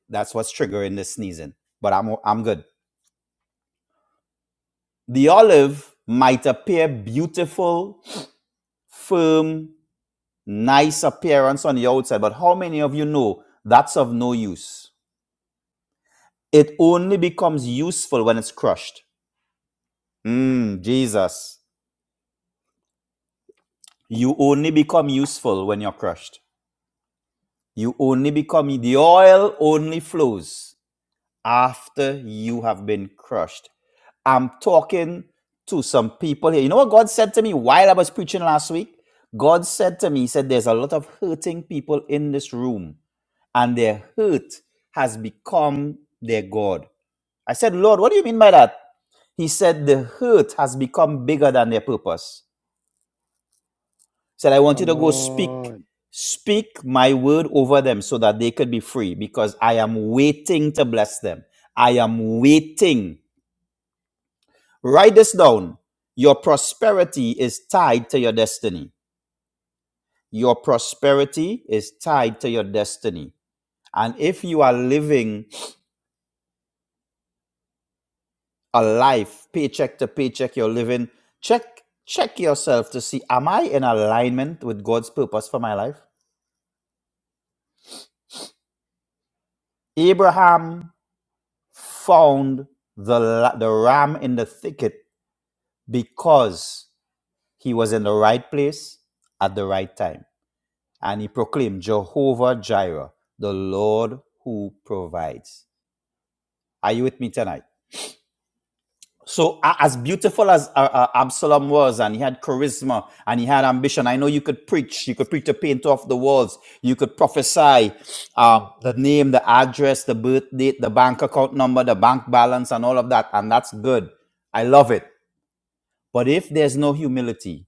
[SPEAKER 10] that's what's triggering the sneezing but i'm i i'm good the olive might appear beautiful firm nice appearance on the outside but how many of you know that's of no use it only becomes useful when it's crushed mm, jesus you only become useful when you're crushed you only become the oil only flows after you have been crushed I'm talking to some people here. You know what God said to me while I was preaching last week? God said to me, He said, There's a lot of hurting people in this room, and their hurt has become their God. I said, Lord, what do you mean by that? He said, The hurt has become bigger than their purpose. He said, I want you to
[SPEAKER 3] Come
[SPEAKER 10] go speak,
[SPEAKER 3] on.
[SPEAKER 10] speak my word over them so that they could be free because I am waiting to bless them. I am waiting. Write this down. Your prosperity is tied to your destiny. Your prosperity is tied to your destiny. And if you are living a life paycheck to paycheck, you're living, check, check yourself to see, am I in alignment with God's purpose for my life? Abraham found the, la- the ram in the thicket because he was in the right place at the right time. and he proclaimed Jehovah Jireh, the Lord who provides. Are you with me tonight? So, a- as beautiful as uh, uh, Absalom was, and he had charisma and he had ambition, I know you could preach. You could preach the paint off the walls. You could prophesy um, the name, the address, the birth date, the bank account number, the bank balance, and all of that. And that's good. I love it. But if there's no humility,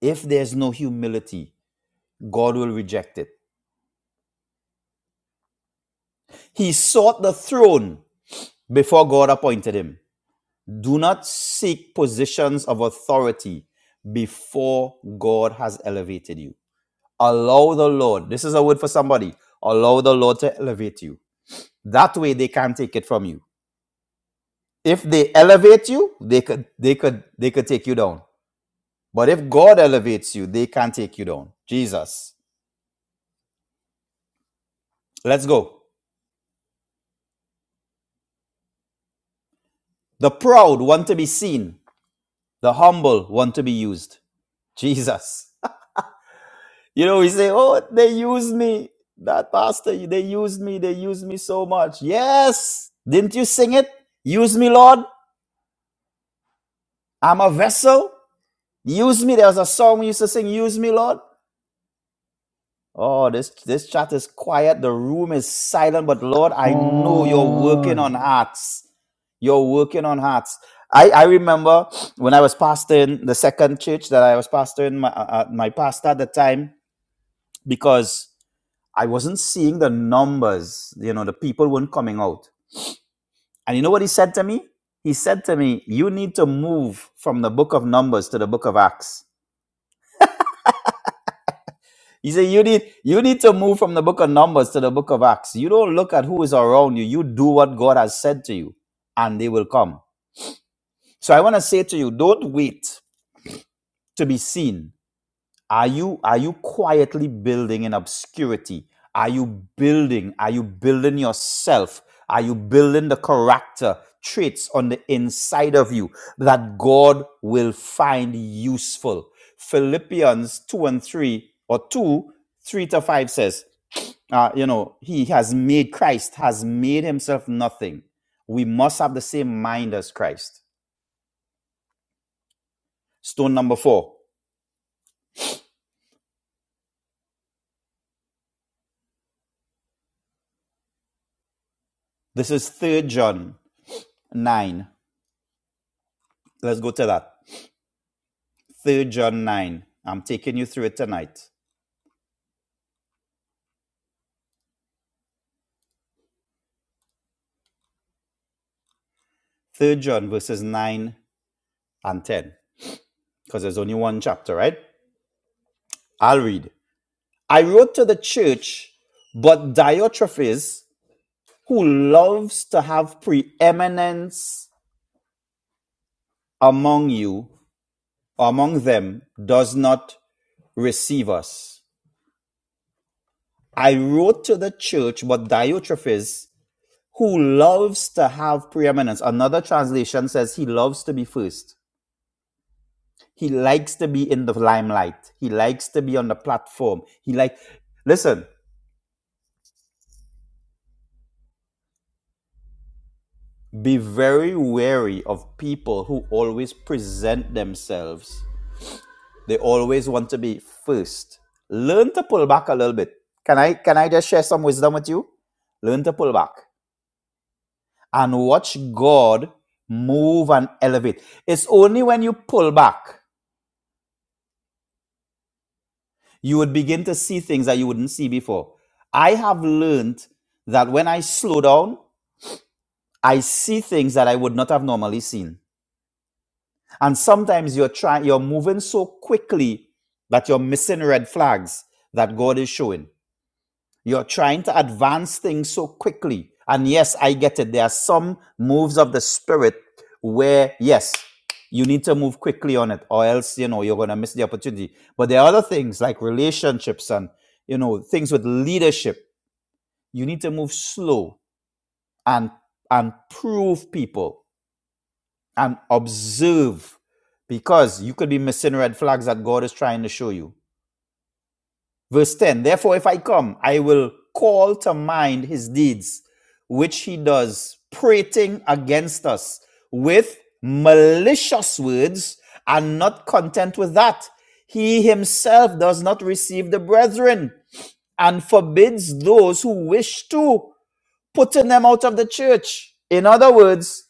[SPEAKER 10] if there's no humility, God will reject it. He sought the throne before God appointed him. Do not seek positions of authority before God has elevated you. Allow the Lord, this is a word for somebody, allow the Lord to elevate you. That way they can't take it from you. If they elevate you, they could they could they could take you down. But if God elevates you, they can't take you down. Jesus. Let's go. The proud want to be seen, the humble want to be used. Jesus. You know, he say, "Oh, they used me. That pastor, they used me. They used me so much." Yes, didn't you sing it? Use me, Lord. I'm a vessel. Use me. There was a song we used to sing, "Use me, Lord." Oh, this this chat is quiet. The room is silent. But Lord,
[SPEAKER 3] Come
[SPEAKER 10] I know you're working
[SPEAKER 3] on.
[SPEAKER 10] on hearts. You're working on hearts. I, I remember when I was pastoring the second church that I was pastoring, my, uh, uh, my pastor at the time, because I wasn't seeing the numbers. You know, the people weren't coming out. And you know what he said to me? He said to me, "You need to move from the book of Numbers to the book of Acts." He said, "You need you need to move from the book of Numbers to the book of Acts. You don't look at who is around you. You do what God has said to you, and they will come." So I want to say to you, don't wait to be seen Are you are you quietly building in obscurity? Are you building? Are you building yourself? Are you building the character traits on the inside of you that God will find useful? Philippians 2 and 3 or 2, 3 to 5 says, uh, you know, he has made Christ, has made himself nothing. We must have the same mind as Christ. Stone number four. This is third John 9. Let's go to that. Third John 9. I'm taking you through it tonight. Third John verses 9 and 10, because there's only one chapter, right? I'll read. I wrote to the church, but Diotrephes, who loves to have preeminence among you, among them, does not receive us. I wrote to the church, but Diotrephes, who loves to have preeminence. Another translation says he loves to be first. He likes to be in the limelight. He likes to be on the platform. He like listen, be very wary of people who always present themselves. They always want to be first. Learn to pull back a little bit. Can I can I just share some wisdom with you? Learn to pull back and watch God move and elevate. It's only when you pull back you would begin to see things that you wouldn't see before. I have learned that when I slow down I see things that I would not have normally seen. And sometimes you're trying you're moving so quickly that you're missing red flags that God is showing. You're trying to advance things so quickly. And yes, I get it. There are some moves of the spirit where yes, you need to move quickly on it or else, you know, you're going to miss the opportunity. But there are other things like relationships and, you know, things with leadership. You need to move slow and and prove people and observe because you could be missing red flags that God is trying to show you. Verse 10 Therefore, if I come, I will call to mind his deeds, which he does, prating against us with malicious words, and not content with that. He himself does not receive the brethren and forbids those who wish to, putting them out of the church. In other words,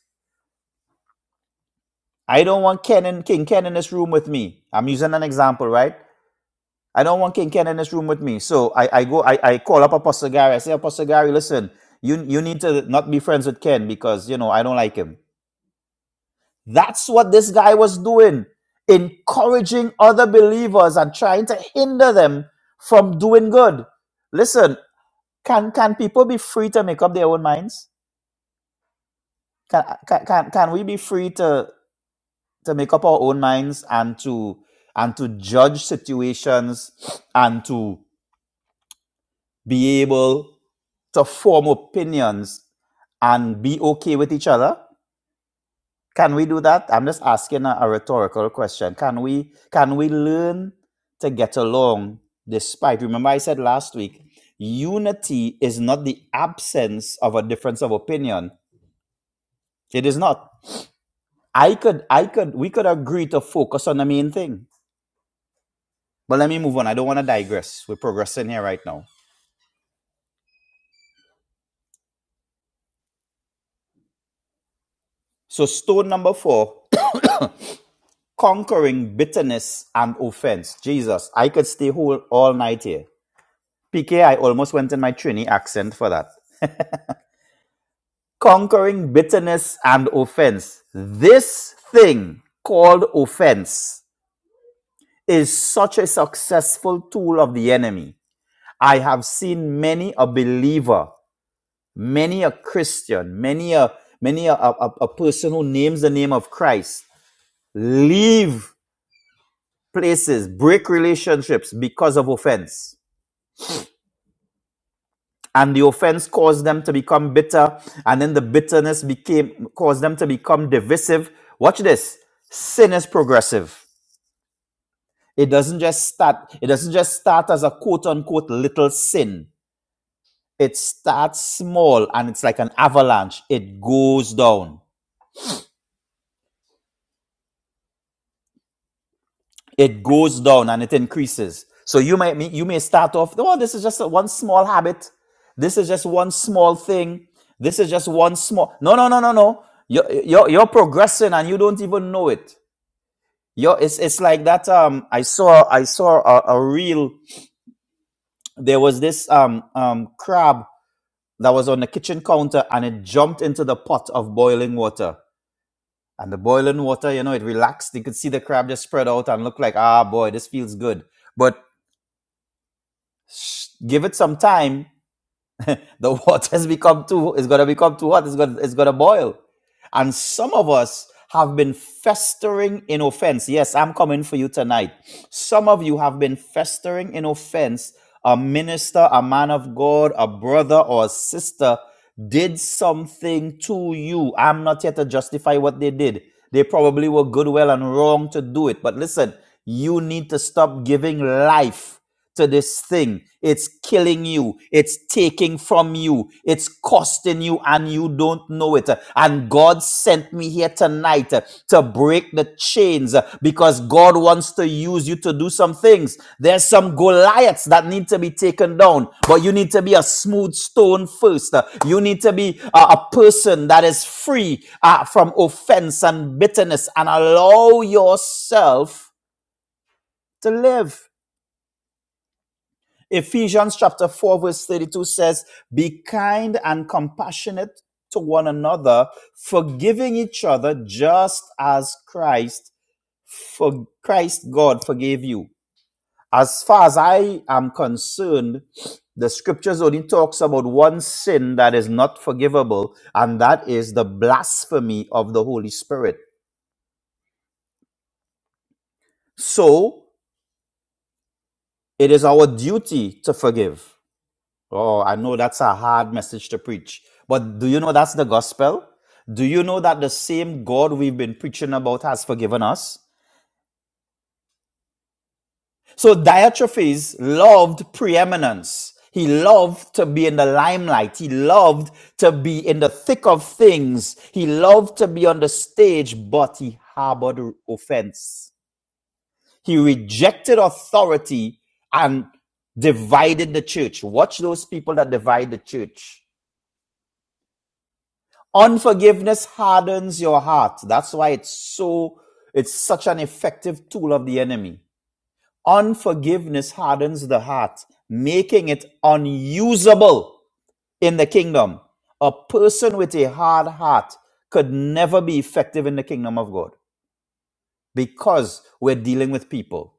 [SPEAKER 10] I don't want Ken and King Ken in this room with me. I'm using an example, right? I don't want King Ken in this room with me. So I, I go, I, I call up Apostle Gary. I say, Apostle Gary, listen, you, you need to not be friends with Ken because, you know, I don't like him. That's what this guy was doing, encouraging other believers and trying to hinder them from doing good. Listen, can, can people be free to make up their own minds? Can, can, can, can we be free to? to make up our own minds and to and to judge situations and to be able to form opinions and be okay with each other can we do that i'm just asking a, a rhetorical question can we can we learn to get along despite remember i said last week unity is not the absence of a difference of opinion it is not i could i could we could agree to focus on the main thing But let me move on. I don't want to digress. We're progressing here right now. So, stone number four conquering bitterness and offense. Jesus, I could stay whole all night here. PK, I almost went in my Trini accent for that. Conquering bitterness and offense. This thing called offense is such a successful tool of the enemy. I have seen many a believer, many a Christian, many a many a, a a person who names the name of Christ leave places, break relationships because of offense. And the offense caused them to become bitter, and then the bitterness became caused them to become divisive. Watch this. Sin is progressive. It doesn't just start, it doesn't just start as a quote unquote little sin. It starts small and it's like an avalanche. It goes down. it goes down and it increases. So you may you may start off, oh, this is just one small habit. This is just one small thing. This is just one small. No, no, no, no, no. You're you're, you're progressing and you don't even know it. You're, it's it's like that. Um, I saw I saw a, a reel. There was this um um crab that was on the kitchen counter and it jumped into the pot of boiling water. And the boiling water, you know, it relaxed. You could see the crab just spread out and look like, ah, boy, this feels good. But Sh- Give it some time. The water has become too. It's gonna become too hot. It's gonna. It's gonna boil. And some of us have been festering in offense. Yes, I'm coming for you tonight. Some of you have been festering in offense. A minister, a man of God, a brother or a sister did something to you. I'm not here to justify what they did. They probably were good, well, and wrong to do it. But listen, you need to stop giving life to this thing. It's killing you. It's taking from you. It's costing you, and you don't know it. And God sent me here tonight uh, to break the chains uh, because God wants to use you to do some things. There's some Goliaths that need to be taken down, but you need to be a smooth stone first. Uh, You need to be uh, a person that is free uh, from offense and bitterness and allow yourself to live. Ephesians chapter 4, verse 32 says, Be kind and compassionate to one another, forgiving each other just as Christ, for Christ God forgave you. As far as I am concerned, the scriptures only talks about one sin that is not forgivable, and that is the blasphemy of the Holy Spirit. So it is our duty to forgive. Oh, I know that's a hard message to preach. But do you know that's the gospel? Do you know that the same God we've been preaching about has forgiven us? So Diotrephes loved preeminence. He loved to be in the limelight. He loved to be in the thick of things. He loved to be on the stage, but he harbored offense. He rejected authority and divided the church. Watch those people that divide the church Unforgiveness hardens your heart. That's why it's so, it's such an effective tool of the enemy. Unforgiveness hardens the heart, making it unusable in the kingdom. A person with a hard heart could never be effective in the kingdom of God because we're dealing with people.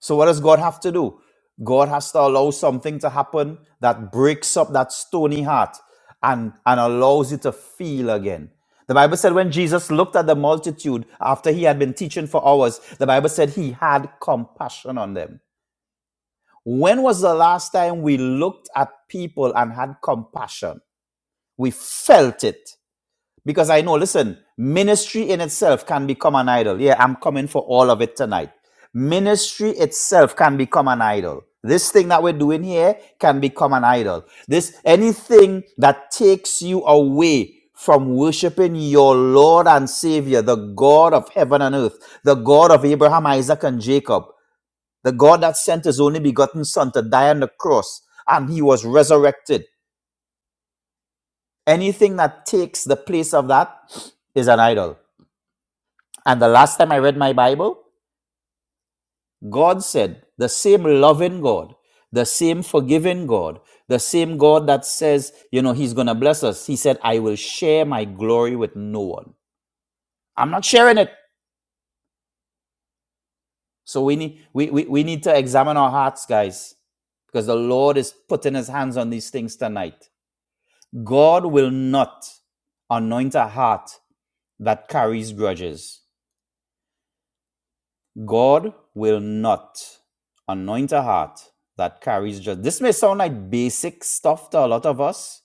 [SPEAKER 10] So what does God have to do? God has to allow something to happen that breaks up that stony heart and, and allows you to feel again. The Bible said when Jesus looked at the multitude after he had been teaching for hours, the Bible said he had compassion on them. When was the last time we looked at people and had compassion? We felt it. Because I know, listen, ministry in itself can become an idol. Yeah, I'm coming for all of it tonight. Ministry itself can become an idol. This thing that we're doing here can become an idol. This anything that takes you away from worshiping your Lord and Savior, the God of heaven and earth, the God of Abraham, Isaac, and Jacob, the God that sent his only begotten Son to die on the cross and he was resurrected. Anything that takes the place of that is an idol. And the last time I read my Bible, God said, the same loving God, the same forgiving God, the same God that says, you know, He's going to bless us. He said, I will share my glory with no one. I'm not sharing it. So we need, we, we, we need to examine our hearts, guys, because the Lord is putting His hands on these things tonight. God will not anoint a heart that carries grudges. God will not anoint a heart that carries just. This may sound like basic stuff to a lot of us,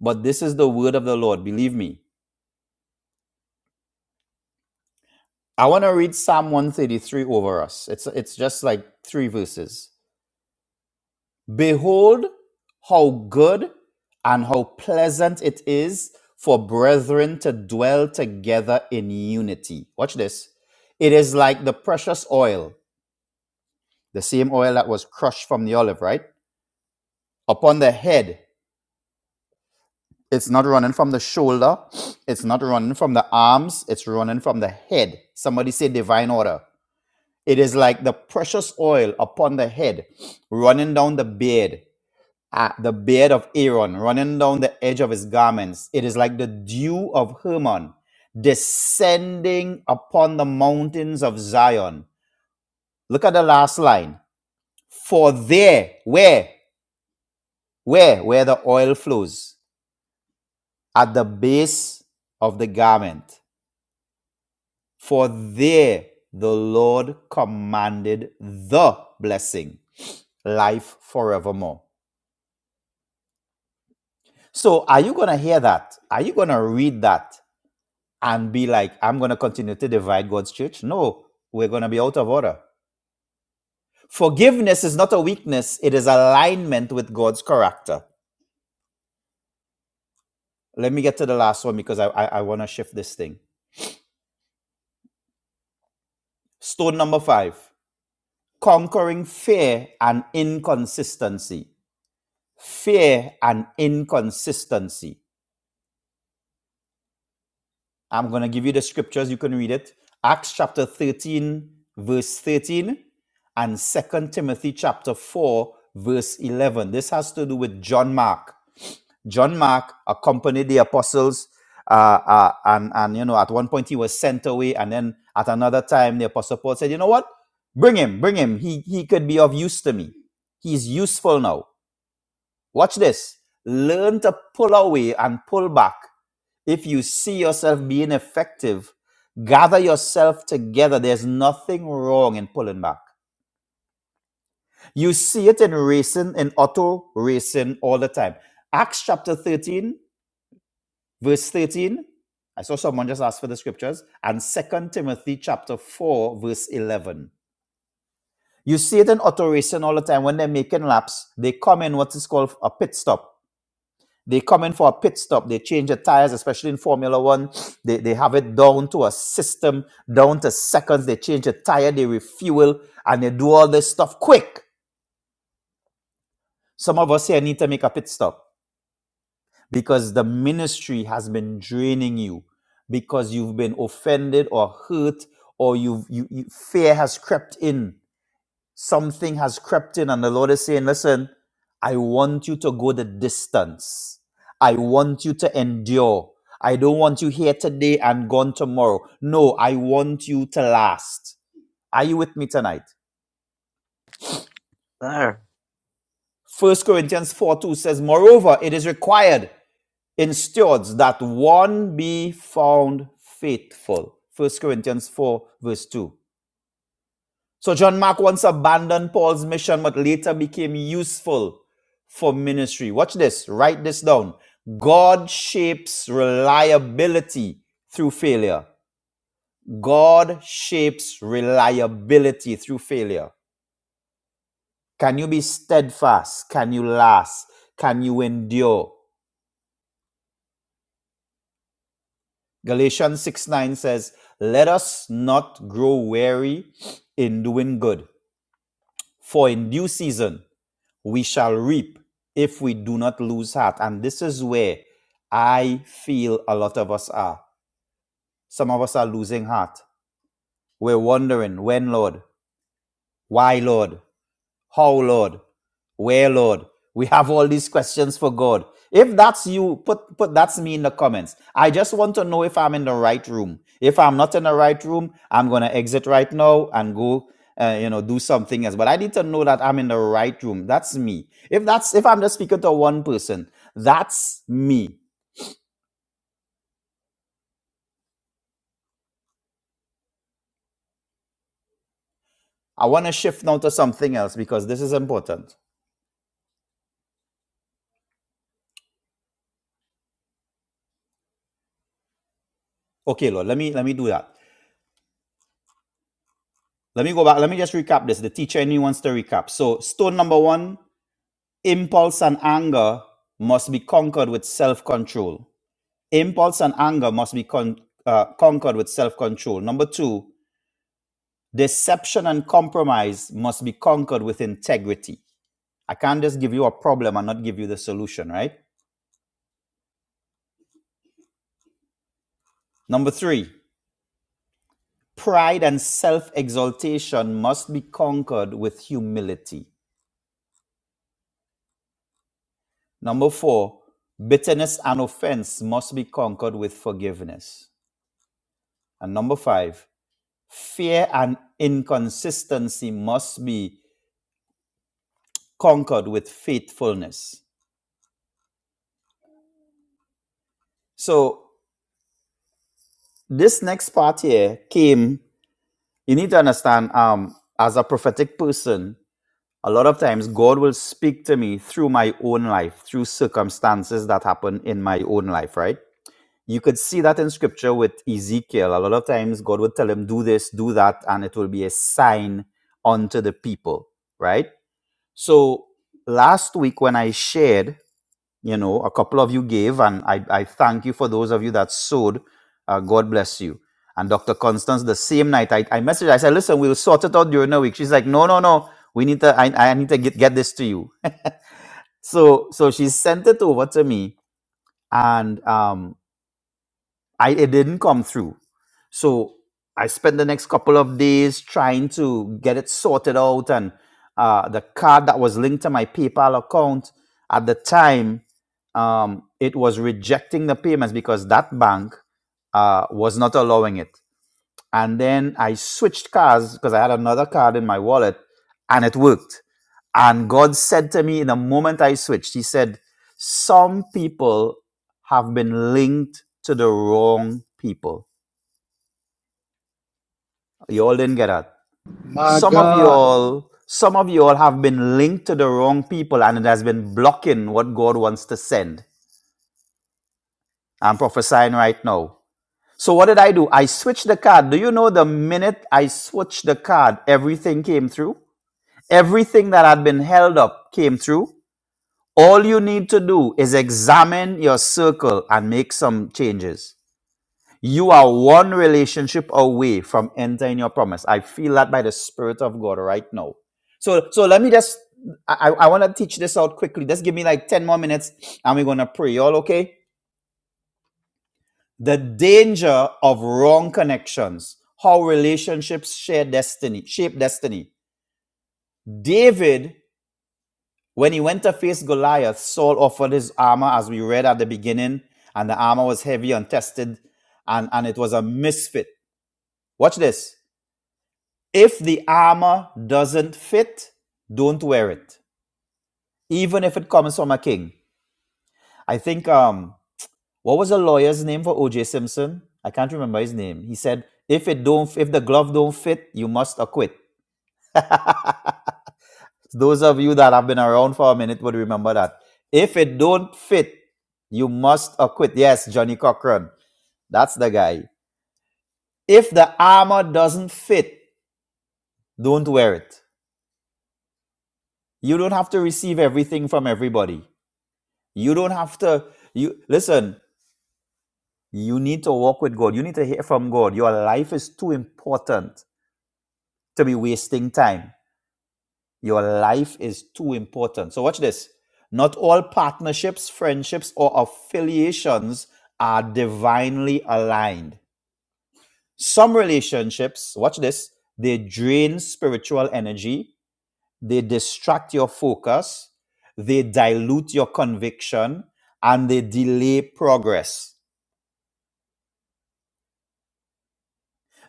[SPEAKER 10] but this is the word of the Lord. Believe me. I want to read Psalm 133 over us. It's, it's just like three verses. Behold, how good and how pleasant it is for brethren to dwell together in unity. Watch this. It is like the precious oil, the same oil that was crushed from the olive, right? Upon the head It's not running from the shoulder. It's not running from the arms. It's running from the head. Somebody say divine order. It is like the precious oil upon the head, running down the beard, ah, the beard of Aaron, running down the edge of his garments. It is like the dew of Hermon, descending upon the mountains of Zion. Look at the last line. For there, where, where, where the oil flows, at the base of the garment. For there the Lord commanded the blessing, life forevermore. So, are you going to hear that? Are you going to read that and be like, I'm going to continue to divide God's church? No, we're going to be out of order. Forgiveness is not a weakness, it is alignment with God's character. Let me get to the last one because I, I I want to shift this thing. Stone number five conquering fear and inconsistency. Fear and inconsistency. I'm going to give you the scriptures. You can read it. Acts chapter 13, verse 13, and Second Timothy chapter 4, verse 11. This has to do with John Mark. John Mark accompanied the apostles, uh, uh, and, and, you know, at one point he was sent away, and then at another time the apostle Paul said, you know what? Bring him, bring him. He, he could be of use to me. He's useful now. Watch this. Learn to pull away and pull back if you see yourself being effective, gather yourself together. There's nothing wrong in pulling back. You see it in racing, in auto racing all the time. Acts chapter 13, verse 13. I saw someone just ask for the scriptures. And Second Timothy chapter 4, verse 11. You see it in auto racing all the time. When they're making laps, they come in what is called a pit stop They come in for a pit stop. They change the tires, especially in Formula One. They, they have it down to a system, down to seconds. They change the tire, they refuel, and they do all this stuff quick. Some of us here need to make a pit stop because the ministry has been draining you because you've been offended or hurt or you've, you, you, fear has crept in Something has crept in, and the Lord is saying, Listen, I want you to go the distance. I want you to endure. I don't want you here today and gone tomorrow. No, I want you to last. Are you with me tonight?
[SPEAKER 9] sir.
[SPEAKER 10] First Corinthians 4 2 says, Moreover, it is required in stewards that one be found faithful. First Corinthians 4, verse 2. So John Mark once abandoned Paul's mission, but later became useful for ministry. Watch this, write this down. God shapes reliability through failure. God shapes reliability through failure. Can you be steadfast? Can you last? Can you endure? Galatians 6 9 says, Let us not grow weary in doing good, for in due season we shall reap if we do not lose heart. And this is where I feel a lot of us are. Some of us are losing heart. We're wondering, when, Lord? Why, Lord? How, Lord? Where, Lord? We have all these questions for God. If that's you, put, put that's me in the comments. I just want to know if I'm in the right room. If I'm not in the right room, I'm going to exit right now and go, uh, you know, do something else. But I need to know that I'm in the right room. That's me. If that's, if I'm just speaking to one person, that's me. I want to shift now to something else because this is important. Okay, Lord, let me, let me do that. Let me go back. Let me just recap this. The teacher in me wants to recap. So stone number one Impulse and anger must be conquered with self control. Impulse and anger must be con- uh, conquered with self control. Number two, deception and compromise must be conquered with integrity. I can't just give you a problem and not give you the solution, right? Number three, pride and self exaltation must be conquered with humility. Number four, bitterness and offense must be conquered with forgiveness. And number five, Fear and inconsistency must be conquered with faithfulness. So this next part here came. You need to understand, um, as a prophetic person, a lot of times God will speak to me through my own life, through circumstances that happen in my own life, right? You could see that in scripture with Ezekiel. A lot of times God would tell him, do this, do that, and it will be a sign unto the people, right? So last week when I shared you know a couple of you gave and i, I thank you for those of you that sowed uh, god bless you and dr constance the same night i, I messaged her, i said listen we'll sort it out during the week she's like no no no we need to i, I need to get, get this to you so so she sent it over to me and um. I it didn't come through. So I spent the next couple of days trying to get it sorted out, and uh, the card that was linked to my PayPal account at the time, um, it was rejecting the payments because that bank uh, was not allowing it. And then I switched cars because I had another card in my wallet and it worked. And God said to me in the moment I switched, He said, Some people have been linked to the wrong people. You all didn't get that.
[SPEAKER 3] My
[SPEAKER 10] Some of you
[SPEAKER 3] God.
[SPEAKER 10] all, some of you all have been linked to the wrong people and it has been blocking what God wants to send. I'm prophesying right now. So what did I do? I switched the card. Do you know the minute I switched the card, everything came through? Everything that had been held up came through. All you need to do is examine your circle and make some changes. You are one relationship away from entering your promise. I feel that by the Spirit of God right now. So, so let me just, I, I want to teach this out quickly. Just give me like 10 more minutes and we're going to pray. Y'all okay? The danger of wrong connections, how relationships share destiny, shape destiny. David When he went to face Goliath, Saul offered his armor, as we read at the beginning, and the armor was heavy and tested, and, and it was a misfit. Watch this. If the armor doesn't fit, don't wear it, even if it comes from a king. I think, um, what was the lawyer's name for O.J. Simpson? I can't remember his name. He said, if it don't, if the glove don't fit, you must acquit. Those of you that have been around for a minute would remember that. If it don't fit, you must acquit. Yes, Johnny Cochran. That's the guy. If the armor doesn't fit, don't wear it. You don't have to receive everything from everybody. You don't have to you listen, you need to walk with God. You need to hear from God. Your life is too important to be wasting time Your life is too important. So, watch this. Not all partnerships, friendships, or affiliations are divinely aligned. Some relationships, watch this, they drain spiritual energy, they distract your focus, they dilute your conviction, and they delay progress.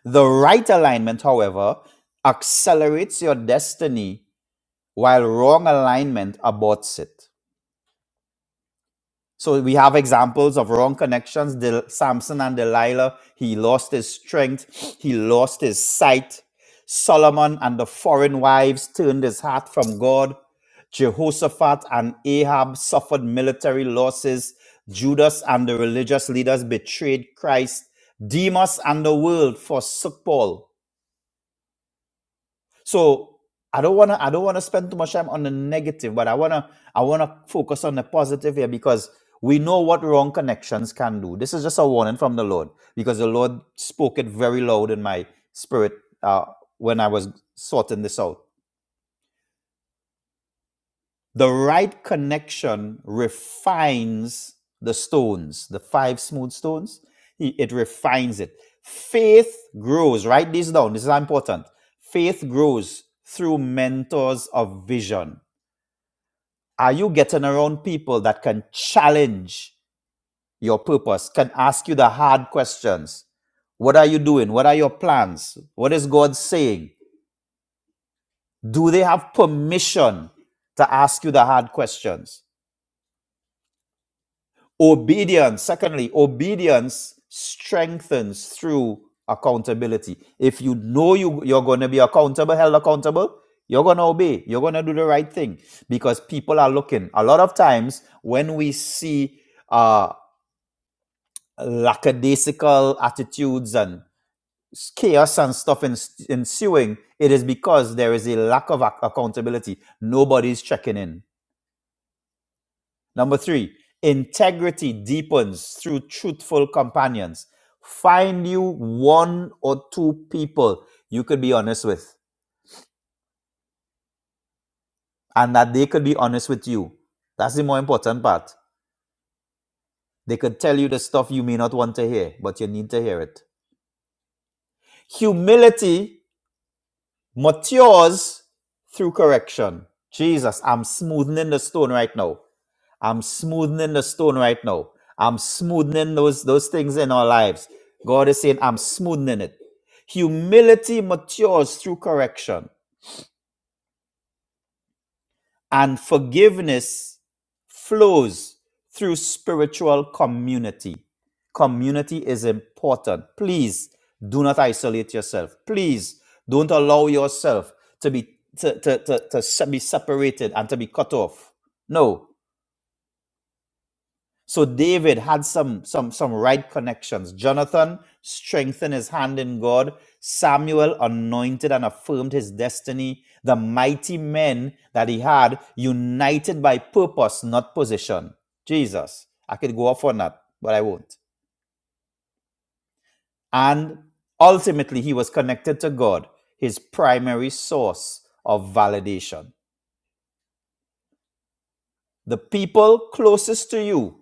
[SPEAKER 10] The right alignment, however, accelerates your destiny while wrong alignment aborts it. So we have examples of wrong connections. Del- Samson and Delilah, he lost his strength, he lost his sight. Solomon and the foreign wives turned his heart from God. Jehoshaphat and Ahab suffered military losses. Judas and the religious leaders betrayed Christ. Demas and the world forsook Paul. So I don't wanna I don't wanna spend too much time on the negative, but I wanna I wanna focus on the positive here because we know what wrong connections can do. This is just a warning from the Lord because the Lord spoke it very loud in my spirit uh, when I was sorting this out. The right connection refines the stones, the five smooth stones. It refines it. Faith grows. Write this down. This is important. Faith grows through mentors of vision. Are you getting around people that can challenge your purpose, can ask you the hard questions? What are you doing? What are your plans? What is God saying? Do they have permission to ask you the hard questions? Obedience, secondly, obedience strengthens through accountability. If you know you, you're going to be accountable, held accountable, you're going to obey. You're going to do the right thing because people are looking. A lot of times when we see uh, lackadaisical attitudes and chaos and stuff ensuing, it is because there is a lack of accountability. Nobody's checking in Number three, integrity deepens through truthful companions. Find you one or two people you could be honest with and that they could be honest with you. That's the more important part. They could tell you the stuff you may not want to hear, but you need to hear it. Humility matures through correction. Jesus, I'm smoothing the stone right now. I'm smoothing the stone right now. I'm smoothing those, those things in our lives. God is saying, I'm smoothing it. Humility matures through correction, and forgiveness flows through spiritual community. Community is important. Please do not isolate yourself. Please don't allow yourself to be to, to, to, to se- be separated and to be cut off. No, So David had some some some right connections. Jonathan strengthened his hand in God. Samuel anointed and affirmed his destiny. The mighty men that he had united by purpose, not position. Jesus. I could go off on that, but I won't. And ultimately he was connected to God, his primary source of validation. The people closest to you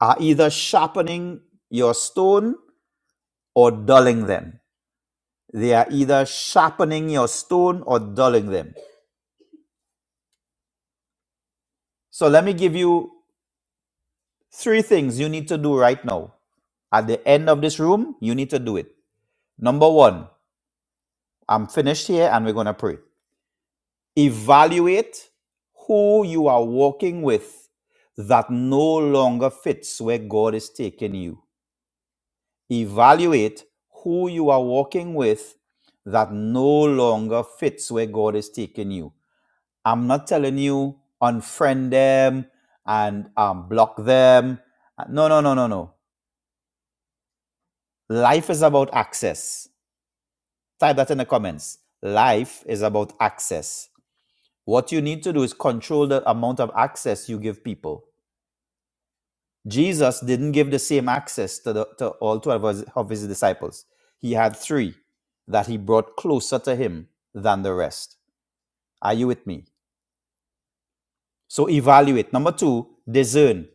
[SPEAKER 10] are either sharpening your stone or dulling them They are either sharpening your stone or dulling them. So let me give you three things you need to do right now. At the end of this room, you need to do it. Number one, I'm finished here and we're going to pray. Evaluate who you are walking with that no longer fits where God is taking you. Evaluate who you are walking with that no longer fits where God is taking you I'm not telling you unfriend them and um, block them. No, no, no, no, no. Life is about access. Type that in the comments. Life is about access. What you need to do is control the amount of access you give people. Jesus didn't give the same access to, the, to all 12 of his of his disciples. He had three that he brought closer to him than the rest. Are you with me? So evaluate. Number two, discern.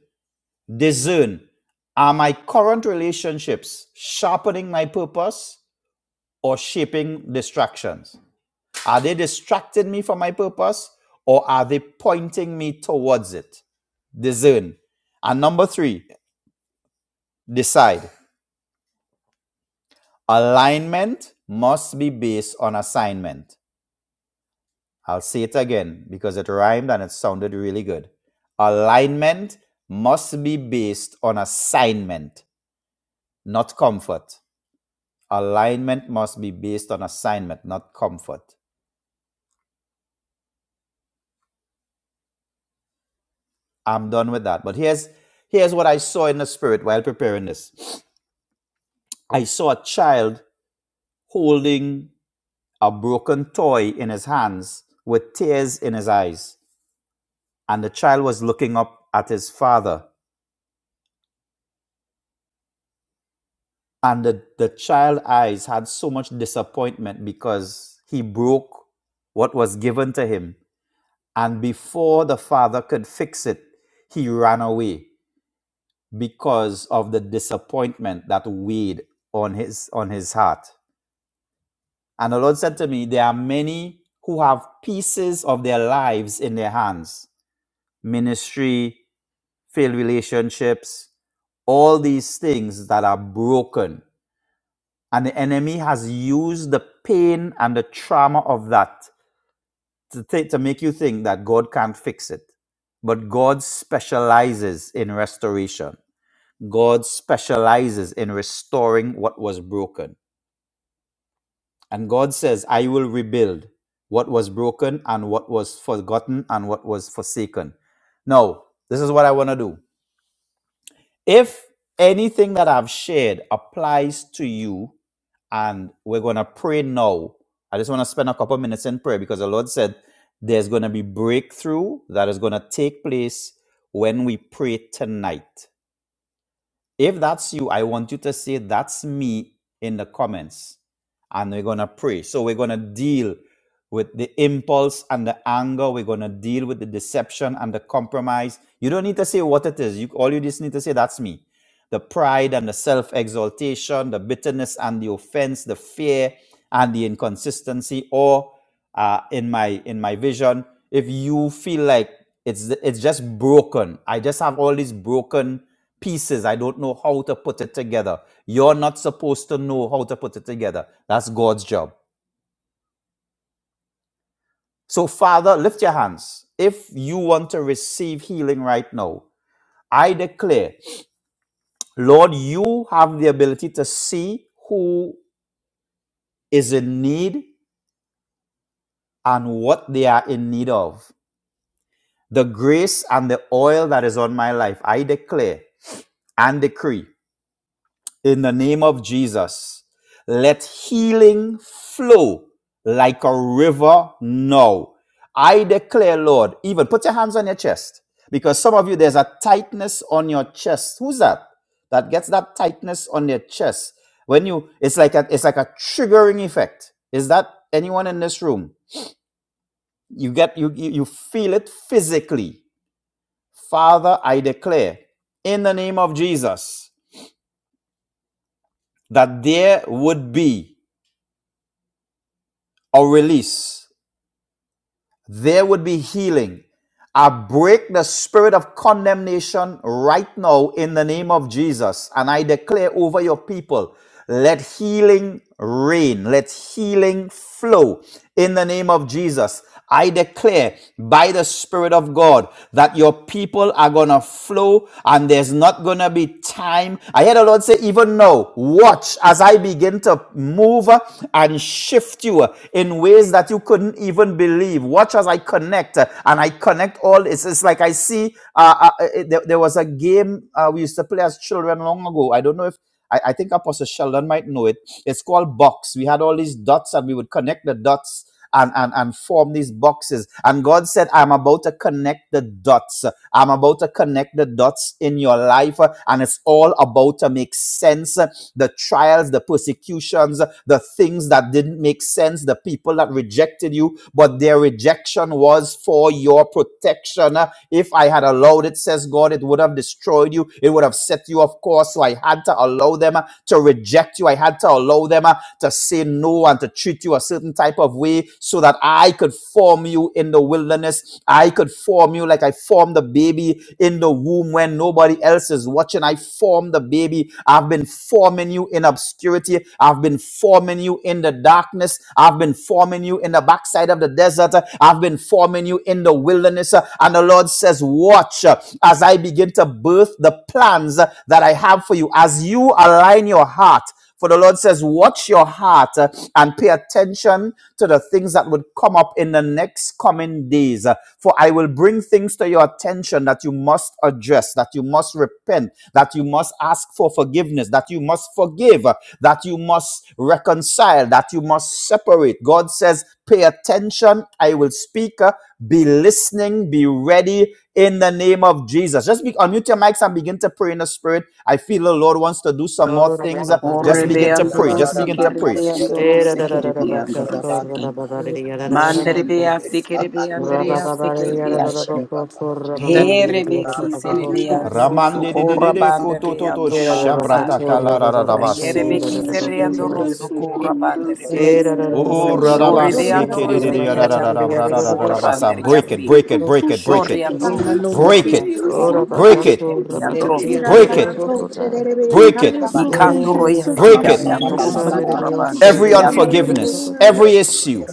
[SPEAKER 10] Discern are my current relationships sharpening my purpose or shaping distractions? Are they distracting me from my purpose or are they pointing me towards it? Discern. And number three, decide. Alignment must be based on assignment. I'll say it again because it rhymed and it sounded really good. Alignment must be based on assignment, not comfort. Alignment must be based on assignment, not comfort. I'm done with that. But here's here's what I saw in the spirit while preparing this. I saw a child holding a broken toy in his hands with tears in his eyes. And the child was looking up at his father. And the, the child's eyes had so much disappointment because he broke what was given to him. And before the father could fix it, he ran away. because of the disappointment that weighed on his on his heart. And the Lord said to me, There are many who have pieces of their lives in their hands. Ministry, failed relationships, all these things that are broken. And the enemy has used the pain and the trauma of that to, th- to make you think that God can't fix it. But God specializes in restoration. God specializes in restoring what was broken. And God says, I will rebuild what was broken and what was forgotten and what was forsaken. Now, this is what I want to do. If anything that I've shared applies to you, and we're going to pray now, I just want to spend a couple minutes in prayer because the Lord said there's going to be breakthrough that is going to take place when we pray tonight. If that's you, I want you to say, That's me in the comments. And we're going to pray. So we're going to deal with the impulse and the anger. We're going to deal with the deception and the compromise. You don't need to say what it is. You, all you just need to say, That's me. The pride and the self exaltation, the bitterness and the offense, the fear and the inconsistency, or uh, in my in my vision, if you feel like it's it's just broken, I just have all these broken pieces. I don't know how to put it together. You're not supposed to know how to put it together. That's God's job. So, Father, lift your hands. If you want to receive healing right now, I declare, Lord, you have the ability to see who is in need and what they are in need of. The grace and the oil that is on my life, I declare and decree in the name of Jesus. Let healing flow like a river now. I declare, Lord, even put your hands on your chest because some of you, there's a tightness on your chest. Who's that? That gets that tightness on their chest. When you, it's like a, it's like a triggering effect. Is that anyone in this room? You get, you, you you feel it physically. Father, I declare in the name of Jesus that there would be or release. There would be healing. I break the spirit of condemnation right now in the name of Jesus. And I declare over your people, let healing reign. Let healing flow in the name of Jesus. I declare by the Spirit of God that your people are going to flow and there's not going to be time. I hear the Lord say, even now, watch as I begin to move and shift you in ways that you couldn't even believe. Watch as I connect uh, and I connect all It's It's like I see, uh, uh, uh, there, there was a game uh, we used to play as children long ago. I don't know if, I, I think Apostle Sheldon might know it. It's called Box. We had all these dots and we would connect the dots and, and, and form these boxes. And God said, I'm about to connect the dots. I'm about to connect the dots in your life. uh, And it's all about to make sense. uh, The trials, the persecutions, uh, the things that didn't make sense, the people that rejected you, but their rejection was for your protection. Uh, If I had allowed it, says God, it would have destroyed you. It would have set you off course. So I had to allow them uh, to reject you. I had to allow them uh, to say no and to treat you a certain certain type of way so that I could form you in the wilderness. I could form you like I formed the baby in the womb when nobody else is watching. I formed the baby. I've been forming you in obscurity. I've been forming you in the darkness. I've been forming you in the backside of the desert. I've been forming you in the wilderness. And the Lord says, Watch uh, as I begin to birth the plans uh, that I have for you. As you align your heart for the Lord says, Watch your heart uh, and pay attention to the things that would come up in the next coming days. Uh, For I will bring things to your attention that you must address, that you must repent, that you must ask for forgiveness, that you must forgive, uh, that you must reconcile, that you must separate. God says, pay attention. I will speak. uh, Be listening. Be ready in the name of Jesus. Just be, unmute your mics and begin to pray in the spirit. I feel the Lord wants to do some more things. uh, Just
[SPEAKER 4] Orre
[SPEAKER 10] begin
[SPEAKER 4] be
[SPEAKER 10] to pray.
[SPEAKER 4] andro
[SPEAKER 10] Just begin to
[SPEAKER 4] sekere
[SPEAKER 10] pray.
[SPEAKER 4] be andro sekere be andro
[SPEAKER 9] Hey,
[SPEAKER 4] seke.
[SPEAKER 9] that's-
[SPEAKER 4] Mandre beyası kere be andre sekere be aşı. Herebe ki serebe andoro
[SPEAKER 10] Ramande de de de
[SPEAKER 4] sokora
[SPEAKER 10] de
[SPEAKER 4] bande
[SPEAKER 10] koto
[SPEAKER 4] re
[SPEAKER 10] to to
[SPEAKER 4] atokora
[SPEAKER 10] shabrata
[SPEAKER 4] bande.
[SPEAKER 10] kala ra ra ra basi.
[SPEAKER 4] Rierebe ki sere andoro sokora bande rebe ki se.
[SPEAKER 10] O ra ra
[SPEAKER 4] Shorebe
[SPEAKER 10] basi ke
[SPEAKER 4] andoro
[SPEAKER 10] de de de ya ra
[SPEAKER 4] sekere
[SPEAKER 10] ra ra ra
[SPEAKER 4] andoro
[SPEAKER 10] ra ra ra ra
[SPEAKER 4] sokora
[SPEAKER 10] ra basa.
[SPEAKER 4] bande
[SPEAKER 10] Break it,
[SPEAKER 4] riasi.
[SPEAKER 10] break it, break it, break
[SPEAKER 4] Shore
[SPEAKER 10] it,
[SPEAKER 6] Manda
[SPEAKER 1] Yes,
[SPEAKER 4] andoro
[SPEAKER 1] God. Yes,
[SPEAKER 4] sokora
[SPEAKER 1] God.
[SPEAKER 10] break it,
[SPEAKER 4] ba
[SPEAKER 1] Oh,
[SPEAKER 4] sokora ba
[SPEAKER 10] break
[SPEAKER 4] kashi
[SPEAKER 10] it,
[SPEAKER 1] Rabakato,
[SPEAKER 4] kerebe andoro
[SPEAKER 1] Rabakati,
[SPEAKER 4] seke.
[SPEAKER 10] break it,
[SPEAKER 1] Rabakota.
[SPEAKER 10] break it,
[SPEAKER 1] Yeah,
[SPEAKER 4] Ikandoro
[SPEAKER 3] Rababa,
[SPEAKER 4] yasi
[SPEAKER 10] break it,
[SPEAKER 4] kere
[SPEAKER 1] Rabakata. Yes,
[SPEAKER 4] andoro
[SPEAKER 1] son, it is
[SPEAKER 4] sokora
[SPEAKER 1] your
[SPEAKER 4] bande
[SPEAKER 1] shall,
[SPEAKER 4] rebe
[SPEAKER 10] every
[SPEAKER 1] it is
[SPEAKER 4] yasi.
[SPEAKER 1] your
[SPEAKER 10] unforgiveness,
[SPEAKER 1] Rabakata.
[SPEAKER 10] every
[SPEAKER 1] Yes, son.
[SPEAKER 10] issue,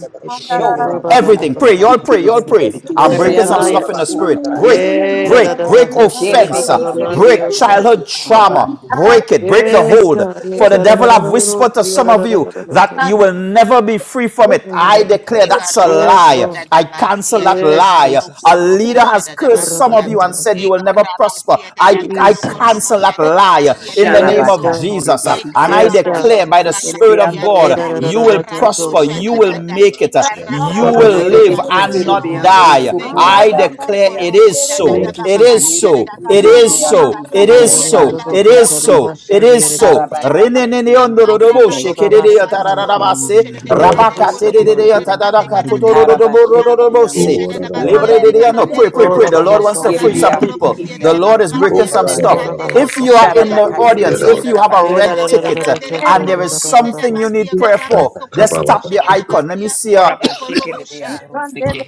[SPEAKER 1] Oh,
[SPEAKER 4] Shora ba
[SPEAKER 1] Baba,
[SPEAKER 10] Everything.
[SPEAKER 1] Baba,
[SPEAKER 4] kato
[SPEAKER 10] Pray. Y'all
[SPEAKER 4] rebe
[SPEAKER 10] pray.
[SPEAKER 4] ki
[SPEAKER 10] Y'all
[SPEAKER 4] sere.
[SPEAKER 10] pray.
[SPEAKER 4] Beki ki
[SPEAKER 10] I'm
[SPEAKER 4] sere
[SPEAKER 10] breaking some
[SPEAKER 4] andoro
[SPEAKER 10] stuff
[SPEAKER 1] Shataya.
[SPEAKER 10] in the
[SPEAKER 4] sokora
[SPEAKER 10] spirit. Break,
[SPEAKER 4] bande.
[SPEAKER 1] Yeah,
[SPEAKER 10] break, break
[SPEAKER 1] Rabakata. So,
[SPEAKER 10] offense. uh,
[SPEAKER 1] Kata,
[SPEAKER 4] Sherebeki
[SPEAKER 1] Ramandi,
[SPEAKER 4] serebe
[SPEAKER 10] Break
[SPEAKER 1] Osai.
[SPEAKER 4] andorosu
[SPEAKER 10] childhood trauma.
[SPEAKER 4] kurabanda.
[SPEAKER 10] Break it. Break the
[SPEAKER 1] Yes,
[SPEAKER 10] hold.
[SPEAKER 1] God. Yeah,
[SPEAKER 10] For the
[SPEAKER 1] Kata,
[SPEAKER 10] devil have whispered to some of you that you
[SPEAKER 1] Rabakata.
[SPEAKER 10] will never be free from it.
[SPEAKER 1] Oh,
[SPEAKER 10] I
[SPEAKER 1] Rabakata.
[SPEAKER 10] declare that's a
[SPEAKER 1] Yes,
[SPEAKER 12] Ekarabasha
[SPEAKER 10] lie.
[SPEAKER 12] da
[SPEAKER 1] Lord.
[SPEAKER 12] da
[SPEAKER 10] I cancel
[SPEAKER 12] basia da
[SPEAKER 10] that
[SPEAKER 12] da
[SPEAKER 1] Yes,
[SPEAKER 10] lie.
[SPEAKER 12] baso
[SPEAKER 1] Jesus.
[SPEAKER 10] A
[SPEAKER 12] korobo
[SPEAKER 10] leader has
[SPEAKER 12] shada da
[SPEAKER 1] Oh,
[SPEAKER 10] cursed some of
[SPEAKER 12] basia.
[SPEAKER 10] you and
[SPEAKER 1] Rabakata.
[SPEAKER 10] said you will never prosper.
[SPEAKER 12] Ekarabasia da da
[SPEAKER 10] I, I
[SPEAKER 12] baso
[SPEAKER 1] Jesus.
[SPEAKER 12] korobo
[SPEAKER 10] cancel that
[SPEAKER 12] shada da
[SPEAKER 10] lie
[SPEAKER 12] basia da
[SPEAKER 10] in the
[SPEAKER 12] da
[SPEAKER 10] name
[SPEAKER 1] Yes,
[SPEAKER 10] of
[SPEAKER 12] baso.
[SPEAKER 4] Sharabaka
[SPEAKER 1] God.
[SPEAKER 10] Jesus. uh,
[SPEAKER 4] torebeki
[SPEAKER 10] And I
[SPEAKER 1] Yes,
[SPEAKER 4] serebe
[SPEAKER 1] God.
[SPEAKER 12] Ekarabasha
[SPEAKER 10] declare
[SPEAKER 12] da
[SPEAKER 10] by the
[SPEAKER 4] andorose
[SPEAKER 12] da
[SPEAKER 10] Spirit
[SPEAKER 4] kerebe
[SPEAKER 10] of
[SPEAKER 12] basia da
[SPEAKER 1] Thank
[SPEAKER 10] God,
[SPEAKER 12] da
[SPEAKER 4] andorose.
[SPEAKER 10] you will
[SPEAKER 12] ekarando
[SPEAKER 10] prosper. You
[SPEAKER 12] shada
[SPEAKER 10] will
[SPEAKER 12] da da
[SPEAKER 10] make it
[SPEAKER 3] Ramando,
[SPEAKER 10] you
[SPEAKER 12] ekarabasia
[SPEAKER 10] will
[SPEAKER 12] da
[SPEAKER 8] bless
[SPEAKER 12] da.
[SPEAKER 10] live
[SPEAKER 4] Yerebeki
[SPEAKER 12] Thank
[SPEAKER 10] and
[SPEAKER 12] you,
[SPEAKER 10] not
[SPEAKER 4] serebe
[SPEAKER 12] Lord.
[SPEAKER 10] die.
[SPEAKER 4] andorosu
[SPEAKER 12] Thank you,
[SPEAKER 10] I
[SPEAKER 12] Jesus.
[SPEAKER 4] kurabanda
[SPEAKER 10] declare
[SPEAKER 4] rebe
[SPEAKER 10] it
[SPEAKER 12] Ekorobo
[SPEAKER 10] is
[SPEAKER 12] shada
[SPEAKER 10] so.
[SPEAKER 12] da
[SPEAKER 1] you,
[SPEAKER 12] ba
[SPEAKER 10] It
[SPEAKER 12] ba
[SPEAKER 1] Jesus.
[SPEAKER 10] is
[SPEAKER 12] basia da
[SPEAKER 10] so.
[SPEAKER 12] da
[SPEAKER 4] Yerebeki
[SPEAKER 10] It
[SPEAKER 12] karando
[SPEAKER 4] serebe
[SPEAKER 10] is
[SPEAKER 12] se
[SPEAKER 10] so.
[SPEAKER 4] andorosu
[SPEAKER 10] It is
[SPEAKER 12] karabasia da da
[SPEAKER 10] so.
[SPEAKER 4] kurabanda
[SPEAKER 10] It
[SPEAKER 4] rebe
[SPEAKER 12] baso
[SPEAKER 10] is
[SPEAKER 4] asi.
[SPEAKER 12] korobo
[SPEAKER 10] so. It
[SPEAKER 12] shada da
[SPEAKER 10] is so.
[SPEAKER 4] Karabaka
[SPEAKER 12] basia.
[SPEAKER 4] terebe andorose
[SPEAKER 10] Reneneneondorodobo
[SPEAKER 4] ke.
[SPEAKER 10] shekededeyotarararabase,
[SPEAKER 4] Karabashi kerebe
[SPEAKER 10] rabakatededeyotadarakatotorodorodoborobose.
[SPEAKER 4] andorosu
[SPEAKER 10] no
[SPEAKER 4] kurabanda rebe
[SPEAKER 10] Pray, pray,
[SPEAKER 4] asi.
[SPEAKER 10] pray. The Lord wants to free
[SPEAKER 4] Yerebe
[SPEAKER 10] some
[SPEAKER 4] asi
[SPEAKER 10] people.
[SPEAKER 4] kerebe
[SPEAKER 10] The Lord is
[SPEAKER 4] andorosu
[SPEAKER 10] breaking some
[SPEAKER 4] kurabanda.
[SPEAKER 10] stuff. If you are in the
[SPEAKER 4] Sharabaka
[SPEAKER 10] audience,
[SPEAKER 4] terebe
[SPEAKER 10] if you have a
[SPEAKER 4] andorabaka
[SPEAKER 10] red
[SPEAKER 4] terebe
[SPEAKER 10] ticket uh,
[SPEAKER 4] andorebe
[SPEAKER 10] and there is something you need prayer for, just tap the icon. Let me see. a
[SPEAKER 4] Kora ba shekere be
[SPEAKER 12] Ekorobo
[SPEAKER 4] andoro seke.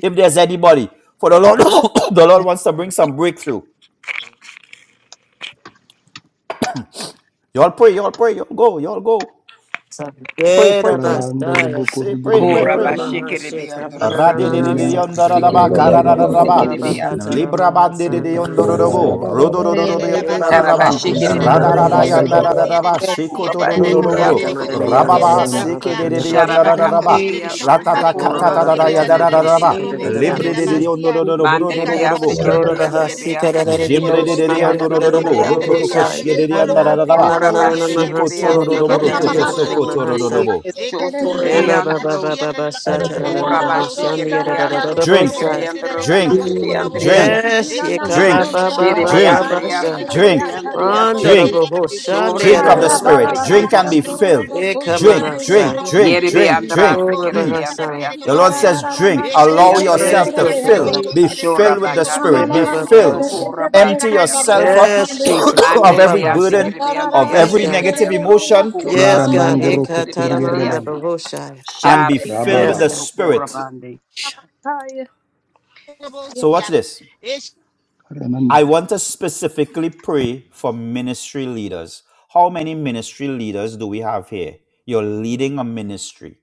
[SPEAKER 10] if there's anybody, for the Lord, the Lord wants to bring some breakthrough. Y'all pray, y'all pray, y'all go, y'all go. Pray, pray, pray. Say, pray, pray,
[SPEAKER 4] Kora
[SPEAKER 1] Ora
[SPEAKER 4] ba
[SPEAKER 10] pray.
[SPEAKER 4] shekere be
[SPEAKER 1] mahasheka
[SPEAKER 4] andoro sekere be
[SPEAKER 1] banananasa.
[SPEAKER 4] andoro
[SPEAKER 10] Ra-di-di-di-di-yon-da-da-da-ba,
[SPEAKER 4] sekere
[SPEAKER 10] ba
[SPEAKER 4] be
[SPEAKER 10] ka ra da da
[SPEAKER 4] andoro
[SPEAKER 10] da ba
[SPEAKER 1] Ora
[SPEAKER 4] sekere be
[SPEAKER 10] libra
[SPEAKER 1] bakata
[SPEAKER 10] ban
[SPEAKER 8] you.
[SPEAKER 4] asi.
[SPEAKER 1] ramahasanda
[SPEAKER 8] Ora da
[SPEAKER 1] riyasa.
[SPEAKER 10] Libra-ban-di-di-di-yon-do-do-do-bo,
[SPEAKER 8] ba ba ba ba ba
[SPEAKER 12] Siede da
[SPEAKER 8] ba
[SPEAKER 1] Eba
[SPEAKER 12] basso
[SPEAKER 8] shiki
[SPEAKER 4] Kara
[SPEAKER 1] baba
[SPEAKER 4] ba
[SPEAKER 10] ro-do-do-do-do-do-yon-da-da-da-da-ba,
[SPEAKER 8] ki
[SPEAKER 12] corrobo
[SPEAKER 4] shekere
[SPEAKER 12] shede
[SPEAKER 4] be
[SPEAKER 8] anda
[SPEAKER 12] da
[SPEAKER 8] da ba
[SPEAKER 4] andoro
[SPEAKER 8] ba
[SPEAKER 4] ya
[SPEAKER 12] basia de
[SPEAKER 1] bahasanda
[SPEAKER 8] ba ba
[SPEAKER 4] sekere be
[SPEAKER 8] ba.
[SPEAKER 12] basia de
[SPEAKER 4] andoro
[SPEAKER 10] ra-da-da-da-yon-da-da-da-da-ba,
[SPEAKER 12] basia
[SPEAKER 4] sukura ba
[SPEAKER 12] de da
[SPEAKER 4] andere
[SPEAKER 8] Ora
[SPEAKER 4] be
[SPEAKER 8] da
[SPEAKER 10] shiko-do-do-do-do-do-bro,
[SPEAKER 12] carande
[SPEAKER 8] ba
[SPEAKER 4] asi
[SPEAKER 12] de
[SPEAKER 8] ba
[SPEAKER 4] kere
[SPEAKER 8] ba
[SPEAKER 4] be
[SPEAKER 12] corrobo
[SPEAKER 8] ba ba
[SPEAKER 4] asi.
[SPEAKER 12] siede
[SPEAKER 1] Yekamananios,
[SPEAKER 8] ba
[SPEAKER 10] ra-ba-ba,
[SPEAKER 12] da
[SPEAKER 8] ba.
[SPEAKER 12] basia
[SPEAKER 1] Rabakataba,
[SPEAKER 4] Shara
[SPEAKER 12] de
[SPEAKER 4] ba
[SPEAKER 12] caraba
[SPEAKER 10] siki-di-di-di-yon-da-da-da-da-ba,
[SPEAKER 4] katere
[SPEAKER 12] shede
[SPEAKER 4] be
[SPEAKER 12] de
[SPEAKER 4] andoro
[SPEAKER 12] carande de
[SPEAKER 1] O
[SPEAKER 4] sukura ba
[SPEAKER 12] corrobo
[SPEAKER 4] andere
[SPEAKER 12] siede
[SPEAKER 4] ya
[SPEAKER 12] da
[SPEAKER 1] Rabakata
[SPEAKER 12] da
[SPEAKER 4] sekere
[SPEAKER 12] de
[SPEAKER 4] be
[SPEAKER 10] ra-ta-ta-ka-ta-ta-da-da-ya-da-da-da-da-ba,
[SPEAKER 1] Mahasika de
[SPEAKER 4] andere
[SPEAKER 12] corrobo
[SPEAKER 1] the
[SPEAKER 4] be
[SPEAKER 12] siede da
[SPEAKER 4] asi.
[SPEAKER 1] Bohosa,
[SPEAKER 12] basia
[SPEAKER 10] libri-di-di-di-yon-do-do-do-do,
[SPEAKER 12] de
[SPEAKER 4] Mandere be
[SPEAKER 12] caraba
[SPEAKER 10] bro-do-do-do-do-bo.
[SPEAKER 4] asi
[SPEAKER 8] Ora
[SPEAKER 12] shede
[SPEAKER 4] kere
[SPEAKER 1] O
[SPEAKER 12] da
[SPEAKER 8] da
[SPEAKER 4] be
[SPEAKER 8] ba ba
[SPEAKER 12] basia
[SPEAKER 4] andere be
[SPEAKER 12] de
[SPEAKER 1] Rabahasika de
[SPEAKER 4] asi
[SPEAKER 12] carande
[SPEAKER 1] the
[SPEAKER 4] kere
[SPEAKER 12] de
[SPEAKER 4] be andere
[SPEAKER 12] corrobo
[SPEAKER 1] Dios,
[SPEAKER 4] be
[SPEAKER 1] and
[SPEAKER 10] Jembrede
[SPEAKER 1] the
[SPEAKER 12] siede da
[SPEAKER 4] asi kere
[SPEAKER 12] basia de
[SPEAKER 4] be
[SPEAKER 10] ondororobo,
[SPEAKER 4] andere
[SPEAKER 12] de
[SPEAKER 4] be
[SPEAKER 10] rototoko
[SPEAKER 1] Bohosai,
[SPEAKER 12] carande de
[SPEAKER 4] asi.
[SPEAKER 10] shirede
[SPEAKER 12] corrobo siede
[SPEAKER 10] andararaba,
[SPEAKER 12] da
[SPEAKER 4] Kora ba
[SPEAKER 12] basia
[SPEAKER 1] Alanana
[SPEAKER 12] de da
[SPEAKER 4] shekere be
[SPEAKER 12] basia
[SPEAKER 1] Mahaso,
[SPEAKER 12] de
[SPEAKER 4] asi
[SPEAKER 10] shikotororobo,
[SPEAKER 4] kere be
[SPEAKER 1] Rabakati
[SPEAKER 12] carande de
[SPEAKER 10] rototo
[SPEAKER 4] andoro
[SPEAKER 1] Yadana
[SPEAKER 12] corrobo
[SPEAKER 4] sekete.
[SPEAKER 1] Mahasa,
[SPEAKER 10] sokotororobo.
[SPEAKER 12] de
[SPEAKER 4] Shoto
[SPEAKER 1] Eba
[SPEAKER 12] caraba
[SPEAKER 1] Baba
[SPEAKER 4] rebeantro
[SPEAKER 1] Baba
[SPEAKER 12] shede la
[SPEAKER 8] ba da
[SPEAKER 1] Sata
[SPEAKER 8] ba
[SPEAKER 12] carande
[SPEAKER 8] ba.
[SPEAKER 12] de
[SPEAKER 1] de
[SPEAKER 4] Uraba
[SPEAKER 12] corrobo
[SPEAKER 1] Bohosa, and the
[SPEAKER 12] siede
[SPEAKER 4] shekere
[SPEAKER 12] da carande
[SPEAKER 4] beandro
[SPEAKER 12] de
[SPEAKER 10] Drink,
[SPEAKER 12] corrobo
[SPEAKER 4] sekere
[SPEAKER 1] Yadabosai.
[SPEAKER 12] siede
[SPEAKER 4] andro
[SPEAKER 12] da
[SPEAKER 10] drink,
[SPEAKER 12] carande
[SPEAKER 4] sekere
[SPEAKER 12] de
[SPEAKER 8] Ora da
[SPEAKER 12] corrobo
[SPEAKER 8] ba ba
[SPEAKER 12] sia
[SPEAKER 10] drink,
[SPEAKER 8] ba ba.
[SPEAKER 4] beandriasi.
[SPEAKER 1] Yes,
[SPEAKER 12] Eshada da da
[SPEAKER 1] Yekaba
[SPEAKER 10] drink,
[SPEAKER 12] siya la
[SPEAKER 1] Baba
[SPEAKER 4] Shere
[SPEAKER 12] karande de
[SPEAKER 10] drink,
[SPEAKER 1] Baba
[SPEAKER 12] korobo siya da
[SPEAKER 1] Basha,
[SPEAKER 4] beandriasi
[SPEAKER 12] da
[SPEAKER 4] kere
[SPEAKER 10] drink,
[SPEAKER 12] karande de korobo
[SPEAKER 1] Mando
[SPEAKER 4] beandriasi.
[SPEAKER 1] the
[SPEAKER 12] siya
[SPEAKER 10] drink,
[SPEAKER 12] da de
[SPEAKER 1] Bohosa, and the
[SPEAKER 4] Shore
[SPEAKER 12] korobo
[SPEAKER 10] drink of the
[SPEAKER 4] beandro
[SPEAKER 12] E
[SPEAKER 10] Spirit.
[SPEAKER 4] sekere
[SPEAKER 1] Yadabahasa,
[SPEAKER 10] Drink
[SPEAKER 12] karaba
[SPEAKER 10] and be
[SPEAKER 4] beandro.
[SPEAKER 12] da da
[SPEAKER 10] filled.
[SPEAKER 12] de
[SPEAKER 10] Drink,
[SPEAKER 12] karande de
[SPEAKER 10] drink,
[SPEAKER 1] Ekamanasa,
[SPEAKER 12] korobo siya
[SPEAKER 10] drink,
[SPEAKER 4] Yere
[SPEAKER 12] da
[SPEAKER 10] drink,
[SPEAKER 12] de
[SPEAKER 1] O
[SPEAKER 4] beandra
[SPEAKER 10] drink.
[SPEAKER 12] korobo siya
[SPEAKER 4] sekere
[SPEAKER 10] Mm.
[SPEAKER 12] da
[SPEAKER 1] Rabahasa.
[SPEAKER 12] de
[SPEAKER 4] beandria
[SPEAKER 10] The Lord
[SPEAKER 12] korobo
[SPEAKER 4] sekere
[SPEAKER 10] says,
[SPEAKER 4] andro
[SPEAKER 10] drink,
[SPEAKER 4] sekere
[SPEAKER 12] Eshada da
[SPEAKER 10] allow
[SPEAKER 12] da
[SPEAKER 4] beandro
[SPEAKER 12] la
[SPEAKER 1] Yes,
[SPEAKER 10] yourself to
[SPEAKER 4] seke.
[SPEAKER 12] karande de
[SPEAKER 10] fill,
[SPEAKER 12] korobo
[SPEAKER 10] be
[SPEAKER 12] siya da
[SPEAKER 4] Shora
[SPEAKER 10] filled with
[SPEAKER 12] de
[SPEAKER 10] the
[SPEAKER 12] korobo
[SPEAKER 1] Eh,
[SPEAKER 10] Spirit,
[SPEAKER 4] bakatere
[SPEAKER 12] siya
[SPEAKER 10] be
[SPEAKER 1] ba,
[SPEAKER 12] da
[SPEAKER 1] ba,
[SPEAKER 4] andro
[SPEAKER 1] ba,
[SPEAKER 10] filled,
[SPEAKER 1] ba, sa.
[SPEAKER 4] sokora
[SPEAKER 12] E
[SPEAKER 10] empty
[SPEAKER 12] karande de
[SPEAKER 4] bandriasi.
[SPEAKER 10] yourself
[SPEAKER 12] karaba
[SPEAKER 10] of,
[SPEAKER 12] siya
[SPEAKER 1] Yes,
[SPEAKER 12] da karaba
[SPEAKER 1] Jesus.
[SPEAKER 12] siya
[SPEAKER 1] Oh,
[SPEAKER 10] of
[SPEAKER 4] Mandre
[SPEAKER 12] da
[SPEAKER 1] ba,
[SPEAKER 10] every
[SPEAKER 1] ba,
[SPEAKER 4] beasi
[SPEAKER 12] karande
[SPEAKER 1] sa.
[SPEAKER 10] burden,
[SPEAKER 12] de
[SPEAKER 4] kere
[SPEAKER 12] korobo
[SPEAKER 10] of
[SPEAKER 1] Yes,
[SPEAKER 4] andriasi
[SPEAKER 10] every
[SPEAKER 4] kere
[SPEAKER 1] God.
[SPEAKER 10] negative
[SPEAKER 4] beandro
[SPEAKER 10] emotion,
[SPEAKER 12] de
[SPEAKER 4] sokora
[SPEAKER 1] Yes,
[SPEAKER 12] korobo
[SPEAKER 1] God. Eh,
[SPEAKER 4] bandriasi
[SPEAKER 1] ka,
[SPEAKER 4] kere
[SPEAKER 1] ta,
[SPEAKER 4] be
[SPEAKER 1] da, ma, da,
[SPEAKER 12] siya.
[SPEAKER 1] ba,
[SPEAKER 4] andriasi
[SPEAKER 1] ho, sha.
[SPEAKER 10] and be
[SPEAKER 4] Share
[SPEAKER 10] filled with
[SPEAKER 1] Yes,
[SPEAKER 4] beandro
[SPEAKER 10] the
[SPEAKER 1] God.
[SPEAKER 10] Spirit.
[SPEAKER 4] sokora
[SPEAKER 6] Thank you.
[SPEAKER 10] So, watch this. I want to specifically pray for ministry leaders. How many ministry leaders do we have here? You're leading a ministry.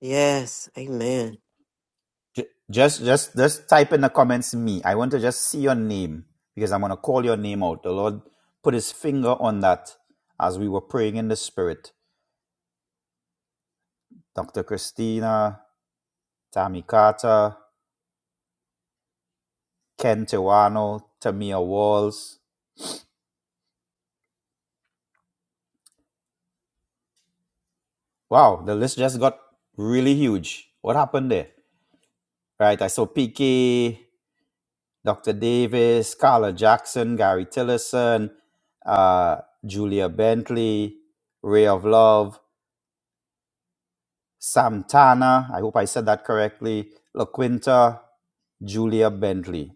[SPEAKER 1] Yes, amen.
[SPEAKER 10] Ju- Just, just, just type in the comments me. I want to just see your name because I'm going to call your name out. The Lord put his finger on that as we were praying in the spirit. Dr. Christina, Tammy Carter, Ken Tewano, Tamia Walls. Wow, the list just got really huge. What happened there? Right, I saw PK, Dr. Davis, Carla Jackson, Gary Tillerson, uh, Julia Bentley, Ray of Love. Santana, I hope I said that correctly, LaQuinta, Julia Bentley.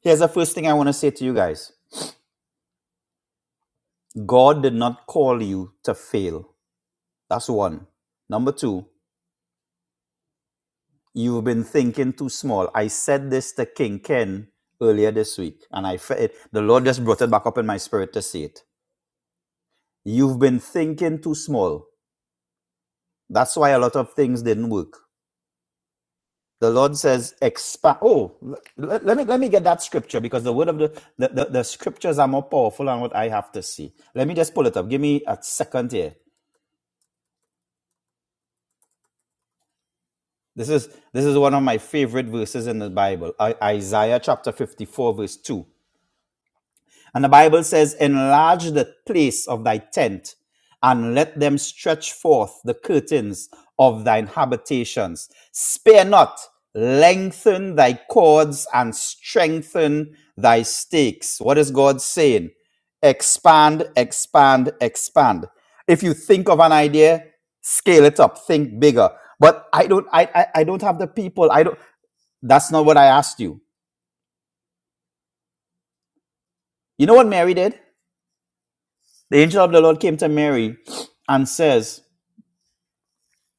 [SPEAKER 10] Here's the first thing I want to say to you guys God did not call you to fail. That's one. Number two, you've been thinking too small. I said this to King Ken earlier this week, and I it, the Lord just brought it back up in my spirit to say it. You've been thinking too small. That's why a lot of things didn't work. The Lord says, expand. Oh, let, let, me, let me get that scripture because the word of the, the, the, the scriptures are more powerful than what I have to see. Let me just pull it up. Give me a second here. This is, this is one of my favorite verses in the Bible I- Isaiah chapter 54, verse 2. And the Bible says, Enlarge the place of thy tent, and let them stretch forth the curtains of thine habitations. Spare not, lengthen thy cords, and strengthen thy stakes. What is God saying? Expand, expand, expand. If you think of an idea, scale it up, think bigger. But I don't, I, I, I don't have the people. I don't. That's not what I asked you. You know what Mary did? The angel of the Lord came to Mary and says,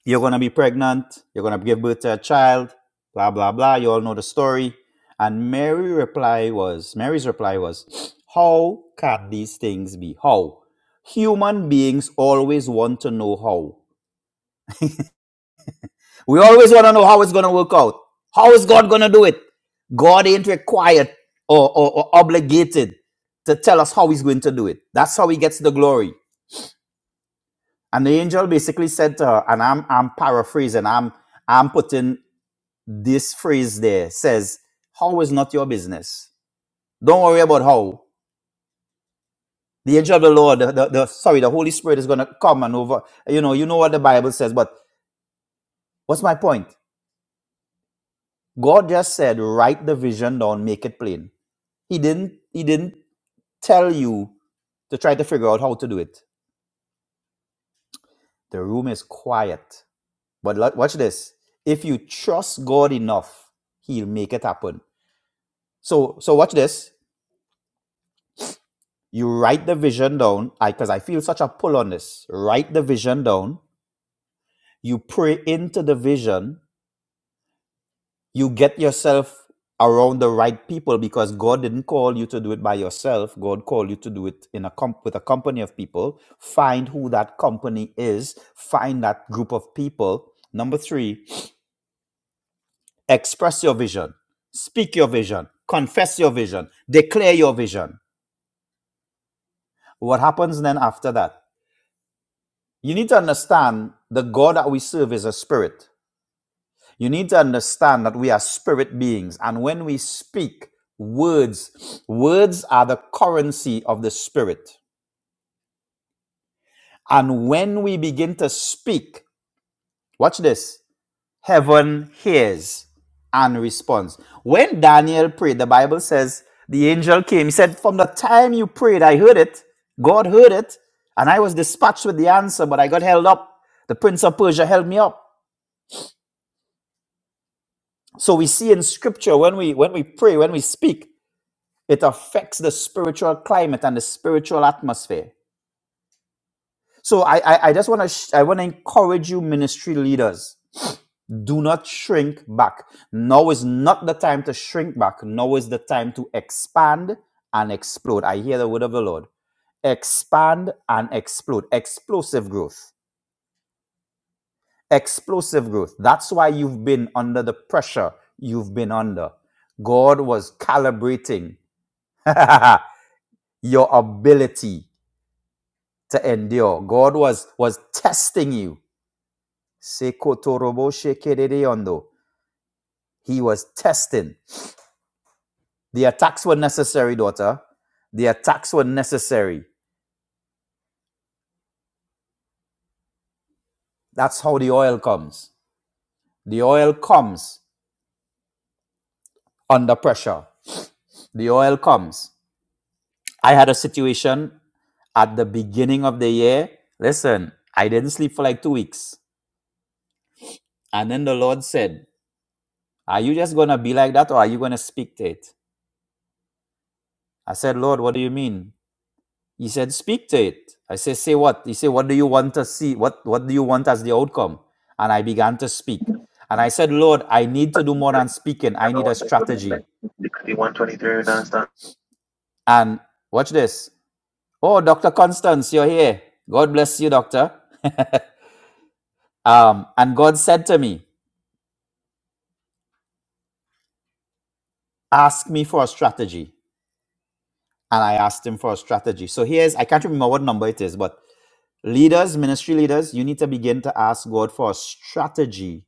[SPEAKER 10] You're going to be pregnant. You're going to give birth to a child. Blah, blah, blah. You all know the story. And Mary reply was, Mary's reply was, How can these things be? How? Human beings always want to know how. We always want to know how it's going to work out. How is God going to do it? God ain't required or, or or obligated to tell us how he's going to do it. That's how he gets the glory. And the angel basically said to her, and I'm I'm paraphrasing, I'm I'm putting this phrase there, says, How is not your business? Don't worry about how. The angel of the Lord, the, the, the- sorry, the Holy Spirit is gonna come and over. You know, you know what the Bible says, but what's my point? God just said, write the vision down, make it plain. He didn't he didn't tell you to try to figure out how to do it. The room is quiet. But lo- watch this. If you trust God enough, He'll make it happen. So so watch this. You write the vision down. I because I I feel such a pull on this. Write the vision down. You pray into the vision. You get yourself around the right people because God didn't call you to do it by yourself. God called you to do it in a comp with a company of people. Find who that company is. Find that group of people. Number three, express your vision. Speak your vision. Confess your vision. Declare your vision. What happens then after that? You need to understand the God that we serve is a spirit. You need to understand that we are spirit beings. And when we speak words, words are the currency of the spirit. And when we begin to speak, watch this heaven hears and responds. When Daniel prayed, the Bible says the angel came. He said, From the time you prayed, I heard it. God heard it. And I was dispatched with the answer, but I got held up. The prince of Persia held me up. So we see in scripture when we when we pray, when we speak, it affects the spiritual climate and the spiritual atmosphere. So I I, I just want to sh- I want to encourage you, ministry leaders. Do not shrink back. Now is not the time to shrink back. Now is the time to expand and explode. I hear the word of the Lord. Expand and explode. Explosive growth. Explosive growth. That's why you've been under the pressure you've been under. God was calibrating your ability to endure. God was was testing you. He was testing. The attacks were necessary, daughter. The attacks were necessary. That's how the oil comes. The oil comes under pressure. The oil comes. I had a situation at the beginning of the year. Listen, I didn't sleep for like two weeks. And then the Lord said, Are you just going to be like that or are you going to speak to it? I said, Lord, what do you mean? He said, Speak to it. I said, Say what? He said, What do you want to see? What, what do you want as the outcome? And I began to speak. And I said, Lord, I need to do more than speaking. I need a strategy.
[SPEAKER 13] Sixty-one twenty-three nonstop.
[SPEAKER 10] And watch this. Oh, Dr. Constance, you're here. God bless you, doctor. Um, and God said to me, Ask me for a strategy. And I asked him for a strategy. So here's, I can't remember what number it is, but leaders, ministry leaders, you need to begin to ask God for a strategy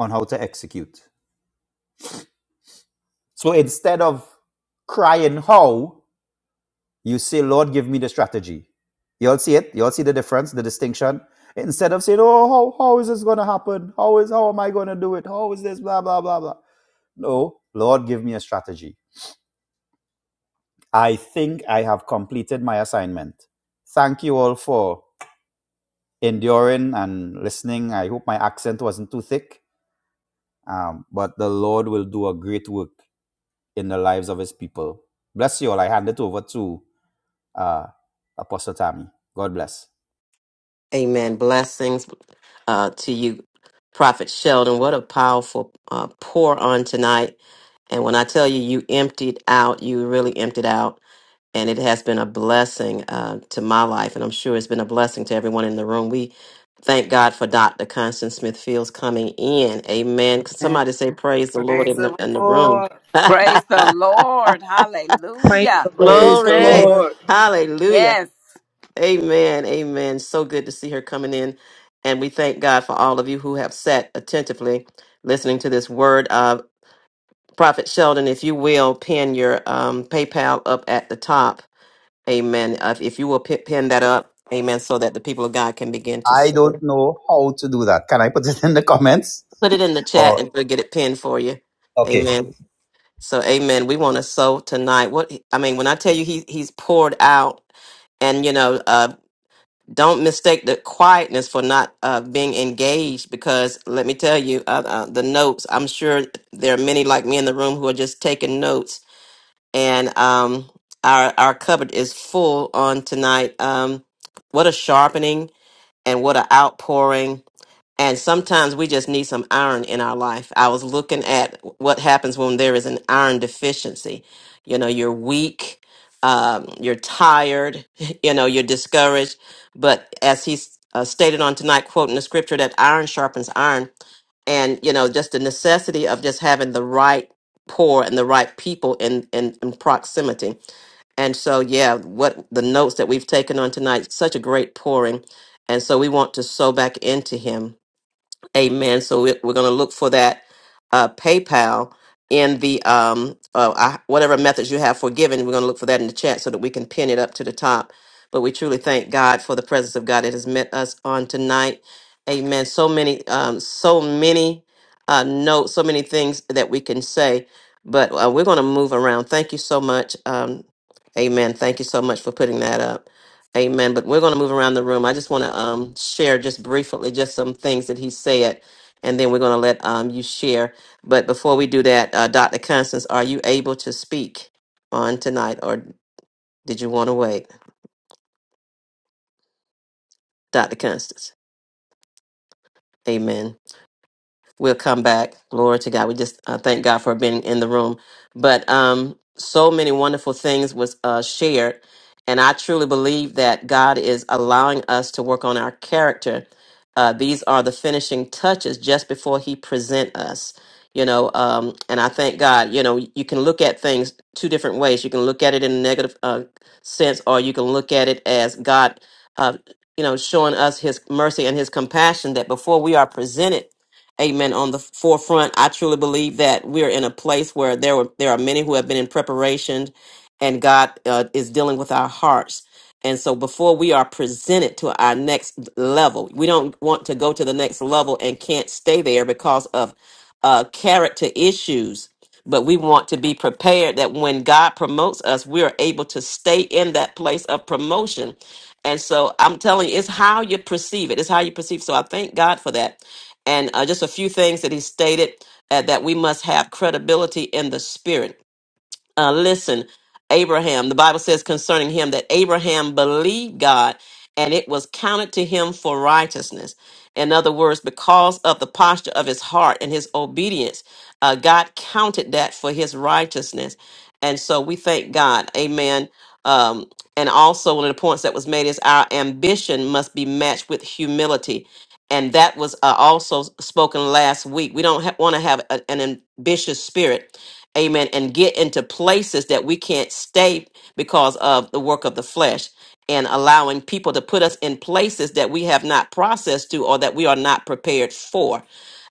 [SPEAKER 10] on how to execute. So instead of crying how, you say, Lord, give me the strategy. You all see it? You all see the difference, the distinction? Instead of saying, Oh, how, how is this gonna happen? How is how am I gonna do it? How is this? Blah blah blah blah. No, Lord, give me a strategy. I think I have completed my assignment. Thank you all for enduring and listening. I hope my accent wasn't too thick. Um, but the Lord will do a great work in the lives of his people. Bless you all. I hand it over to uh, Apostle Tammy. God bless.
[SPEAKER 1] Amen. Blessings uh, to you, Prophet Sheldon. What a powerful uh, pour on tonight. And when I tell you, you emptied out, you really emptied out. and it has been a blessing uh, to my life, and I'm sure it's been a blessing to everyone in the room. We thank God for Dr. Constance Smith Fields coming in. Amen. Could
[SPEAKER 9] Amen.
[SPEAKER 1] Somebody say praise the Lord
[SPEAKER 9] Praise
[SPEAKER 1] in the,
[SPEAKER 9] the
[SPEAKER 1] in the
[SPEAKER 9] Lord.
[SPEAKER 1] room.
[SPEAKER 4] Praise the Lord. Hallelujah.
[SPEAKER 2] is
[SPEAKER 3] Praise
[SPEAKER 2] the
[SPEAKER 3] the
[SPEAKER 1] Glory.
[SPEAKER 2] Lord.
[SPEAKER 3] Lord.
[SPEAKER 1] Hallelujah.
[SPEAKER 4] Yes.
[SPEAKER 1] Amen. Amen. So good to see her coming in. And we thank God for all of you who have sat attentively listening to this word. Uh, Prophet Sheldon, if you will, pin your um, PayPal up at the top Amen. Uh, if you will pi- pin that up, amen, so that the people of God can begin to
[SPEAKER 10] I
[SPEAKER 1] s-
[SPEAKER 10] don't know how to do that. Can I put it in the comments?
[SPEAKER 1] put it in the chat
[SPEAKER 10] Or
[SPEAKER 1] and we'll get it pinned for you.
[SPEAKER 10] okay.
[SPEAKER 1] Amen. So, amen. We want to sow tonight. What I mean, when I tell you he, he's poured out, and you know, uh, don't mistake the quietness for not uh, being engaged because let me tell you, uh, uh, the notes, I'm sure there are many like me in the room who are just taking notes, and um, our, our cupboard is full on tonight. Um, what a sharpening. and what an outpouring. And sometimes we just need some iron in our life. I was looking at what happens when there is an iron deficiency. You know, you're weak, um, you're tired, you know, you're discouraged. But as he uh, stated on tonight, quoting the scripture, that iron sharpens iron. And, you know, just the necessity of just having the right pour and the right people in, in, in proximity. And so, yeah, what the notes that we've taken on tonight, such a great pouring. And so we want to sow back into him Amen. So we're, we're going to look for that uh, PayPal in the um, uh, I, whatever methods you have for giving. We're going to look for that in the chat so that we can pin it up to the top. But we truly thank God for the presence of God that has met us on tonight. Amen. So many, um, so many uh, notes, so many things that we can say. But uh, we're going to move around. Thank you so much. Um, amen. Thank you so much for putting that up. Amen. But we're going to move around the room. I just want to um, share just briefly just some things that he said, and then we're going to let um, you share. But before we do that, uh, Dr. Constance, are you able to speak on tonight, or did you want to wait? Dr. Constance. Amen. we'll come back. Glory to God. We just uh, thank God for being in the room. But um, so many wonderful things was uh, shared, and I truly believe that God is allowing us to work on our character. Uh, these are the finishing touches just before He present us. You know, um, and I thank God. You know, you can look at things two different ways. You can look at it in a negative uh, sense, or you can look at it as God, uh, you know, showing us His mercy and His compassion. That before we are presented amen on the forefront i truly believe that we're in a place where there were there are many who have been in preparation and god uh, is dealing with our hearts and so before we are presented to our next level we don't want to go to the next level and can't stay there because of uh, character issues but we want to be prepared that when god promotes us we are able to stay in that place of promotion and so i'm telling you it's how you perceive it it's how you perceive so i thank god for that and uh, just a few things that he stated uh, that we must have credibility in the spirit uh, listen, Abraham, the Bible says concerning him that Abraham believed God and it was counted to him for righteousness. In other words, because of the posture of his heart and his obedience, uh, God counted that for his righteousness. And so we thank God. Amen. Um, and also, one of the points that was made is our ambition must be matched with humility. And that was uh, also spoken last week. We don't ha- want to have a- an ambitious spirit amen, and get into places that we can't stay because of the work of the flesh and allowing people to put us in places that we have not processed to or that we are not prepared for.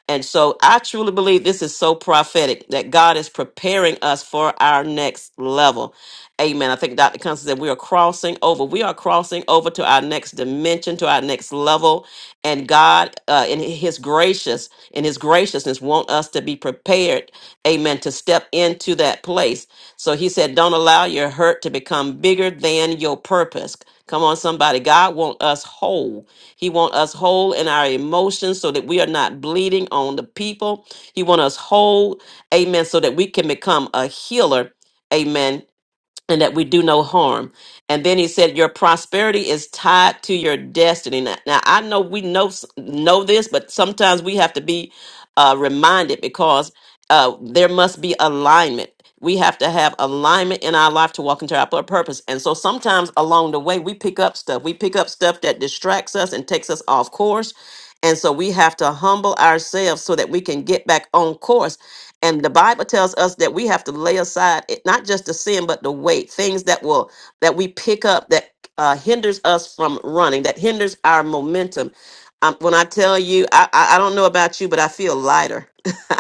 [SPEAKER 1] And so I truly believe this is so prophetic that God is preparing us for our next level. Amen. I think Dr. Constance said we are crossing over. We are crossing over to our next dimension, to our next level. And God, uh, in His gracious, in His graciousness, want us to be prepared amen, to step into that place. So he said, don't allow your hurt to become bigger than your purpose. Come on, somebody. God want us whole. He want us whole in our emotions so that we are not bleeding on the people. He want us whole, amen, so that we can become a healer, amen, and that we do no harm. And then he said, "Your prosperity is tied to your destiny." Now, now, I know we know know this, but sometimes we have to be uh, reminded because uh, there must be alignment. We have to have alignment in our life to walk into our pur- purpose. And so sometimes along the way, we pick up stuff. We pick up stuff that distracts us and takes us off course. And so we have to humble ourselves so that we can get back on course and the bible tells us that we have to lay aside it, not just the sin but the weight things that will that we pick up that uh, hinders us from running that hinders our momentum um, when i tell you I, I i don't know about you but i feel lighter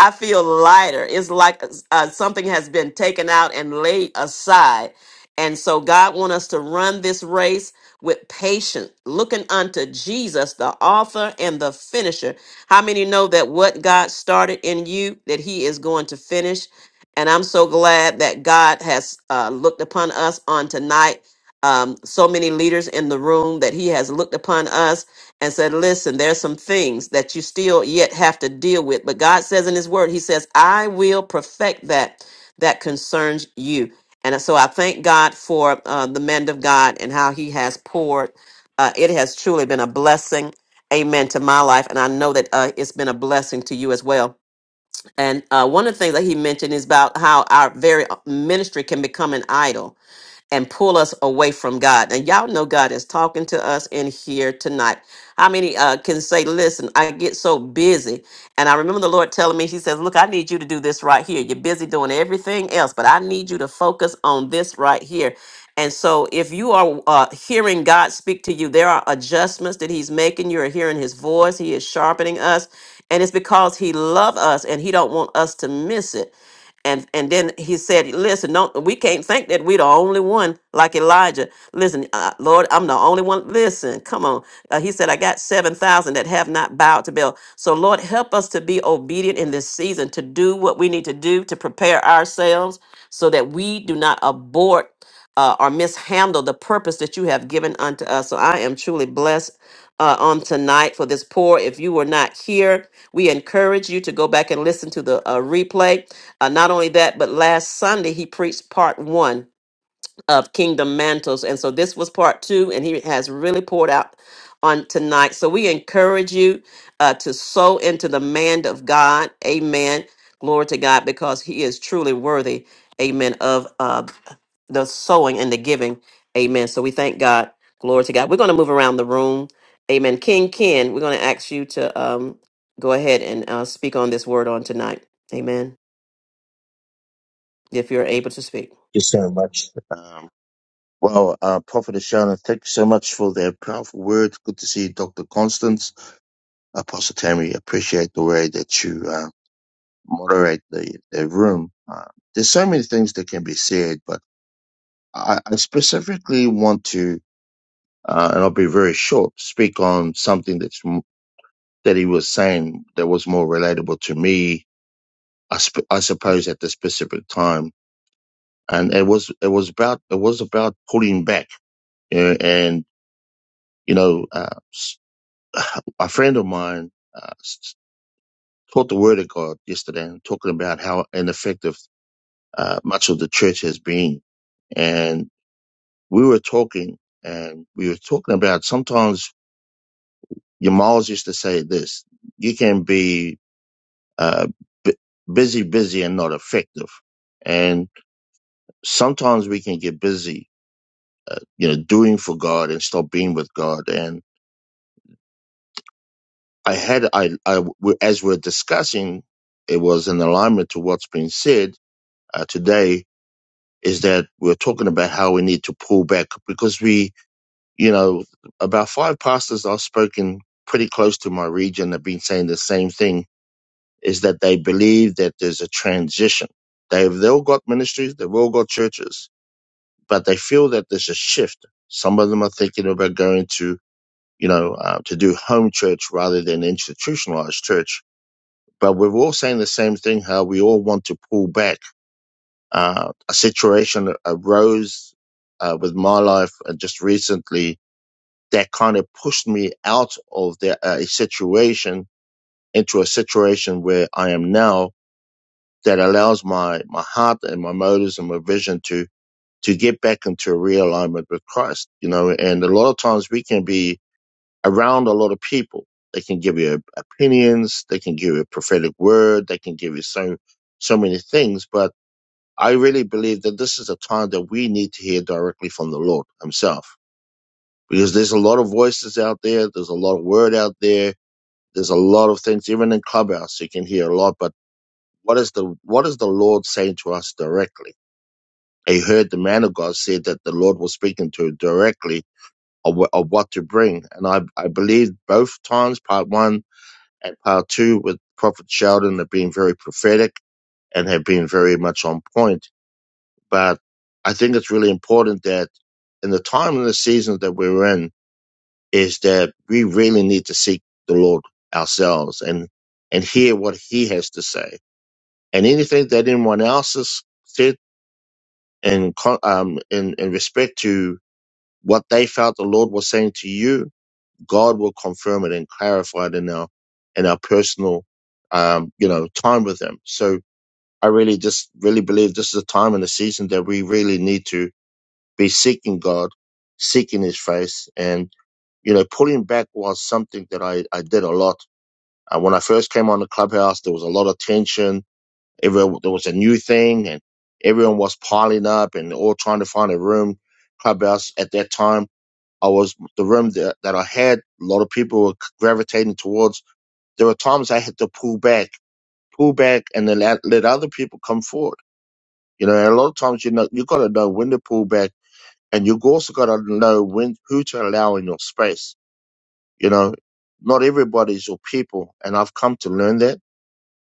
[SPEAKER 1] i feel lighter it's like uh, uh, something has been taken out and laid aside and so god wants us to run this race with patience looking unto jesus the author and the finisher how many know that what God started in you, that He is going to finish? And I'm so glad that God has uh, looked upon us on tonight. Um, so many leaders in the room that He has looked upon us and said, Listen, there's some things that you still yet have to deal with. But God says in His Word, He says, I will perfect that that concerns you. And so I thank God for uh, the man of God and how He has poured. Uh, it has truly been a blessing amen to my life and i know that uh, it's been a blessing to you as well and uh, one of the things that he mentioned is about how our very uh, ministry can become an idol and pull us away from God. And y'all know God is talking to us in here tonight. How many uh, can say, Listen, I get so busy. And I remember the Lord telling me, He says, Look, I need you to do this right here. You're busy doing everything else, but I need you to focus on this right here. And so, if you are uh, hearing God speak to you, there are adjustments that He's making. You are hearing His voice, He is sharpening us. And it's because He loves us and He don't want us to miss it and and then he said listen don't we can't think that we're the only one like elijah listen uh, lord i'm the only one listen come on Uh, he said i got 7000 that have not bowed to baal so lord help us to be obedient in this season to do what we need to do to prepare ourselves so that we do not abort uh, or mishandle the purpose that you have given unto us so i am truly blessed uh, on tonight for this pour if you were not here we encourage you to go back and listen to the uh, replay uh, not only that, but last Sunday he preached part one of Kingdom Mantles. And so this was part two, and he has really poured out on tonight. So we encourage you uh, to sow into the man of God. Amen. Glory to God, because he is truly worthy, amen, of uh, the sowing and the giving. Amen. So we thank God. Glory to God. We're going to move around the room. Amen. King Ken, we're going to ask you to um, go ahead and uh, speak on this word on tonight. Amen if you're able to speak.
[SPEAKER 8] Thank you so much. Um, well, uh, Prophet Ashana, thank you so much for that powerful word. Good to see you, Dr. Constance. Apostle Tammy, appreciate the way that you uh, moderate the, the room. Uh, there's so many things that can be said, but I, I specifically want to, uh, and I'll be very short, speak on something that's that he was saying that was more relatable to me, I, sp- I suppose, at the specific time. And it was it was about it was about pulling back. You know, and you know, uh, s- a friend of mine uh, s- taught the Word of God yesterday, and talking about how ineffective uh, much of the church has been. And we were talking, and we were talking about sometimes. Your Miles used to say this: you can be uh, bu- busy, busy, and not effective. And sometimes we can get busy, you know, doing for God and stop being with God. And I had, I, I, as we're discussing, it was in alignment to what's been said uh, today. Is that we're talking about how we need to pull back because we, you know, about five pastors I've spoken pretty close to my region have been saying the same thing. Is that they believe that there's a transition. They've they all got ministries, they've all got churches, but they feel that there's a shift. Some of them are thinking about going to you know, uh, to do home church rather than institutionalized church. But we're all saying the same thing, how we all want to pull back. Uh, a situation arose uh, with my life uh, just recently that kind of pushed me out of the, uh, a situation into a situation where I am now that allows my, my heart and my motives and my vision to, to get back into a realignment with Christ, you know, and a lot of times we can be around a lot of people. They can give you opinions, they can give you a prophetic word, they can give you so so many things. But I really believe that this is a time that we need to hear directly from the Lord Himself. Because there's a lot of voices out there, there's a lot of word out there, there's a lot of things, even in Clubhouse you can hear a lot, but what is the what is the Lord saying to us directly? I heard the man of God said that the Lord was speaking to him directly of, wh- of what to bring. And I, I believe both times, part one and part two with Prophet Sheldon have been very prophetic and have been very much on point. But I think it's really important that in the time and the season that we're in is that we really need to seek the Lord ourselves and and hear what He has to say. And anything that anyone else has said in co- um in, in respect to what they felt the Lord was saying to you, God will confirm it and clarify it in our in our personal um, you know time with Him. So I really just really believe this is a time and a season that we really need to be seeking God, seeking His face, and you know pulling back was something that I I did a lot. Uh, when I first came on the clubhouse, there was a lot of tension. Everyone, there was a new thing, and everyone was piling up and all trying to find a room. Clubhouse at that time I was the room that, that I had. A lot of people were gravitating towards. There were times I had to pull back, pull back, and then let, let other people come forward. You know, and a lot of times you know you got to know when to pull back, and you also got to know when who to allow in your space. You know, not everybody's your people, and I've come to learn that.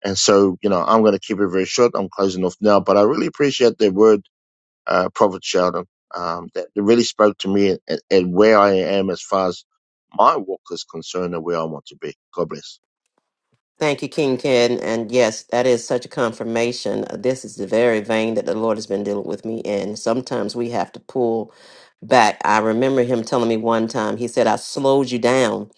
[SPEAKER 8] And so, you know, I'm going to keep it very short. I'm closing off now, but I really appreciate that word uh, Prophet Sheldon, um, that really spoke to me and, and where I am as far as my walk is concerned and where I want to be. God bless.
[SPEAKER 1] Thank you, King Ken. And yes, that is such a confirmation. Uh, This is the very vein that the Lord has been dealing with me in. Sometimes we have to pull back. I remember him telling me one time, he said, I slowed you down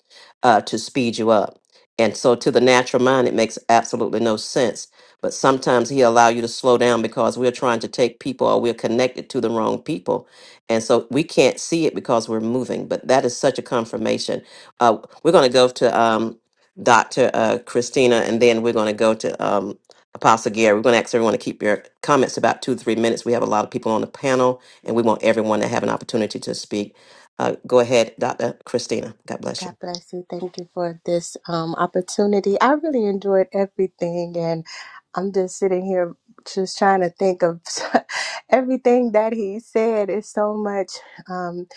[SPEAKER 1] uh, to speed you up. And so to the natural mind, it makes absolutely no sense. But sometimes he allow you to slow down because we're trying to take people or we're connected to the wrong people. And so we can't see it because we're moving. But that is such a confirmation. Uh, we're going to go to um, Dr. Uh, Christina, and then we're going to go to um, Apostle Gary. We're going to ask everyone to keep your comments about two to three minutes. We have a lot of people on the panel, and we want everyone to have an opportunity to speak. Uh, go ahead, Dr. Christina. God bless
[SPEAKER 6] God
[SPEAKER 1] you.
[SPEAKER 6] bless you. Thank you for this um, opportunity. I really enjoyed everything, and I'm just sitting here just trying to think of everything that he said. Is so much. Um,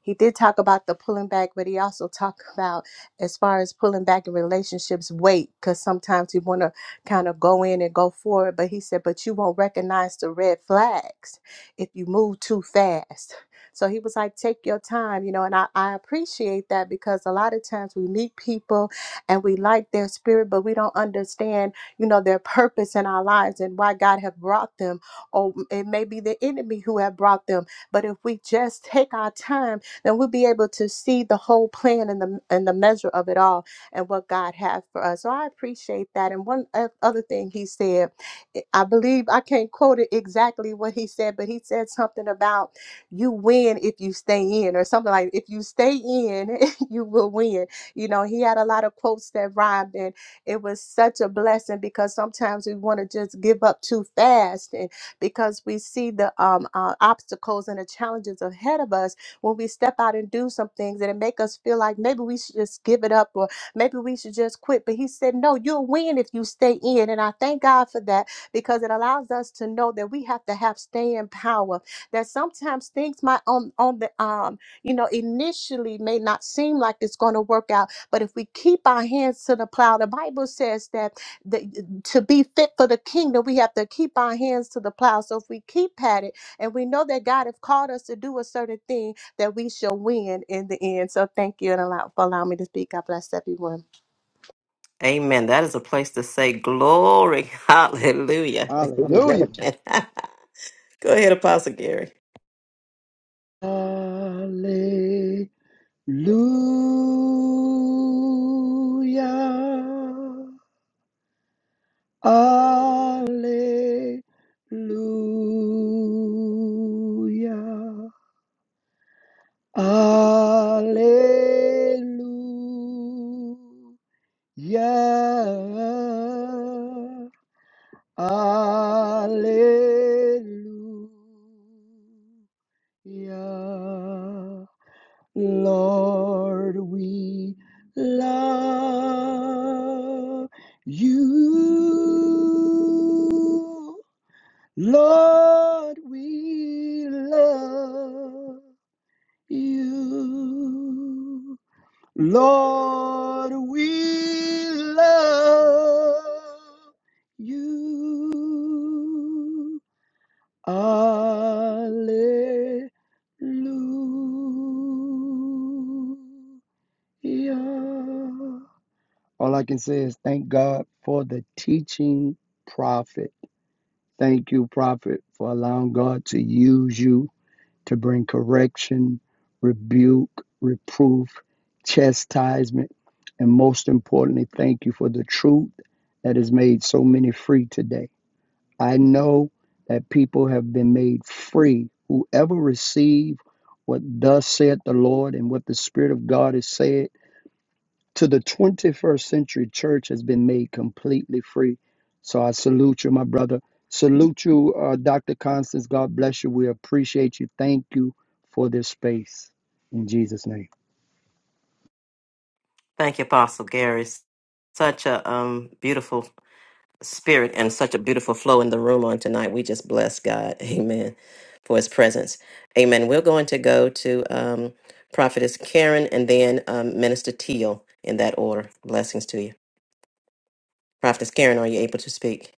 [SPEAKER 6] he did talk about the pulling back, but he also talked about as far as pulling back in relationships, wait, because sometimes you want to kind of go in and go forward. But he said, but you won't recognize the red flags if you move too fast. So he was like, take your time, you know, and I, I appreciate that because a lot of times we meet people and we like their spirit, but we don't understand, you know, their purpose in our lives and why God have brought them, or it may be the enemy who have brought them. But if we just take our time, then we'll be able to see the whole plan and the and the measure of it all and what God has for us. So I appreciate that. And one o- other thing he said, I believe I can't quote it exactly what he said, but he said something about you win if you stay in or something like if you stay in you will win you know he had a lot of quotes that rhymed and it was such a blessing because sometimes we want to just give up too fast and because we see the um uh, obstacles and the challenges ahead of us when we step out and do some things and it make us feel like maybe we should just give it up or maybe we should just quit but he said no you'll win if you stay in and i thank god for that because it allows us to know that we have to have staying power that sometimes things might on on the um you know initially may not seem like it's going to work out but if we keep our hands to the plow the bible says that the, to be fit for the kingdom we have to keep our hands to the plow so if we keep at it and we know that god has called us to do a certain thing that we shall win in the end so thank you and allow for allowing me to speak god bless everyone
[SPEAKER 1] Amen. That is a place to say glory. Hallelujah.
[SPEAKER 3] Hallelujah.
[SPEAKER 1] Amen. go ahead, Apostle Gary.
[SPEAKER 3] Hallelujah. Hallelujah. Hallelujah. Hallelujah. Lord, we love you. Lord, we love you. Lord, we love you. Alleluia. Yeah. All I can say is thank God for the teaching prophet. Thank you, prophet, for allowing God to use you to bring correction, rebuke, reproof, chastisement, and most importantly, thank you for the truth that has made so many free today. I know that people have been made free. Whoever receive what thus saith the Lord and what the Spirit of God has said to the 21st century church has been made completely free. So I salute you, my brother. Salute you, uh, Dr. Constance. God bless you. We appreciate you. Thank you for this space. In Jesus' name.
[SPEAKER 1] Thank you, Apostle Gary. Such a um, beautiful spirit and such a beautiful flow in the room on tonight. We just bless God. Amen. For his presence. Amen. We're going to go to um, Prophetess Karen and then um, Minister Teal in that order. Blessings to you. Prophetess Karen, are you able to speak?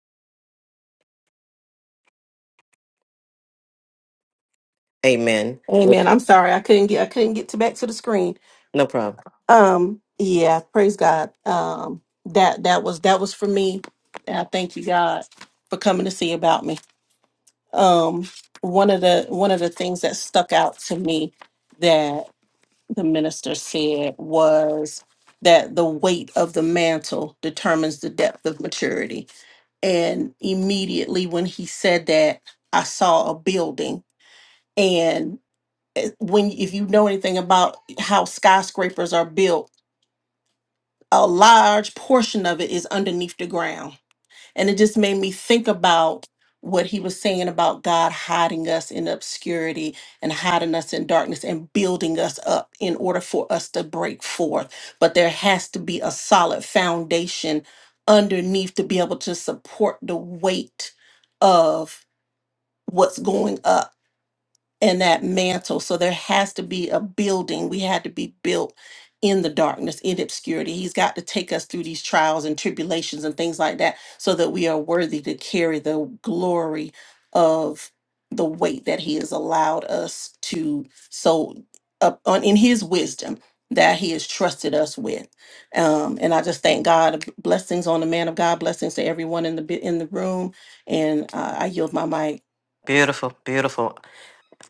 [SPEAKER 1] Amen. Well,
[SPEAKER 5] Amen. I'm sorry, I couldn't get I couldn't get to back to the screen.
[SPEAKER 1] No problem.
[SPEAKER 5] Um, yeah, praise God. Um, that that was that was for me. And I thank you God for coming to see about me. Um, one of the one of the things that stuck out to me that the minister said was that the weight of the mantle determines the depth of maturity. And immediately when he said that, I saw a building. And when if you know anything about how skyscrapers are built, a large portion of it is underneath the ground. And it just made me think about what he was saying about God hiding us in obscurity and hiding us in darkness and building us up in order for us to break forth. But there has to be a solid foundation underneath to be able to support the weight of what's going up and that mantle. So there has to be a building. We had to be built in the darkness, in obscurity. He's got to take us through these trials and tribulations and things like that so that we are worthy to carry the glory of the weight that he has allowed us to so up on in his wisdom that he has trusted us with um and i just thank god blessings on the man of god blessings to everyone in the bi- in the room and uh, i yield my mic
[SPEAKER 1] Beautiful, beautiful.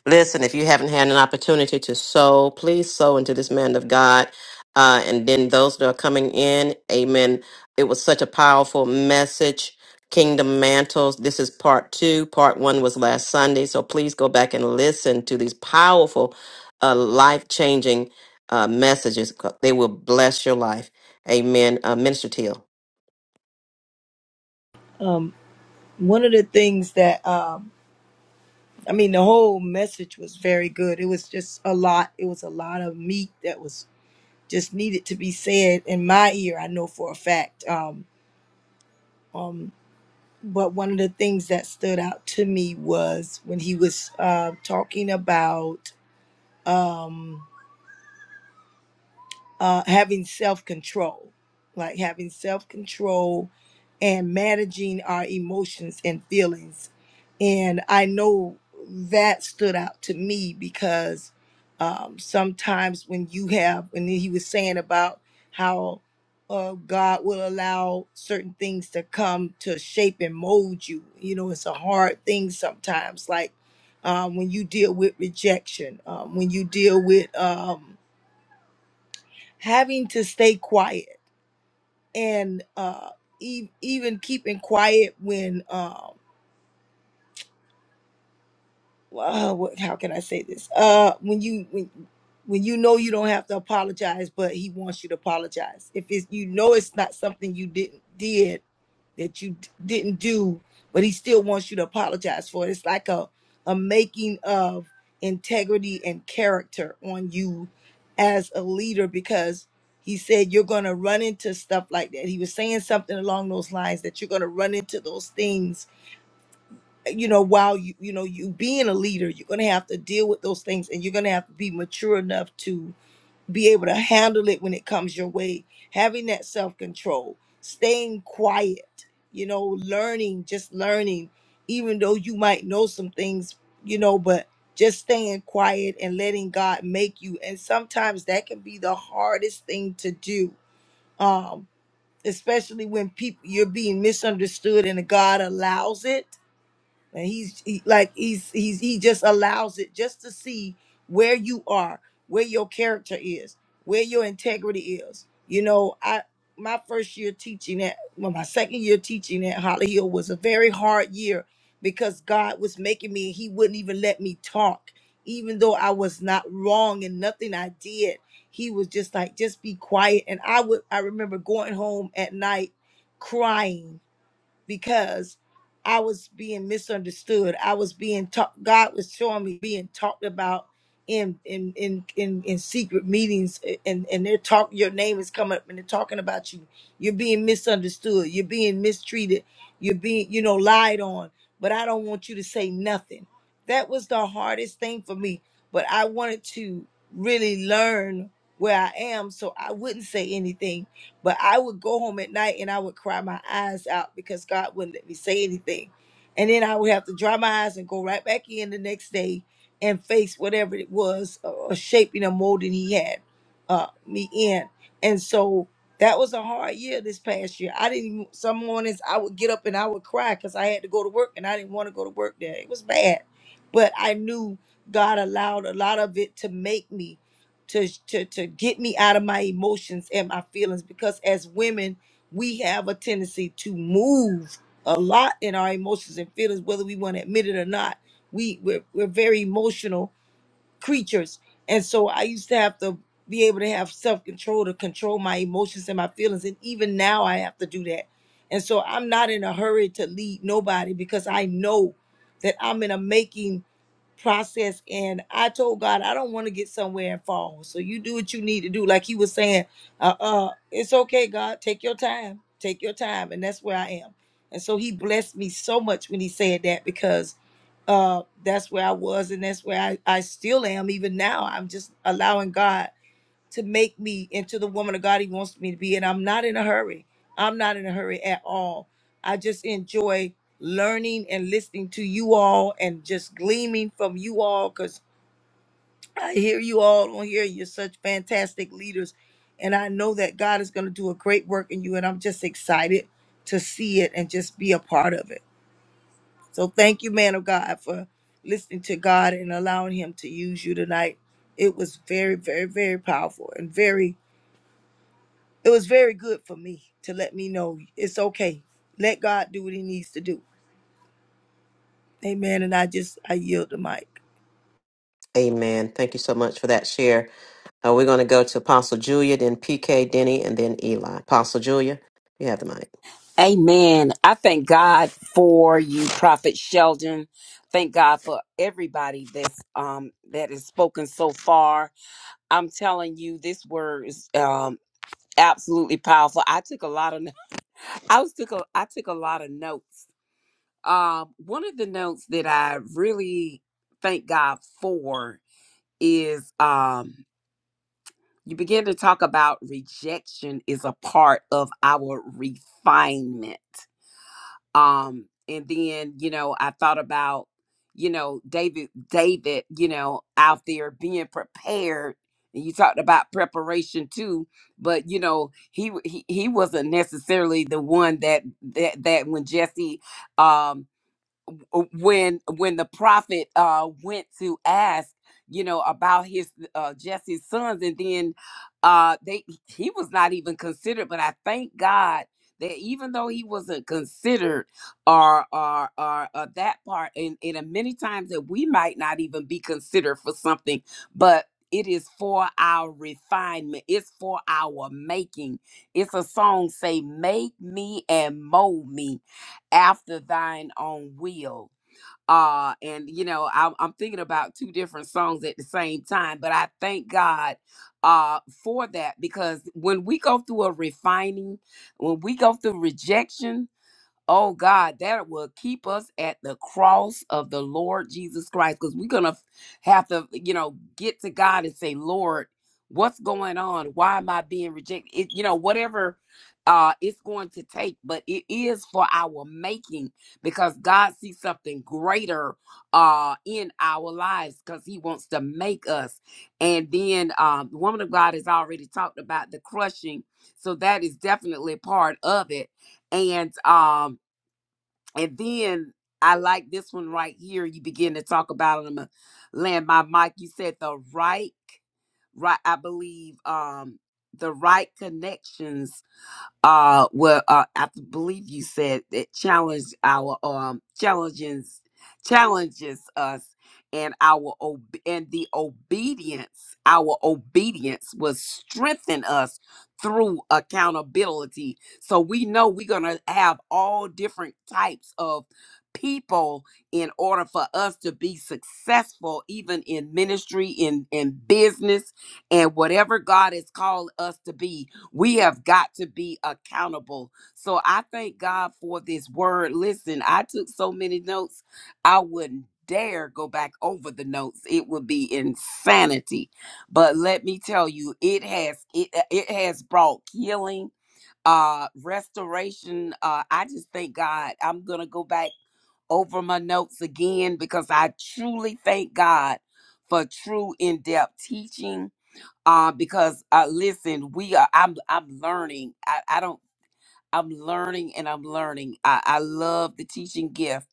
[SPEAKER 1] Listen, if you haven't had an opportunity to sow, please sow into this man of God. Uh, and then those that are coming in, amen. It was such a powerful message. Kingdom Mantles. This is part two. Part one was last Sunday. So please go back and listen to these powerful, uh, life changing uh, messages. They will bless your life. Amen. Uh, Minister Teal.
[SPEAKER 2] um, one of the things that um, I mean, the whole message was very good. It was just a lot. It was a lot of meat that was just needed to be said in my ear. I know for a fact. Um, um, but one of the things that stood out to me was when he was uh, talking about. Um, uh, having self control, like having self control and managing our emotions and feelings. And I know that stood out to me because um, sometimes when you have, and he was saying about how uh, God will allow certain things to come to shape and mold you. You know, it's a hard thing sometimes, like um, when you deal with rejection, um, when you deal with. Um, having to stay quiet and uh, e- even keeping quiet when um, uh, what, how can I say this? Uh, when you when when you know you don't have to apologize, but he wants you to apologize. If it's you know it's not something you didn't did that you d- didn't do, but he still wants you to apologize for it. It's like a a making of integrity and character on you as a leader because he said you're going to run into stuff like that. He was saying something along those lines that you're going to run into those things, you know, while you you know you being a leader, you're going to have to deal with those things and you're going to have to be mature enough to be able to handle it when it comes your way, having that self control, staying quiet, you know, learning, just learning, even though you might know some things, you know, but just staying quiet and letting God make you. And sometimes that can be the hardest thing to do, um, especially when people you're being misunderstood and God allows it and he's he, like he's he's he just allows it just to see where you are, where your character is, where your integrity is. You know, I my first year teaching at well, my second year teaching at Holly Hill was a very hard year because God was making me he wouldn't even let me talk even though I was not wrong and nothing I did. He was just like just be quiet and I would I remember going home at night crying because I was being misunderstood. I was being talked. God was showing me being talked about in in in in, in secret meetings, and and they're talk. Your name is coming up, and they're talking about you. You're being misunderstood. You're being mistreated. You're being you know lied on. But I don't want you to say nothing. That was the hardest thing for me. But I wanted to really learn where I am, so I wouldn't say anything but I would go home at night and I would cry my eyes out because God wouldn't let me say anything. And then I would have to dry my eyes and go right back in the next day and face whatever it was uh, or shaping or molding he had uh, me in. And so that was a hard year this past year. I didn't even, some mornings I would get up and I would cry because I had to go to work and I didn't want to go to work there. It was bad. But I knew God allowed a lot of it to make me to, to to get me out of my emotions and my feelings because as women we have a tendency to move a lot in our emotions and feelings whether we want to admit it or not we we're, we're very emotional creatures and so i used to have to be able to have self-control to control my emotions and my feelings and even now i have to do that and so i'm not in a hurry to lead nobody because i know that i'm in a making process and i told god i don't want to get somewhere and fall so you do what you need to do like he was saying uh uh it's okay god take your time take your time and that's where i am and so he blessed me so much when he said that because uh that's where i was and that's where i, I still am even now i'm just allowing god to make me into the woman of God He wants me to be. And I'm not in a hurry. I'm not in a hurry at all. I just enjoy learning and listening to you all and just gleaming from you all because I hear you all on here. You're such fantastic leaders. And I know that God is going to do a great work in you. And I'm just excited to see it and just be a part of it. So thank you, man of God, for listening to God and allowing Him to use you tonight. It was very, very, very powerful and very It was very good for me to let me know it's okay. Let God do what he needs to do. Amen. And I just I yield the mic.
[SPEAKER 1] Amen. Thank you so much for that share. Uh, we're going to go to Apostle Julia, then PK, Denny, and then Eli. Apostle Julia, you have the mic.
[SPEAKER 4] Amen. I thank God for you, Prophet Sheldon. Thank God for everybody that's um that has spoken so far. I'm telling you, this word is um absolutely powerful. I took a lot of no- I was took a I took a lot of notes. Um, one of the notes that I really thank God for is um You begin to talk about rejection is a part of our refinement. Um, and then, you know, I thought about, you know, David, David, you know, out there being prepared. And you talked about preparation too, but you know, he w- he, he wasn't necessarily the one that that that when Jesse um uh, when when the prophet uh went to ask you know about his uh jesse's sons and then uh they he was not even considered but i thank god that even though he wasn't considered or or or uh, that part and and uh, many times that we might not even be considered for something but it is for our refinement it's for our making it's a song say make me and mold me after thine own will uh and you know I'm, I'm thinking about two different songs at the same time but i thank god uh for that because when we go through a refining when we go through rejection Oh God, that will keep us at the cross of the Lord Jesus Christ because we're going to have to, you know, get to God and say, Lord, what's going on? Why am I being rejected? It, you know, whatever uh, it's going to take, but it is for our making because God sees something greater uh, in our lives because He wants to make us. And then, um, the woman of God has already talked about the crushing. So that is definitely part of it. And, um, and then I like this one right here. You begin to talk about it. I'm gonna land my mic. You said the right, right. I believe um the right connections uh well uh i believe you said that challenge our um challenges challenges us and our ob- and the obedience our obedience will strengthen us through accountability so we know we're gonna have all different types of people in order for us to be successful even in ministry in in business and whatever god has called us to be we have got to be accountable. So I thank God for this word. Listen, I took so many notes, I wouldn't dare go back over the notes. It would be insanity. But let me tell you, it has it uh, it has brought healing, uh restoration. Uh I just thank God. I'm going to go back over my notes again because I truly thank God for true in-depth teaching uh, because uh, listen, we are. I'm I'm learning. I, I don't. I'm learning and I'm learning. I, I love the teaching gift.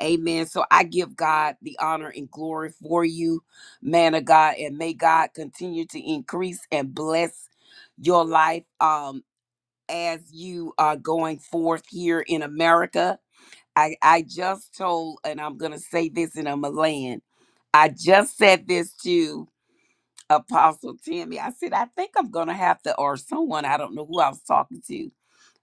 [SPEAKER 4] Amen. So I give God the honor and glory for you, man of God, and may God continue to increase and bless your life um, as you are going forth here in America. I, I just told, and I'm going to say this in a Milan. I just said this too Apostle Timmy. I said, I think I'm going to have to, or someone, I don't know who I was talking to.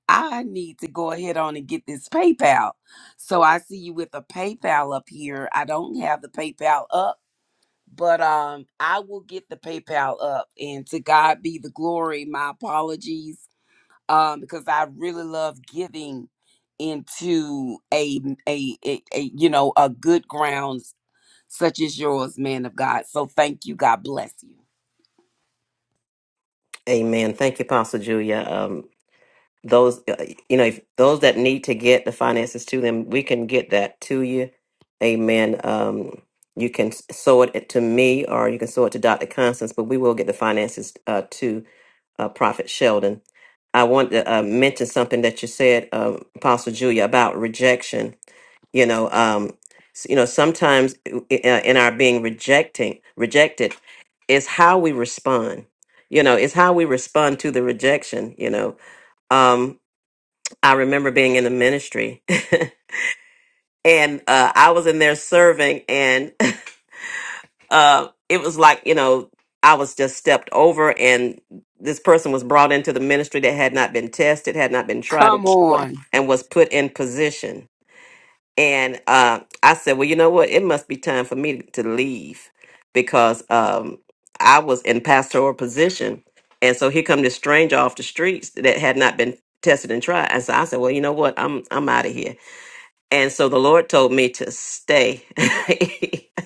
[SPEAKER 4] I need to go ahead on and get this PayPal. So I see you with a PayPal up here. I don't have the PayPal up, but um, I will get the PayPal up. And to God be the glory. My apologies, um, because I really love giving into a a, a a you know a good grounds such as yours, man of God. So thank you. God bless you.
[SPEAKER 1] Amen. Thank you, Apostle Julia. Um, those, uh, you know, if those that need to get the finances to them, we can get that to you. Amen. Um, you can s- sow it to me or you can sow it to Dr. Constance, but we will get the finances uh, too. uh, Prophet Sheldon. I want to uh, mention something that you said, uh, Apostle Julia, about rejection. You know, um, s- you know, sometimes uh, in our being rejecting rejected, is how we respond. You know, it's how we respond to the rejection. You know, um, I remember being in the ministry, and uh, I was in there serving, and. uh, it was like you know I was just stepped over, and this person was brought into the ministry that had not been tested, had not been tried, and
[SPEAKER 4] Come
[SPEAKER 1] was put
[SPEAKER 4] on.
[SPEAKER 1] and was put in position. And uh, I said, well, you know what? It must be time for me to leave because um, I was in pastoral position, and so here come this stranger off the streets that had not been tested and tried. And so I said, well, you know what? I'm I'm out of here. And so the Lord told me to stay.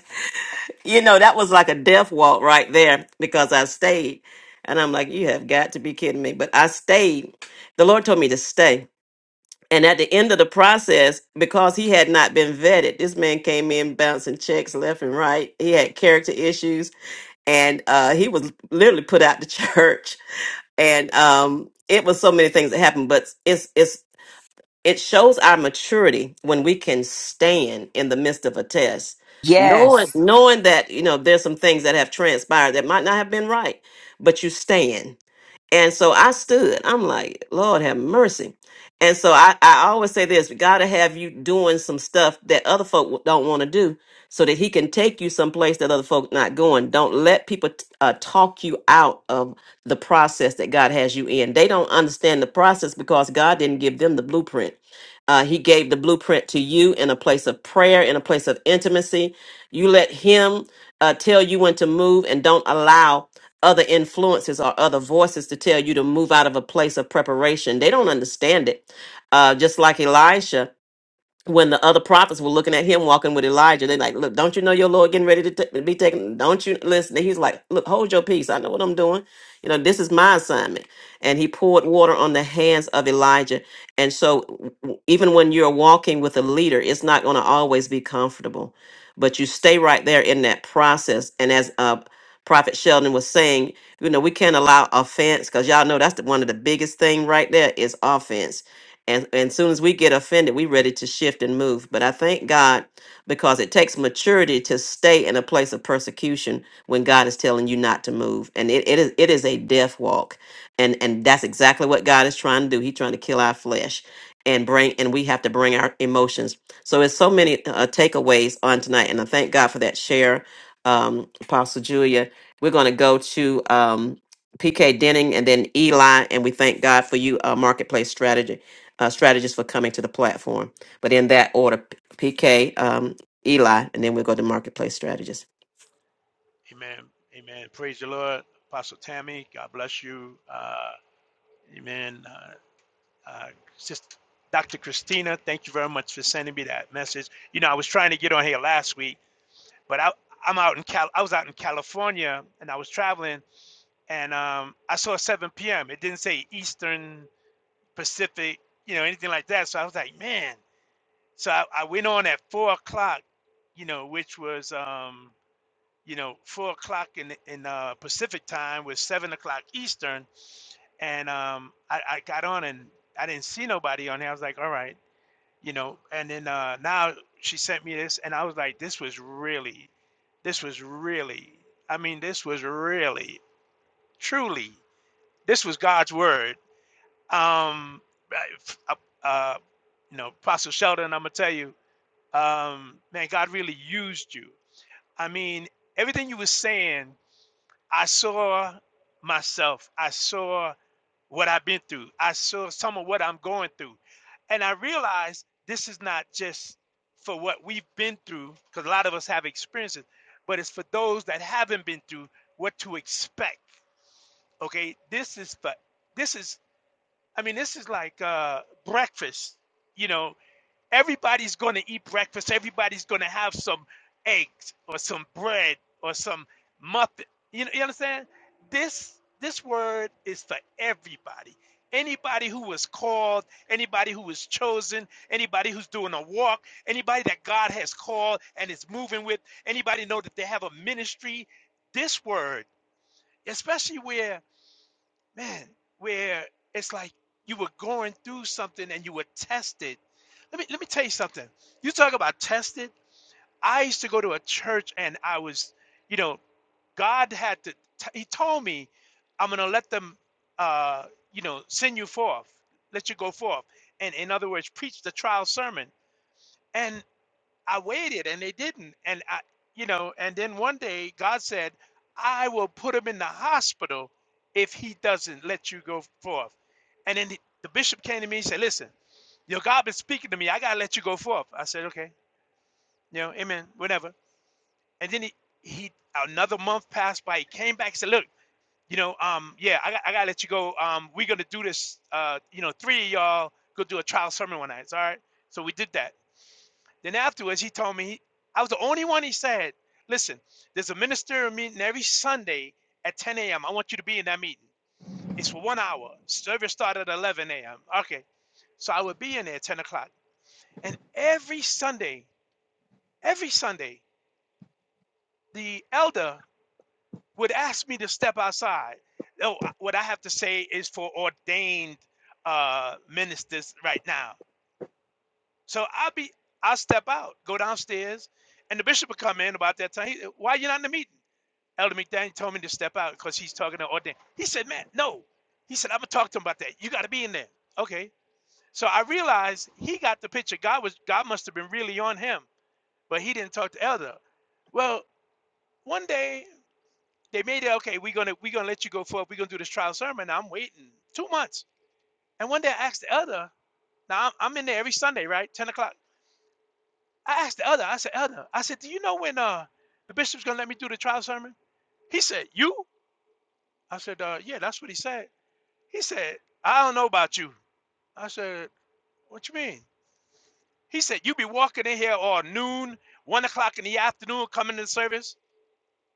[SPEAKER 1] you know, that was like a death walk right there because I stayed. And I'm like, you have got to be kidding me. But I stayed. The Lord told me to stay. And at the end of the process, because he had not been vetted, this man came in bouncing checks left and right. He had character issues and uh, he was literally put out the church. And um, it was so many things that happened, but it's it's it shows our maturity when we can stand in the midst of a test, knowing
[SPEAKER 4] Yes.
[SPEAKER 1] knowing that you know there's some things that have transpired that might not have been right, but you stand and so I stood. I'm like, Lord have mercy. And so I, I always say this, God to have you doing some stuff that other folk don't want to do so that he can take you someplace that other folk not going. Don't let people t- uh, talk you out of the process that God has you in. They don't understand the process because God didn't give them the blueprint. Uh, he gave the blueprint to you in a place of prayer, in a place of intimacy. You let him uh, tell you when to move and don't allow other influences or other voices to tell you to move out of a place of preparation. They don't understand it. Uh, just like Elisha when the other prophets were looking at him walking with Elijah, they like, look, don't you know your Lord getting ready to ta- be taken? Don't you listen? He's like, look, hold your peace. I know what I'm doing. You know, this is my assignment. And he poured water on the hands of Elijah. And so, w- w- even when you're walking with a leader, it's not going to always be comfortable, but you stay right there in that process. And as uh, Prophet Sheldon was saying, you know, we can't allow offense because y'all know that's the, one of the biggest thing right there is offense and and soon as we get offended we ready to shift and move but i thank god because it takes maturity to stay in a place of persecution when god is telling you not to move and it, it is it is a death walk and and that's exactly what god is trying to do he's trying to kill our flesh and bring and we have to bring our emotions so it's so many uh, takeaways on tonight and i thank god for that share um apostle julia we're going to go to um PK Denning and then Eli, and we thank God for you, uh, Marketplace Strategy uh, strategies for coming to the platform. But in that order, P- PK, um, Eli, and then we will go to marketplace strategists.
[SPEAKER 11] Amen. Amen. Praise the Lord. Apostle Tammy, God bless you. Uh, amen. Uh, uh, Sister Dr. Christina, thank you very much for sending me that message. You know, I was trying to get on here last week But I, I'm out in Cal. I was out in California and I was traveling, and um, I saw 7 p.m. It didn't say Eastern Pacific, you know, anything like that. So I was like, man. So I, I went on at four o'clock, you know, which was um, you know, four o'clock in in uh, Pacific time was seven o'clock Eastern, and um, I, I got on and I didn't see nobody on there. I was like, all right you know and then uh now she sent me this and i was like this was really this was really i mean this was really truly this was god's word um uh, uh, you know apostle sheldon i'm gonna tell you um man god really used you i mean everything you were saying i saw myself i saw what I've been through. I saw some of what I'm going through. And I realized this is not just for what we've been through, because a lot of us have experiences, but it's for those that haven't been through what to expect. Okay. This is for, this is, I mean, this is like uh, breakfast, you know, Everybody's going to eat breakfast. Everybody's going to have some eggs or some bread or some muffin. You know, you understand? This this word is for everybody. Anybody who was called, anybody who was chosen, anybody who's doing a walk, anybody that God has called and is moving with, anybody know that they have a ministry. This word, especially where man, where it's like you were going through something and you were tested. Let me let me tell you something. You talk about tested. I used to go to a church and I was, you know, God had to. T- he told me, I'm gonna let them, uh, you know, send you forth, let you go forth, and in other words, preach the trial sermon. And I waited and they didn't. And I, you know, and then one day God said, I will put him in the hospital if he doesn't let you go forth. And then the, the bishop came to me and said, Listen, your God been speaking to me. I got to let you go forth. I said, Okay, you know, amen, whatever. And then he, he another month passed by. He came back and said, Look, you know, um, yeah, I got, I got to let you go. Um, we're going to do this, uh, you know, three of y'all go do a trial sermon one night. It's all right. So we did that. Then afterwards, he told me he, I was the only one. He said, "Listen, there's a ministerial meeting every Sunday at 10 a.m. I want you to be in that meeting. It's for one hour. Service started at 11 a.m. Okay, so I would be in there at 10 o'clock. And every Sunday, every Sunday, the elder would ask me to step outside. Oh, what I have to say is for ordained uh, ministers right now. So I'll be, I'll step out, go downstairs, and the bishop would come in about that time. He, Why are you not in the meeting? Elder McDaniel told me to step out because he's talking to ordained. He said, man, no. He said, I'm gonna talk to him about that. You gotta be in there. Okay. So I realized he got the picture. God was God must have been really on him, but he didn't talk to Elder. Well, one day they made it okay, we're gonna we're gonna let you go forward, we're gonna do this trial sermon. I'm waiting two months. And one day I asked the elder, now I'm, I'm in there every Sunday, right? Ten o'clock. I asked the elder, I said, Elder, I said, Do you know when uh the bishop's gonna let me do the trial sermon? He said, You? I said, uh, yeah, that's what he said. He said, I don't know about you. I said, What you mean? He said, You be walking in here all noon, one o'clock in the afternoon, coming to service.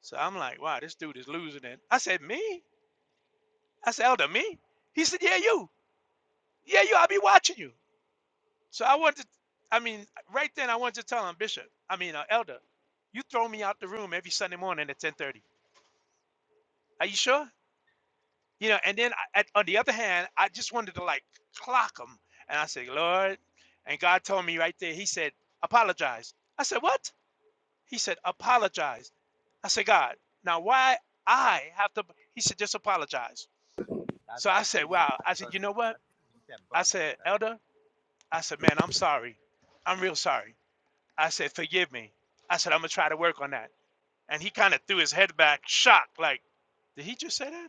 [SPEAKER 11] So I'm like, Wow, this dude is losing it. I said, Me? I said, Elder, me? He said, Yeah, you. Yeah, you. I'll be watching you. So I wanted, to, I mean, right then I wanted to tell him, Bishop, I mean, uh, Elder, you throw me out the room every Sunday morning at 10:30. Are you sure? you know and then I, at, on the other hand i just wanted to like clock him and i said lord and god told me right there he said apologize i said what he said apologize i said god now why i have to he said just apologize
[SPEAKER 10] That,
[SPEAKER 11] so i
[SPEAKER 10] that
[SPEAKER 11] said
[SPEAKER 10] really
[SPEAKER 11] wow i said
[SPEAKER 10] matters
[SPEAKER 11] you know what
[SPEAKER 10] in
[SPEAKER 11] i
[SPEAKER 10] September.
[SPEAKER 11] said elder i said man i'm sorry i'm real sorry i said forgive me i said i'm gonna try to work on that and he kind of threw his head back shocked like did he just say that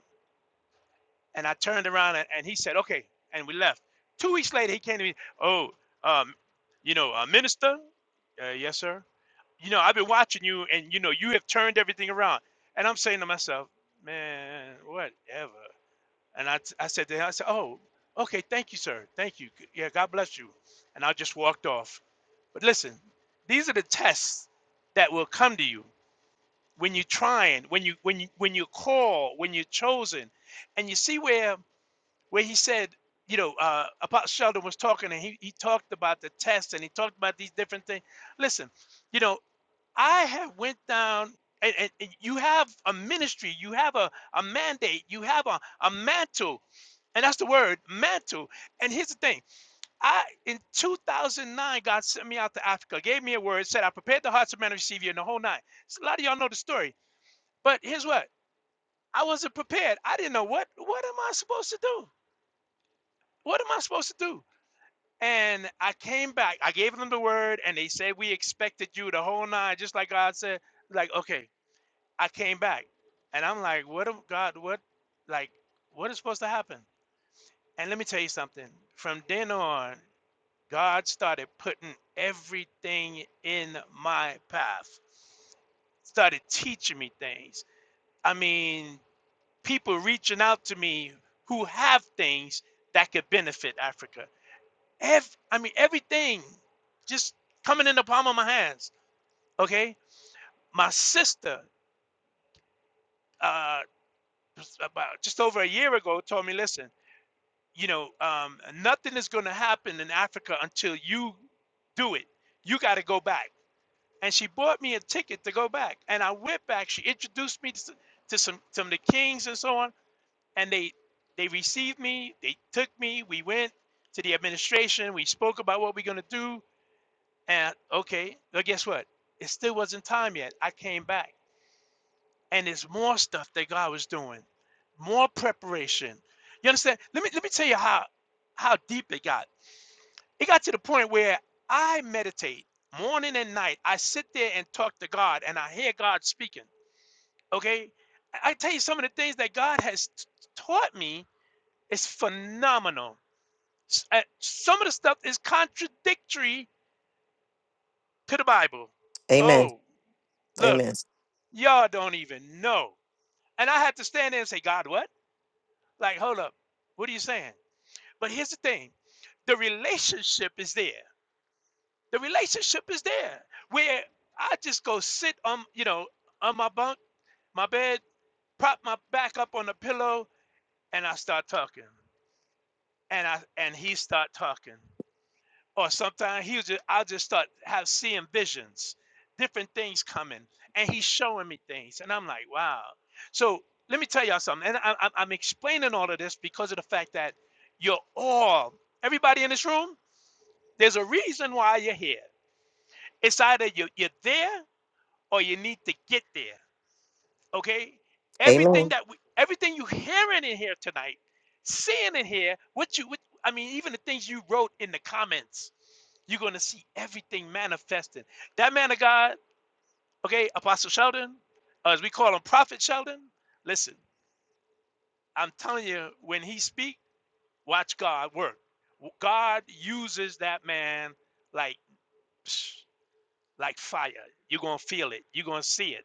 [SPEAKER 11] And I turned around and, and he said, okay. And we left. Two weeks later, he came to me, oh, um, you know, uh, minister, uh, yes, sir. You know, I've been watching you and, you know, you have turned everything around. And I'm saying to myself, man, whatever. And I, t- I said to him, I said, oh, okay, thank you, sir. Thank you. Yeah, God bless you. And I just walked off. But listen, these are the tests that will come to you when you're trying, when you when you when you're called, when you're chosen, and you see where where he said, you know, uh, Apostle Sheldon was talking and he, he talked about the test and he talked about these different things. Listen, you know, I have went down and, and, and you have a ministry, you have a, a mandate, you have a, a mantle. And that's the word, mantle. And here's the thing. I in 2009, God sent me out to Africa, gave me a word, said, I prepared the hearts of men to receive you in the whole night. So a lot of y'all know the story. But here's what. I wasn't prepared. I didn't know what what am I supposed to do? What am I supposed to do? And I came back. I gave them the word, and they said we expected you the whole nine, just like God said. Like, okay, I came back, and I'm like, what God? What, like, what is supposed to happen? And let me tell you something. From then on, God started putting everything in my path. Started teaching me things. I mean, people reaching out to me who have things that could benefit Africa Ev- I mean, everything just coming in the palm of my hands. Okay. My sister, uh, about just over a year ago, told me, listen, you know, um, nothing is going to happen in Africa until you do it. You got to go back. And she bought me a ticket to go back. And I went back. She introduced me to, s- to some, some of the kings and so on. And they, they received me. They took me. We went to the administration. We spoke about what we're going to do And okay, well, guess what? It still wasn't time yet. I came back, and there's more stuff that God was doing, more preparation. You understand? Let me let me tell you how how deep it got. It got to the point where I meditate morning and night. I sit there and talk to God, and I hear God speaking. Okay, I I tell you some of the things that God has t- taught me is phenomenal. S- uh, Some of the stuff is contradictory to the Bible.
[SPEAKER 1] Amen.
[SPEAKER 11] Oh, look.
[SPEAKER 1] Amen.
[SPEAKER 11] Y'all don't even know. And I had to stand there and say, God, what? Like, hold up. What are you saying? But here's the thing the relationship is there. The relationship is there where I just go sit on, you know, on my bunk, my bed, prop my back up on the pillow, and I start talking. And I and he start talking. or sometimes he was just I'll just start have seeing visions, different things coming, and he's showing me things, and I'm like, wow. So let me tell y'all something, and I, I, am explaining all of this because of the fact that you're all everybody in this room. There's a reason why you're here. It's either you you're there or you need to get there okay everything
[SPEAKER 1] Amen.
[SPEAKER 11] that we everything you hearing in here tonight seeing in here what you what, i mean even the things you wrote in the comments you're going to see everything manifesting that man of god okay apostle sheldon uh, as we call him prophet sheldon listen i'm telling you when he speak watch god work god uses that man like psh, like fire. You're going to feel it. You're going to see it.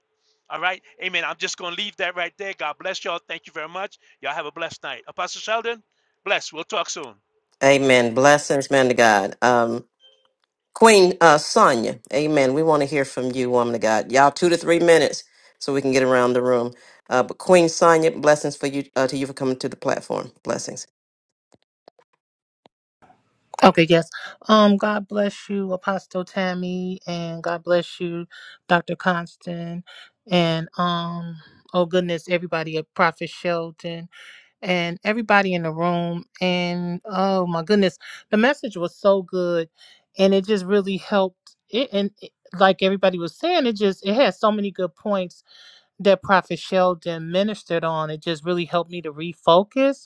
[SPEAKER 11] All right. Amen. I'm just going to leave that right there. God bless y'all. Thank you very much. Y'all have a blessed night. Apostle Sheldon, bless. We'll talk soon.
[SPEAKER 1] Amen. Blessings, man to God. Um, Queen uh, Sonia, amen. We want to hear from you, woman of God. Y'all, two to three minutes so we can get around the room. Uh, but Queen Sonia, blessings for you uh, to you for coming to the platform. Blessings.
[SPEAKER 14] Okay, yes. Um, God bless you, Apostle Tammy, and God bless you, Dr. Constant, and um, oh goodness, everybody at Prophet Sheldon and everybody in the room. And oh my goodness, the message was so good, and it just really helped. It and it, like everybody was saying, it just it had so many good points that Prophet Sheldon ministered on. It just really helped me to refocus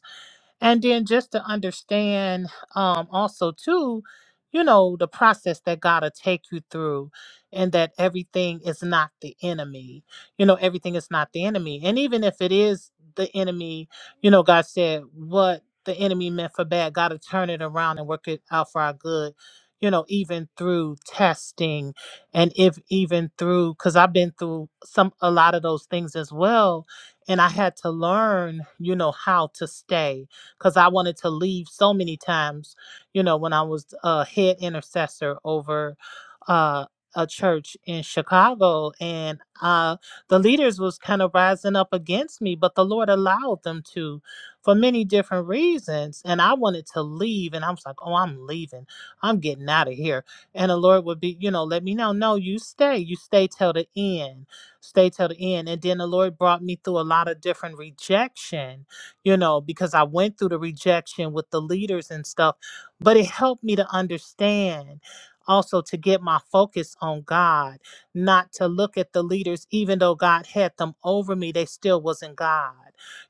[SPEAKER 14] and then just to understand um also too you know the process that god'll take you through and that everything is not the enemy you know everything is not the enemy and even if it is the enemy you know god said what the enemy meant for bad god'll turn it around and work it out for our good you know even through testing and if even through because i've been through some a lot of those things as well and i had to learn you know how to stay because I wanted to leave so many times, you know, when I was a head intercessor over uh, a church in Chicago, and uh, the leaders was kind of rising up against me, but the Lord allowed them to, for many different reasons. And I wanted to leave, and I was like, "Oh, I'm leaving. I'm getting out of here." And the Lord would be, you know, let me know, "No, you stay. You stay till the end. Stay till the end." And then the Lord brought me through a lot of different rejection, you know, because I went through the rejection with the leaders and stuff, but it helped me to understand also to get my focus on God, not to look at the leaders, even though God had them over me, they still wasn't God.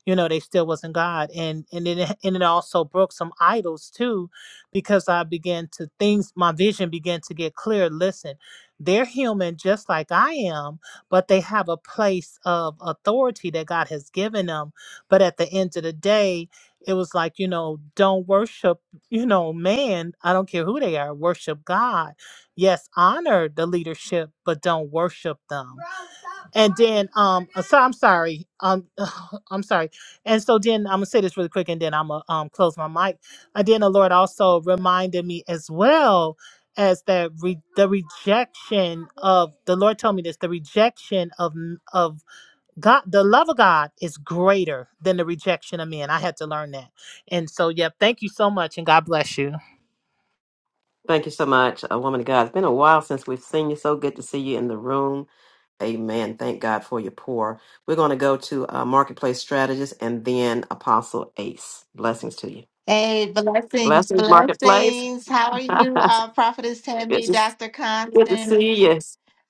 [SPEAKER 14] You know, they still wasn't God. And and it and it also broke some idols too, because I began to things my vision began to get clear. Listen, they're human just like I am, but they have a place of authority that God has given them. But at the end of the day, it was like, you know, don't worship you know, man, I don't care who they are, worship God. Yes, honor the leadership, but don't worship them. and then um uh, so I'm sorry. Um I'm sorry. And so then I'm gonna say this really quick and then I'm gonna um close my mic. And then the Lord also reminded me as well as that re- the rejection of the Lord told me this, the rejection of of God, the love of God is greater than the rejection of men. I had to learn that. And so, yep, thank you so much and God bless you.
[SPEAKER 1] Thank you so much, uh, woman of God. It's been a while since we've seen you. So good to see you in the room. Amen. Thank God for your pour. We're going to go to uh, Marketplace Strategist and then Apostle Ace. Blessings to you.
[SPEAKER 12] Hey, blessings,
[SPEAKER 1] Blessings, Marketplace.
[SPEAKER 12] blessings. How are you, uh, Prophetess
[SPEAKER 1] good,
[SPEAKER 12] Tammy,
[SPEAKER 1] to,
[SPEAKER 12] Dr.
[SPEAKER 1] good to
[SPEAKER 12] Constance?
[SPEAKER 1] see you.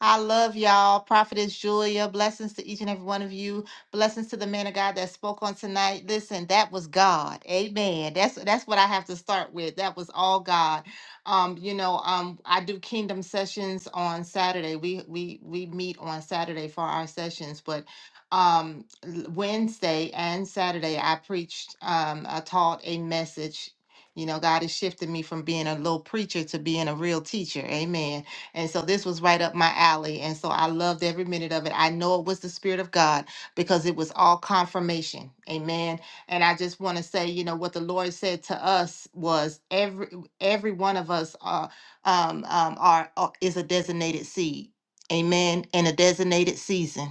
[SPEAKER 12] I love y'all. Prophetess Julia, blessings to each and every one of you. Blessings to the man of God that spoke on tonight. Listen, that was God. Amen. That's that's what I have to start with. That was all God. Um, you know, um, I do kingdom sessions on Saturday. We we we meet on Saturday for our sessions, but um l- Wednesday and Saturday I preached um I taught a message. You know, God has shifted me from being a little preacher to being a real teacher. Amen and so this was right up my alley. And so I loved every minute of it. I know it was the Spirit of God because it was all confirmation. Amen. And I just want to say, you know, what the Lord said to us was every every one of us are um, um, are are- is a designated seed. Amen. And a designated season.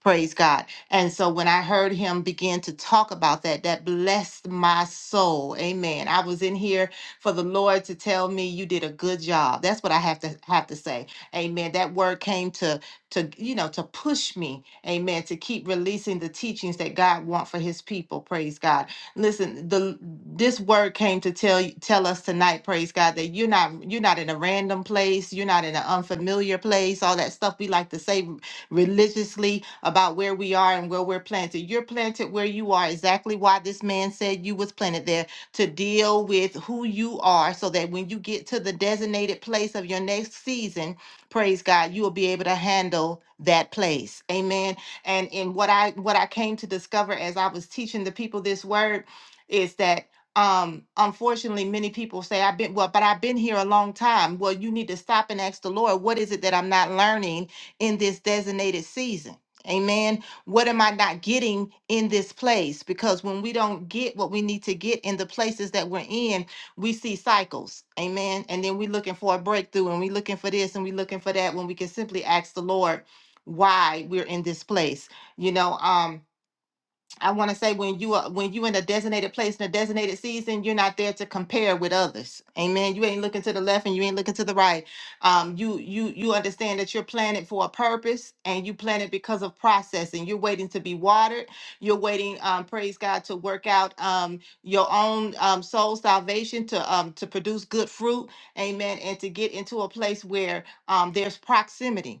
[SPEAKER 12] Praise God. And so when I heard him begin to talk about that, that blessed my soul. Amen. I was in here for the Lord to tell me you did a good job. That's what I have to have to say. Amen. That word came to to you know to push me. Amen. To keep releasing the teachings that God wants for his people. Praise God. Listen, the this word came to tell you tell us tonight, praise God, that you're not you're not in a random place, you're not in an unfamiliar place, all that stuff we like to say religiously about where we are and where we're planted. You're planted where you are, exactly why this man said you was planted there to deal with who you are so that when you get to the designated place of your next season, praise God, you will be able to handle that place. Amen. And in what I what I came to discover as I was teaching the people this word is that um unfortunately many people say i've been well but i've been here a long time well you need to stop and ask the lord what is it that i'm not learning in this designated season. Amen. What am I not getting in this place? Because when we don't get what we need to get in the places that we're in, we see cycles. Amen. And then we're looking for a breakthrough and we're looking for this and we're looking for that when we can simply ask the Lord why we're in this place. You know, um, I want to say when you are when you in a designated place in a designated season, you're not there to compare with others. Amen. You ain't looking to the left and you ain't looking to the right. Um, you you you understand that you're planted for a purpose and you planted because of process and you're waiting to be watered. You're waiting, um, praise God, to work out um your own um soul salvation to um to produce good fruit, amen, and to get into a place where um there's proximity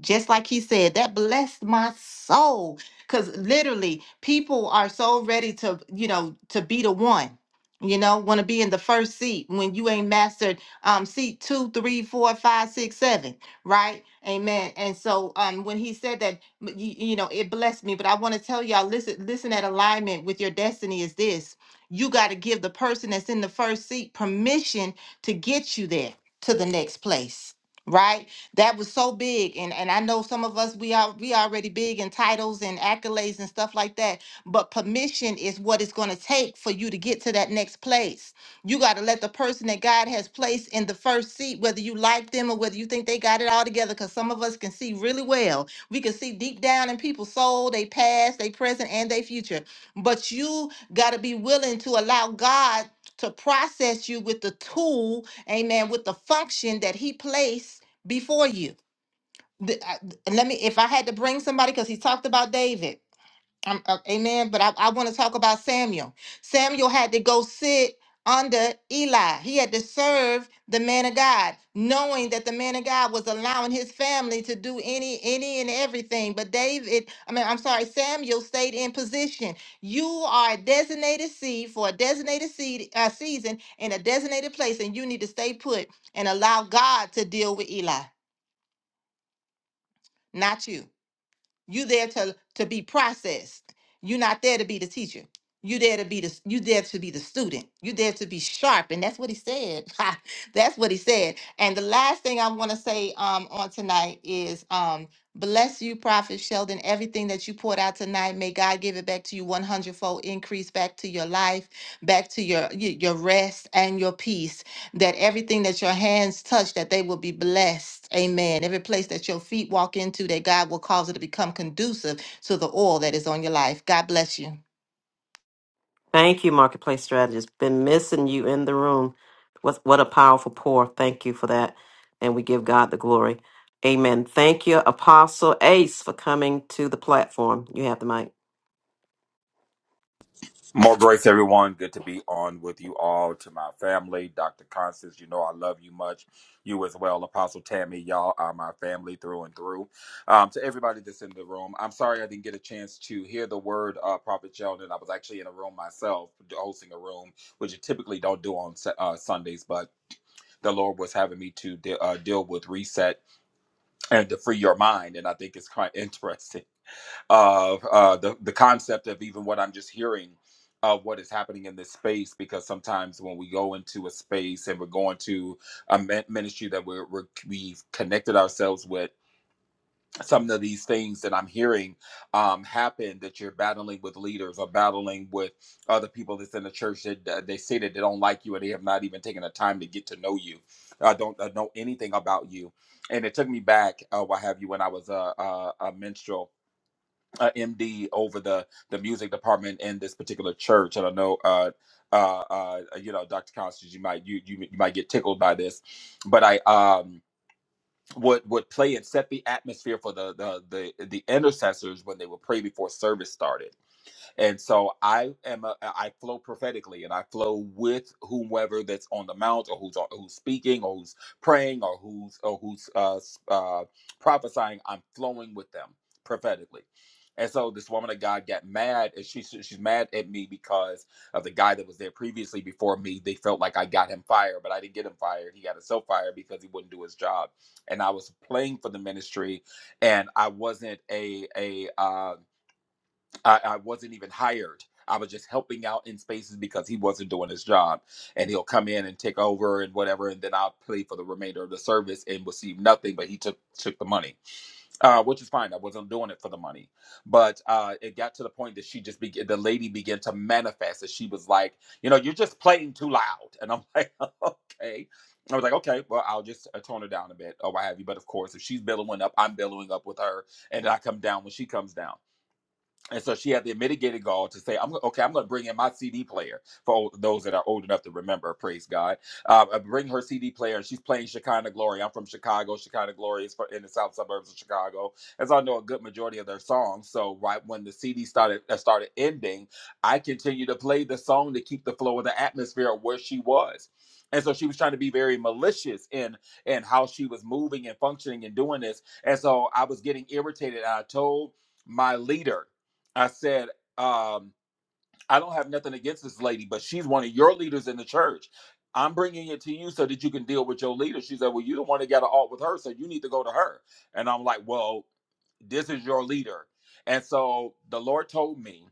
[SPEAKER 12] just like he said that blessed my soul because literally people are so ready to you know to be the one you know want to be in the first seat when you ain't mastered um seat two three four five six seven right amen and so um when he said that m- you, you know it blessed me but i want to tell y'all listen listen at alignment with your destiny is this you got to give the person that's in the first seat permission to get you there to the next place right that was so big and and I know some of us we are we already big in titles and accolades and stuff like that but permission is what it's going to take for you to get to that next place you got to let the person that God has placed in the first seat whether you like them or whether you think they got it all together cuz some of us can see really well we can see deep down in people's soul they past they present and they future but you got to be willing to allow God to process you with the tool amen with the function that he placed before you. The- I- and let me, if I had to bring somebody, because he talked about David, um, uh, amen. But I, I want to talk about Samuel. Samuel had to go sit under Eli, he had to serve the man of God, knowing that the man of God was allowing his family to do any, any, and everything. But David, I mean, I'm sorry, Samuel stayed in position. You are a designated seed for a designated seed uh, season in a designated place, and you need to stay put and allow God to deal with Eli. not you. You there to to be processed. You're not there to be the teacher. You there to be the s- you there to be the student. You there to be sharp, and that's what he said. that's what he said. And the last thing I want to say um, on tonight is um, bless you, Prophet Sheldon. Everything that you poured out tonight, may God give it back to you, one hundredfold increase back to your life, back to your y- your rest and your peace that everything that your hands touch that they will be blessed amen every place that your feet walk into that god will cause it to become conducive to the oil that is on your life god bless you
[SPEAKER 1] Thank you, Marketplace Strategist. Been missing you in the room. What, what a powerful pour. Thank you for that. And we give God the glory. Amen. Thank you, Apostle Ace, for coming to the platform. You have the mic.
[SPEAKER 15] More grace, everyone. Good to be on with you all. To my family, Dr. Constance, you know I love you much. You as well, Apostle Tammy. Y'all are my family through and through. Um, to everybody that's in the room, I'm sorry I didn't get a chance to hear the word uh, Prophet Sheldon. I was actually in a room myself, hosting a room, which I typically don't do on Su- uh, Sundays, but the Lord was having me to de- uh, deal with reset and to free your mind. And I think it's quite interesting of uh, the the concept of even what I'm just hearing of what is happening in this space. Because sometimes when we go into a space and we're going to a min- ministry that we're, we're we've connected ourselves with, some of these things that I'm hearing um, happen that you're battling with leaders or battling with other people that's in the church that that they say that they don't like you and they have not even taken the time to get to know you. uh, don't uh, know anything about you. And it took me back, uh, what have you, when I was a, a, a minstrel uh, MD over the the music department in this particular church. And I know, uh, uh, uh, you know, Dr. Constance, you might you, you you might get tickled by this, but I um would would play and set the atmosphere for the the the, the intercessors when they would pray before service started and so I am a, I flow prophetically and I flow with whomever that's on the mount or who's who's speaking or who's praying or who's or who's uh, s- uh, prophesying. I'm flowing with them prophetically. And so this woman of God got mad and she she's mad at me because of the guy that was there previously before me. They felt like I got him fired, but I didn't get him fired. He got himself fired because he wouldn't do his job. And I was playing for the ministry and I wasn't a a uh, I, I wasn't even hired. I was just helping out in spaces because he wasn't doing his job. And he'll come in and take over and whatever, and then I'll play for the remainder of the service and receive nothing, but he took took the money. Uh, which is fine. I wasn't doing it for the money. But uh it got to the point that she just began the lady began to manifest that she was like, you know, you're just playing too loud. And I'm like, okay. I was like, okay, well, I'll just uh, tone her down a bit or what have you. But of course, if she's billowing up, I'm billowing up with her, and I come down when she comes down. And so she had the mitigated gall to say, "I'm okay. I'm going to bring in my CD player for old, those that are old enough to remember. Praise God! Uh, I bring her CD player, and she's playing Shekinah Glory. I'm from Chicago. Shekinah Glory is for in the south suburbs of Chicago, As I know a good majority of their songs. So right when the CD started uh, started ending, I continued to play the song to keep the flow of the atmosphere of where she was. And so she was trying to be very malicious in in how she was moving and functioning and doing this. And so I was getting irritated. I told my leader I said, um, I don't have nothing against this lady, but she's one of your leaders in the church. I'm bringing it to you so that you can deal with your leader. She said, Well, you don't want to get an alt with her, so you need to go to her. And I'm like, Well, this is your leader. And so the Lord told me,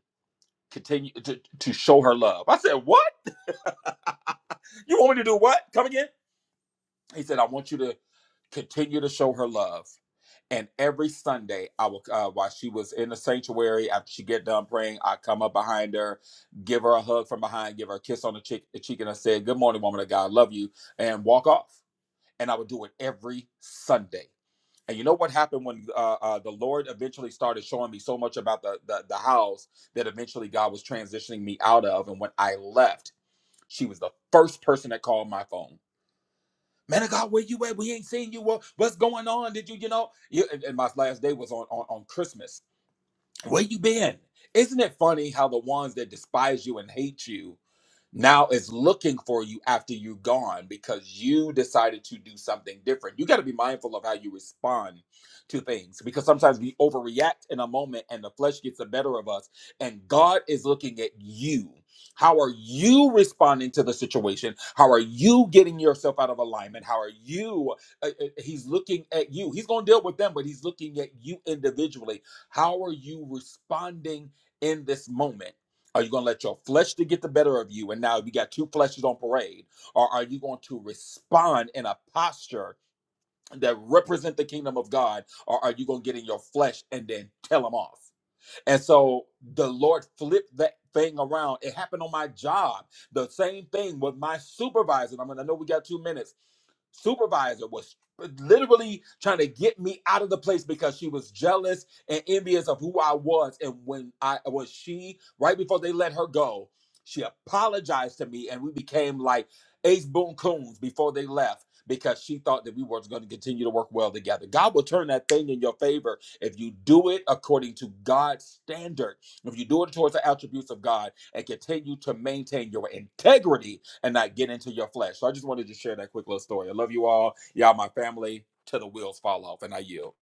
[SPEAKER 15] continue to, to show her love. I said, What? You want me to do what? Come again? He said, I want you to continue to show her love. And every Sunday, I will uh, while she was in the sanctuary after she get done praying, I come up behind her, give her a hug from behind, give her a kiss on the cheek, the cheek and I said, "Good morning, woman of God, love you," and walk off. And I would do it every Sunday. And you know what happened when uh, uh, the Lord eventually started showing me so much about the, the the house that eventually God was transitioning me out of. And when I left, she was the first person that called my phone Man of God, where you at? We ain't seen you. What, what's going on? Did you, you know? You, and and my last day was on, on, on Christmas. Where you been? Isn't it funny how the ones that despise you and hate you now is looking for you after you're gone because you decided to do something different. You got to be mindful of how you respond to things because sometimes we overreact in a moment and the flesh gets the better of us, and God is looking at you. How are you responding to the situation? How are you getting yourself out of alignment? How are you? Uh, uh, he's looking at you. He's going to deal with them, but he's looking at you individually. How are you responding in this moment? Are you going to let your flesh to get the better of you? And now you got two fleshes on parade. Or are you going to respond in a posture that represent the kingdom of God? Or are you going to get in your flesh and then tell them off? And so the Lord flipped that thing around. It happened on my job. The same thing with my supervisor. I mean, I know we got two minutes supervisor was literally trying to get me out of the place because she was jealous and envious of who I was. And when I was she, right before they let her go, she apologized to me and we became like ace boon coons before they left because she thought that we were going to continue to work well together. God will turn that thing in your favor if you do it according to God's standard. If you do it towards the attributes of God and continue to maintain your integrity and not get into your flesh. So I just wanted to share that quick little story. I love you all. Y'all, my family, till the wheels fall off, and I yield.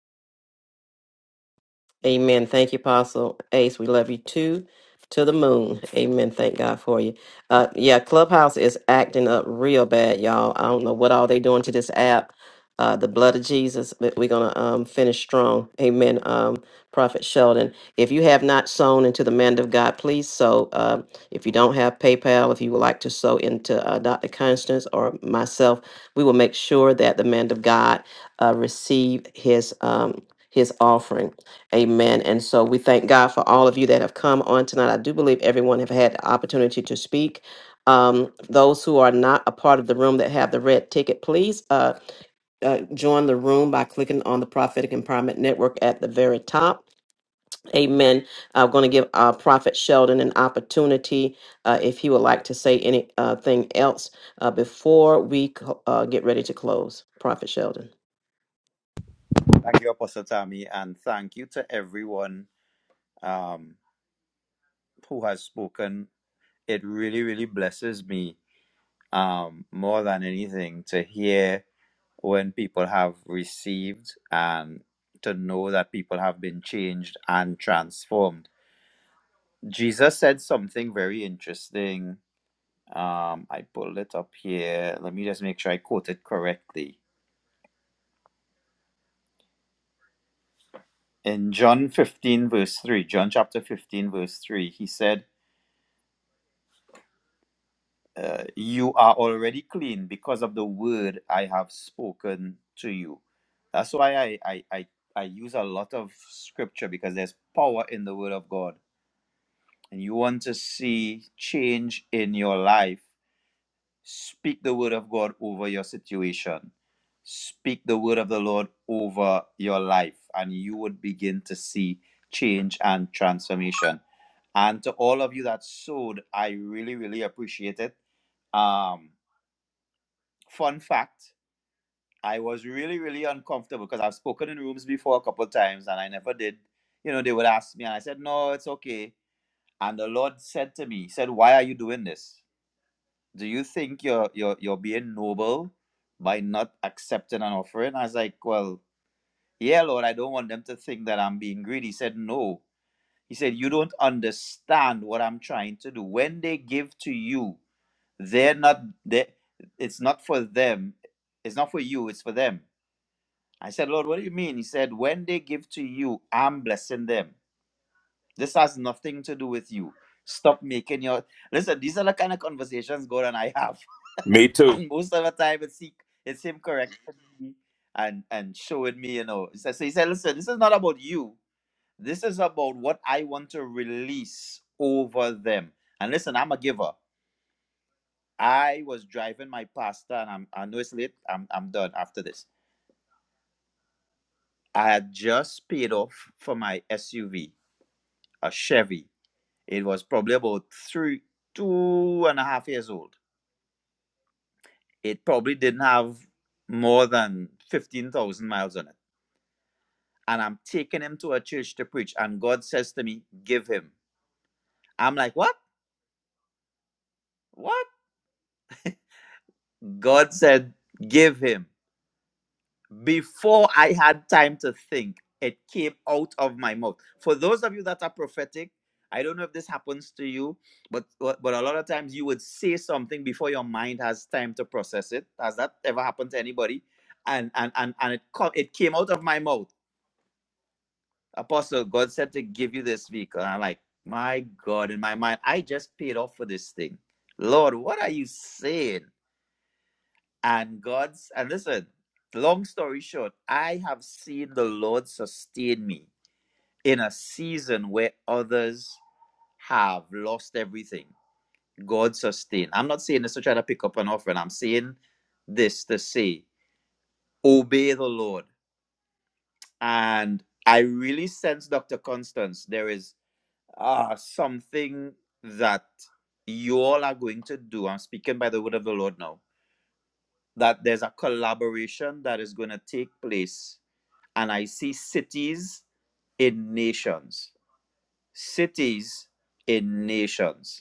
[SPEAKER 1] Amen. Thank you, Apostle Ace. We love you too, to the moon. Amen. Thank God for you. Uh, yeah, Clubhouse is acting up real bad, y'all. I don't know what all they doing to this app. Uh, the blood of Jesus. But we're gonna um, finish strong. Amen. Um, Prophet Sheldon, if you have not sown into the man of God, please sow. Um, if you don't have PayPal, if you would like to sow into uh, Dr. Constance or myself, we will make sure that the man of God uh, receive his um, his offering. Amen. And so we thank God for all of you that have come on tonight. I do believe everyone have had the opportunity to speak. Um, those who are not a part of the room that have the red ticket, please uh, uh, join the room by clicking on the Prophetic Empowerment Network at the very top. Amen. I'm going to give uh, Prophet Sheldon an opportunity uh, if he would like to say anything else uh, before we co- uh, get ready to close. Prophet Sheldon.
[SPEAKER 10] Thank you, Apostle Tammy, and thank you to everyone um, who has spoken. It really, really blesses me um, more than anything to hear when people have received and to know that people have been changed and transformed. Jesus said something very interesting Um, I pulled it up here. Let me just make sure I quote it correctly. In John 15, verse 3, John chapter 15, verse 3, he said, uh, You are already clean because of the word I have spoken to you. That's why I, I, I, I use a lot of scripture because there's power in the word of God. And you want to see change in your life. Speak the word of God over your situation. Speak the word of the Lord over your life, and you would begin to see change and transformation. And to all of you that sowed, I really, really appreciate it. Um, fun fact, I was really, really uncomfortable because I've spoken in rooms before a couple times and I never did. You know, they would ask me and I said, No, it's okay. And the Lord said to me, He said, Why are you doing this? do you think you're you're you're being noble by not accepting an offering? I was like, well, yeah, Lord, I don't want them to think that I'm being greedy. He said, no. He said, you don't understand what I'm trying to do. When they give to you, they're not they it's not for them. It's not for you, it's for them. I said, Lord, what do you mean? He said, when they give to you, I'm blessing them. This has nothing to do with you. Stop making your listen, these are the kind of conversations God and I have
[SPEAKER 15] Me too.
[SPEAKER 10] and most of the time it's he, it's him correcting me and and showing me, you know. So, so he said, listen, this is not about you. This is about what I want to release over them. And listen, I'm a giver. I was driving my pastor, and I'm I know it's late. I'm I'm done after this. I had just paid off for my SUV, a Chevy. It was probably about three, two and a half years old. It probably didn't have more than fifteen thousand miles on it and I'm taking him to a church to preach. And God says to me, Give him. I'm like, What? What? God said, Give him. Before I had time to think, it came out of my mouth. For those of you that are prophetic, I don't know if this happens to you, but but a lot of times you would say something before your mind has time to process it. Has that ever happened to anybody? And and and, and it co- it came out of my mouth. Apostle, God said to give you this vehicle. And I'm like, my God, in my mind, I just paid off for this thing. Lord, what are you saying? And God's, and listen, long story short, I have seen the Lord sustain me in a season where others have lost everything. God sustain. I'm not saying this to try to pick up an offering. I'm saying this to say, obey the Lord. And I really sense, Dr. Constance, there is uh, something that you all are going to do. I'm speaking by the word of the Lord now. That there's a collaboration that is going to take place. And I see cities in nations, cities in nations.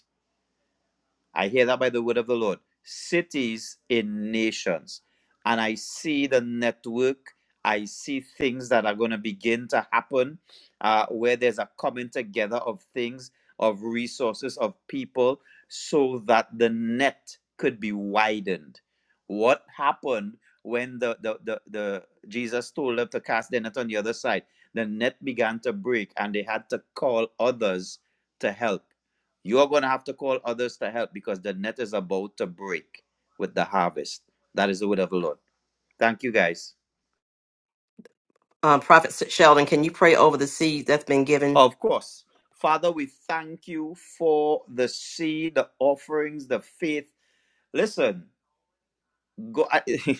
[SPEAKER 10] I hear that by the word of the Lord. Cities in nations. And I see the network. I see things that are going to begin to happen uh, where there's a coming together of things, of resources, of people, so that the net could be widened. What happened when the, the, the, the Jesus told them to cast their net on the other side? The net began to break and they had to call others to help you're going to have to call others to help because the net is about to break with the harvest. That is the word of the Lord. Thank you, guys.
[SPEAKER 1] Um, Prophet Sheldon, can you pray over the seed that's been given?
[SPEAKER 10] Of course. Father, we thank you for the seed, the offerings, the faith. Listen, go. I,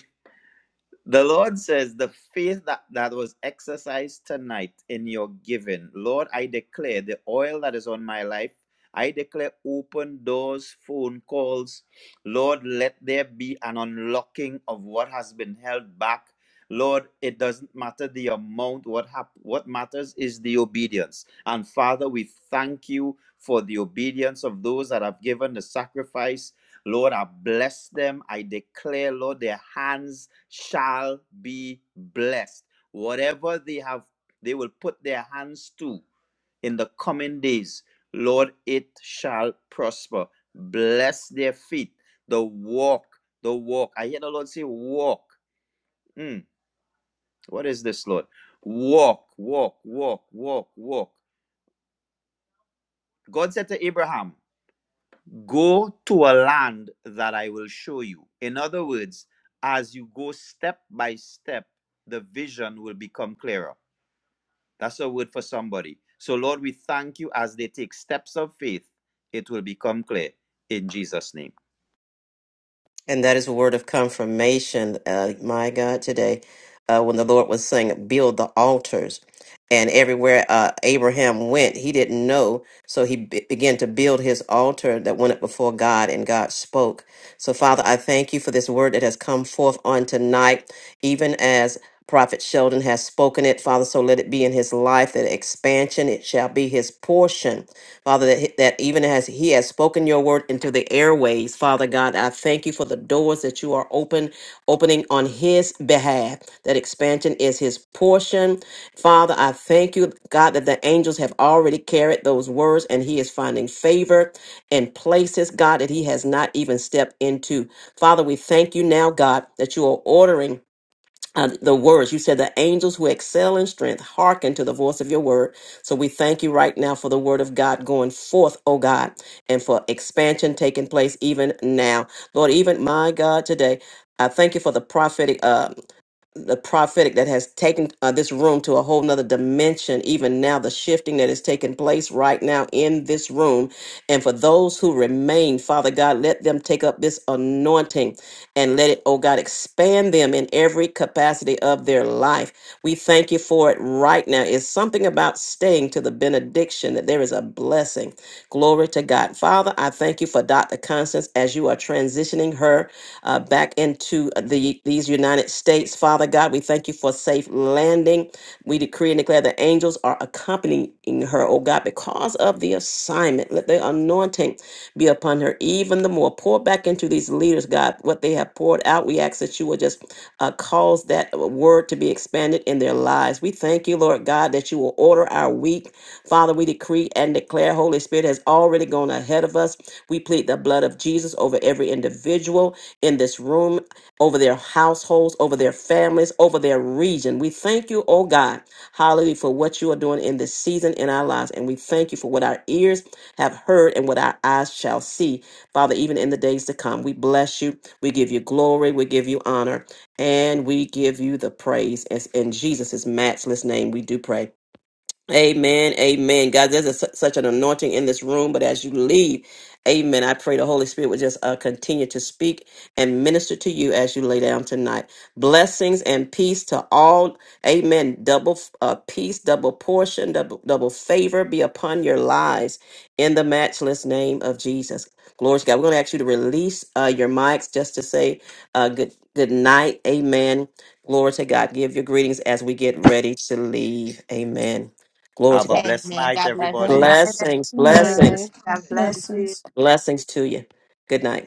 [SPEAKER 10] The Lord says, the faith that, that was exercised tonight in your giving, Lord, I declare the oil that is on my life, I declare open doors, phone calls. Lord, let there be an unlocking of what has been held back. Lord, it doesn't matter the amount. What hap- what matters is the obedience. And Father, we thank you for the obedience of those that have given the sacrifice. Lord, I bless them. I declare, Lord, their hands shall be blessed. Whatever they have, they will put their hands to in the coming days, Lord, it shall prosper. Bless their feet, the walk, the walk. I hear the Lord say, walk. Mm, what is this, Lord? Walk, walk, walk, walk, walk. God said to Abraham, Go to a land that I will show you. In other words, as you go step by step, the vision will become clearer. That's a word for somebody. So, Lord, we thank you as they take steps of faith, it will become clear in Jesus' name.
[SPEAKER 1] And that is a word of confirmation, uh, my God, today, uh, when the Lord was saying, build the altars. And everywhere uh, Abraham went, he didn't know. So he be- began to build his altar that went up before God, and God spoke. So, Father, I thank you for this word that has come forth on tonight, even as Prophet Sheldon has spoken it, Father. So let it be in his life that expansion, it shall be his portion Father, that, that even as He has spoken your word into the airways, Father God, I thank you for the doors that you are open, opening on His behalf. That expansion is His portion. Father, I thank you, God, that the angels have already carried those words and He is finding favor in places, God, that He has not even stepped into. Father, we thank you now, God, that you are ordering uh, the words. You said the angels who excel in strength hearken to the voice of your word. So we thank you right now for the word of God going forth, oh God, and for expansion taking place even now. Lord, even my God, today. I thank you for the prophetic. Uh, the prophetic that has taken uh, this room to a whole nother dimension even now the shifting that is taking place right now in this room and for those who remain father god let them take up this anointing and let it oh god expand them in every capacity of their life we thank you for it right now it's something about staying to the benediction that there is a blessing glory to god father i thank you for dr constance as you are transitioning her uh, back into the these United States. Father God, we thank you for safe landing. We decree and declare the angels are accompanying her, oh God, because of the assignment. Let the anointing be upon her even the more. Pour back into these leaders, God, what they have poured out. We ask that you will just uh, cause that word to be expanded in their lives. We thank you, Lord God, that you will order our week. Father, we decree and declare Holy Spirit has already gone ahead of us. We plead the blood of Jesus over every individual in this room, over their households, over their families, over their region. We thank you, oh God, hallelujah, for what you are doing in this season in our lives. And we thank you for what our ears have heard and what our eyes shall see, Father, even in the days to come. We bless you. We give you glory. We give you honor. And we give you the praise. As in Jesus' matchless name, we do pray. Amen. Amen. God, there's a, su- such an anointing in this room, but as you leave, amen. I pray the Holy Spirit would just uh, continue to speak and minister to you as you lay down tonight. Blessings and peace to all. Amen. Double uh, peace, double portion, double, double favor be upon your lives in the matchless name of Jesus. Glory to God. We're going to ask you to release uh, your mics just to say uh, good, good night. Amen. Glory to God. Give your greetings as we get ready to leave. Amen. Glory to
[SPEAKER 10] Have a
[SPEAKER 1] God.
[SPEAKER 10] blessed
[SPEAKER 12] amen
[SPEAKER 10] night,
[SPEAKER 12] god bless
[SPEAKER 10] everybody.
[SPEAKER 12] everyone
[SPEAKER 1] Blessings,
[SPEAKER 5] My
[SPEAKER 1] blessings,
[SPEAKER 5] blessings.
[SPEAKER 1] blessings to you. Good night.